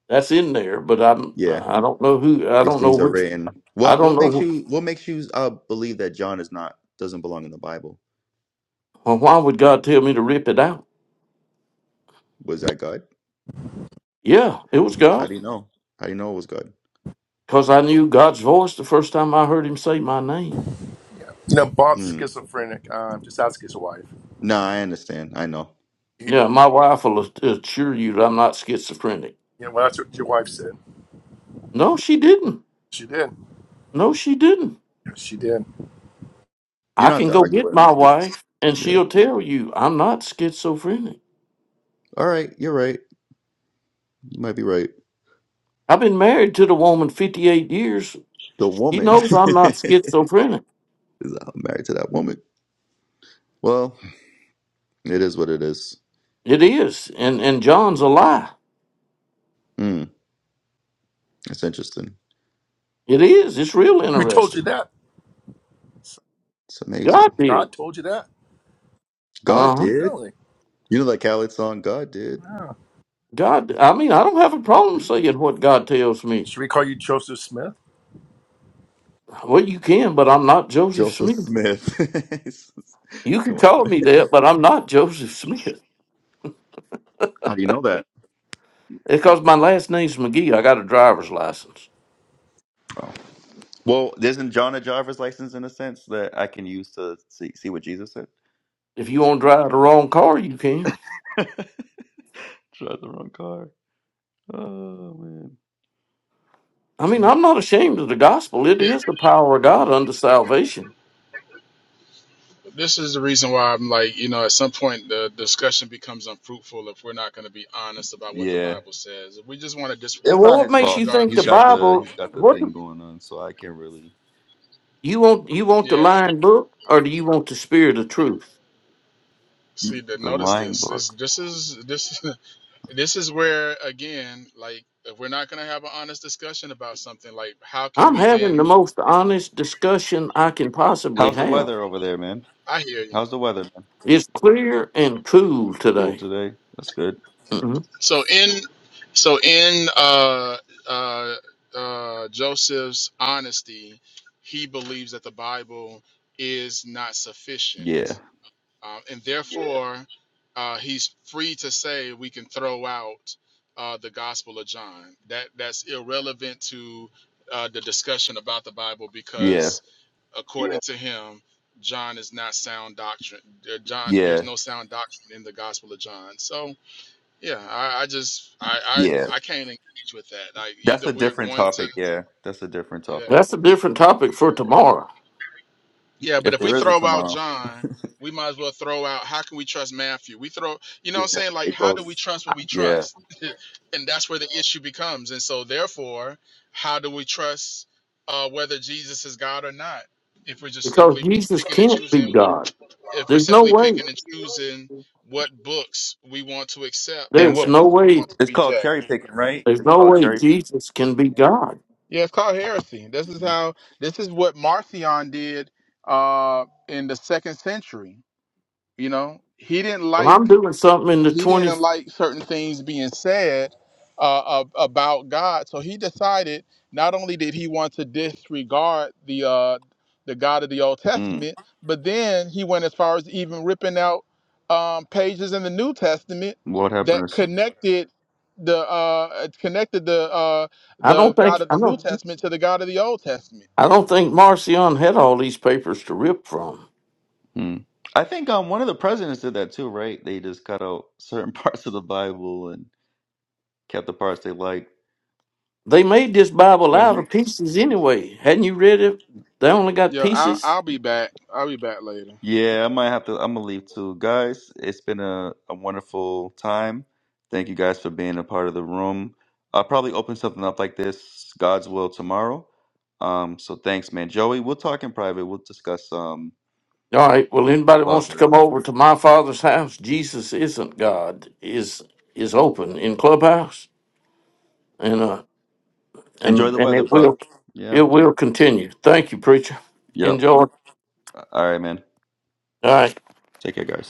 D: that's in there, but I'm
A: Yeah.
D: I don't know who I
A: These
D: don't know
A: things are
D: which
A: written.
D: I
A: What
D: don't
A: what makes
D: know
A: you what makes you uh believe that John is not doesn't belong in the Bible?
D: wh- well, why would God tell me to rip it out?
A: Was that God?
D: Yeah, it was
A: How
D: God
A: do you know? How do you know it was God?
D: because I knew God's voice the first time I heard Him say my name.
G: You know, Bob's
A: Hmm.
G: schizophrenic. Um, just ask his wife.
A: No, I understand. I know.
G: You
D: Yeah, my wife will a- assure you that I'm not schizophrenic.
G: know, well, that's what your wife said.
D: No, she didn't.
G: She did.
D: No, she didn't.
G: Yes, She did.
A: You
D: I
A: don't have
D: can
A: to
D: go
A: argue
D: get
A: with him.
D: my
A: This is-
D: wife, and
A: yeah.
D: she'll tell you I'm not schizophrenic.
A: All right. You're right. You might be right.
D: I've been married to the woman 58 years.
A: The
D: She
A: woman
D: knows I'm not
A: is
D: schizophrenic.
A: uh, married to that woman. Well, it is what it is.
D: It is. And and John's a lie.
A: Hmm. It's interesting.
D: It is. It's real
G: Who told you
D: interesting.
G: that?
A: It's amazing.
D: God did.
G: God told you that?
A: God
D: Uh-huh.
A: did.
G: Really?
A: You know that Khaled song? God did.
G: Wow.
D: God, I mean, I don't have a problem saying what God tells me.
G: Should we call you Joseph Smith?
D: Well, you can, but I'm not Joseph
A: Joseph
D: Smith.
A: Smith.
D: You can
A: Come on.
D: call me that, but I'm not Joseph Smith.
A: How do you know that?
D: Because my last name's McGee. I got a driver's license.
A: Well, isn't John a driver's license in a sense that I can use to see see what Jesus said?
D: If you want to drive the wrong car, you can.
A: Drive the wrong car. Oh man.
D: I mean, I'm not ashamed of the gospel. It
E: it-
D: is the power of God unto salvation.
E: this is the reason why I'm like, you know, at some point the discussion becomes unfruitful if we're not going to be honest about what the
A: Yeah,
E: Bible says. If we just want to dis-
D: Uh,
A: it's
D: Well,
A: not
D: what
A: his
D: makes
A: fault.
D: you
E: disregard
D: think
E: the
A: He's
D: the
A: got
E: scripture,
A: the
D: Bible?
A: he's got the
D: What
A: thing
D: the-
A: going on, so I can't really
D: you want? You want the
E: yeah.
D: lying book, or do you want the spirit of truth?
E: See, the,
A: the
E: notice
A: line
E: this. This
A: book.
E: this is this. this is where again like if we're not going to have an honest discussion about something like how can
D: I'm
E: we
D: having the
E: then
D: most honest discussion I can possibly
A: How's the
D: have.
A: weather over there, man?
E: i hear you
A: How's the weather, man?
D: It's clear and cool
A: Cool
D: today.
A: today. That's good.
D: hmm
E: so in so in uh uh uh joseph's honesty he believes that the bible is not
A: Yeah,
E: sufficient um, and therefore uh he's free to say we can throw out uh the gospel of john that that's irrelevant to uh, the discussion about the Bible
A: yeah,
E: because according yeah. to him, John is not sound doctrine. uh, John, there's
A: yeah,
E: no sound doctrine in the Gospel of John. So yeah, I, I just I,
A: yeah.
E: I I can't engage with that. Like
A: That's
E: either
A: a
E: we're
A: different
E: going to
A: topic. Yeah, that's a different
E: yeah
A: topic.
D: That's a different topic for
E: yeah
D: tomorrow
E: yeah, but
A: If
E: if we
A: there is a
E: throw out
A: tomorrow,
E: John, we might as well throw out. How can we trust Matthew? We throw you know what
A: yeah,
E: I'm saying like
A: it
E: how do we
A: goes.
E: trust what we
A: yeah.
E: trust? and that's where the issue becomes. And so therefore, how do we trust uh, whether Jesus is God or not? If we're just
D: because
E: simply
D: Jesus
E: picking and
D: can't be
E: choosing
D: God.
E: if we're
D: There's no
E: simply
D: way.
E: picking and choosing what books we want to accept and
D: There's
E: what
D: no
E: books we
D: way.
E: want to
A: It's called cherry
E: reject.
A: picking, right?
D: There's
A: It's
D: no
A: called
D: way
A: cherry
D: Jesus can be God.
E: Yeah, it's called heresy. This is
A: picking.
E: how this is what Marcion did uh in the second century. You know, he didn't
D: Well,
E: like
D: I'm doing something in the
E: he
D: 20.
E: didn't like certain things being said uh, ab- about God, so he decided not only did he want to disregard the uh, the God of the Old
A: Mm.
E: Testament, but then he went as far as even ripping out um, pages in the New Testament
A: What
E: that
A: happens?
E: connected the uh, connected the uh,
D: I don't
E: the God
D: think.
E: of
D: I
E: the New
D: don't.
E: Testament to the God of the Old Testament.
D: I don't think Marcion had all these papers to rip from.
A: Mm. I think um one of the presidents did that too, right? They just cut out certain parts of the Bible and kept the parts they liked.
D: They made this
A: Like
D: Bible
A: trail
D: out of
A: mix.
D: pieces anyway. Hadn't you read it? They only got
E: Yeah, I'll,
D: pieces.
E: I'll be back. I'll be back later.
A: Yeah, I might have to. I'm gonna leave too, guys. It's been a, a wonderful time. Thank you guys for being a part of the room. I'll probably open something up like this, God's will tomorrow. Um, so thanks, man, Joey. We'll talk in private. We'll discuss um,
D: All right. Well, anybody wants to
A: father.
D: come over to my father's house? Jesus isn't God. is is open in clubhouse, and uh,
A: Enjoy
D: and
A: the
D: and
A: weather,
D: it
A: bub.
D: will
A: Yeah.
D: it will continue. Thank you, preacher.
A: Yep.
D: Enjoy. All
A: All right, man.
D: right.
A: Take care, guys.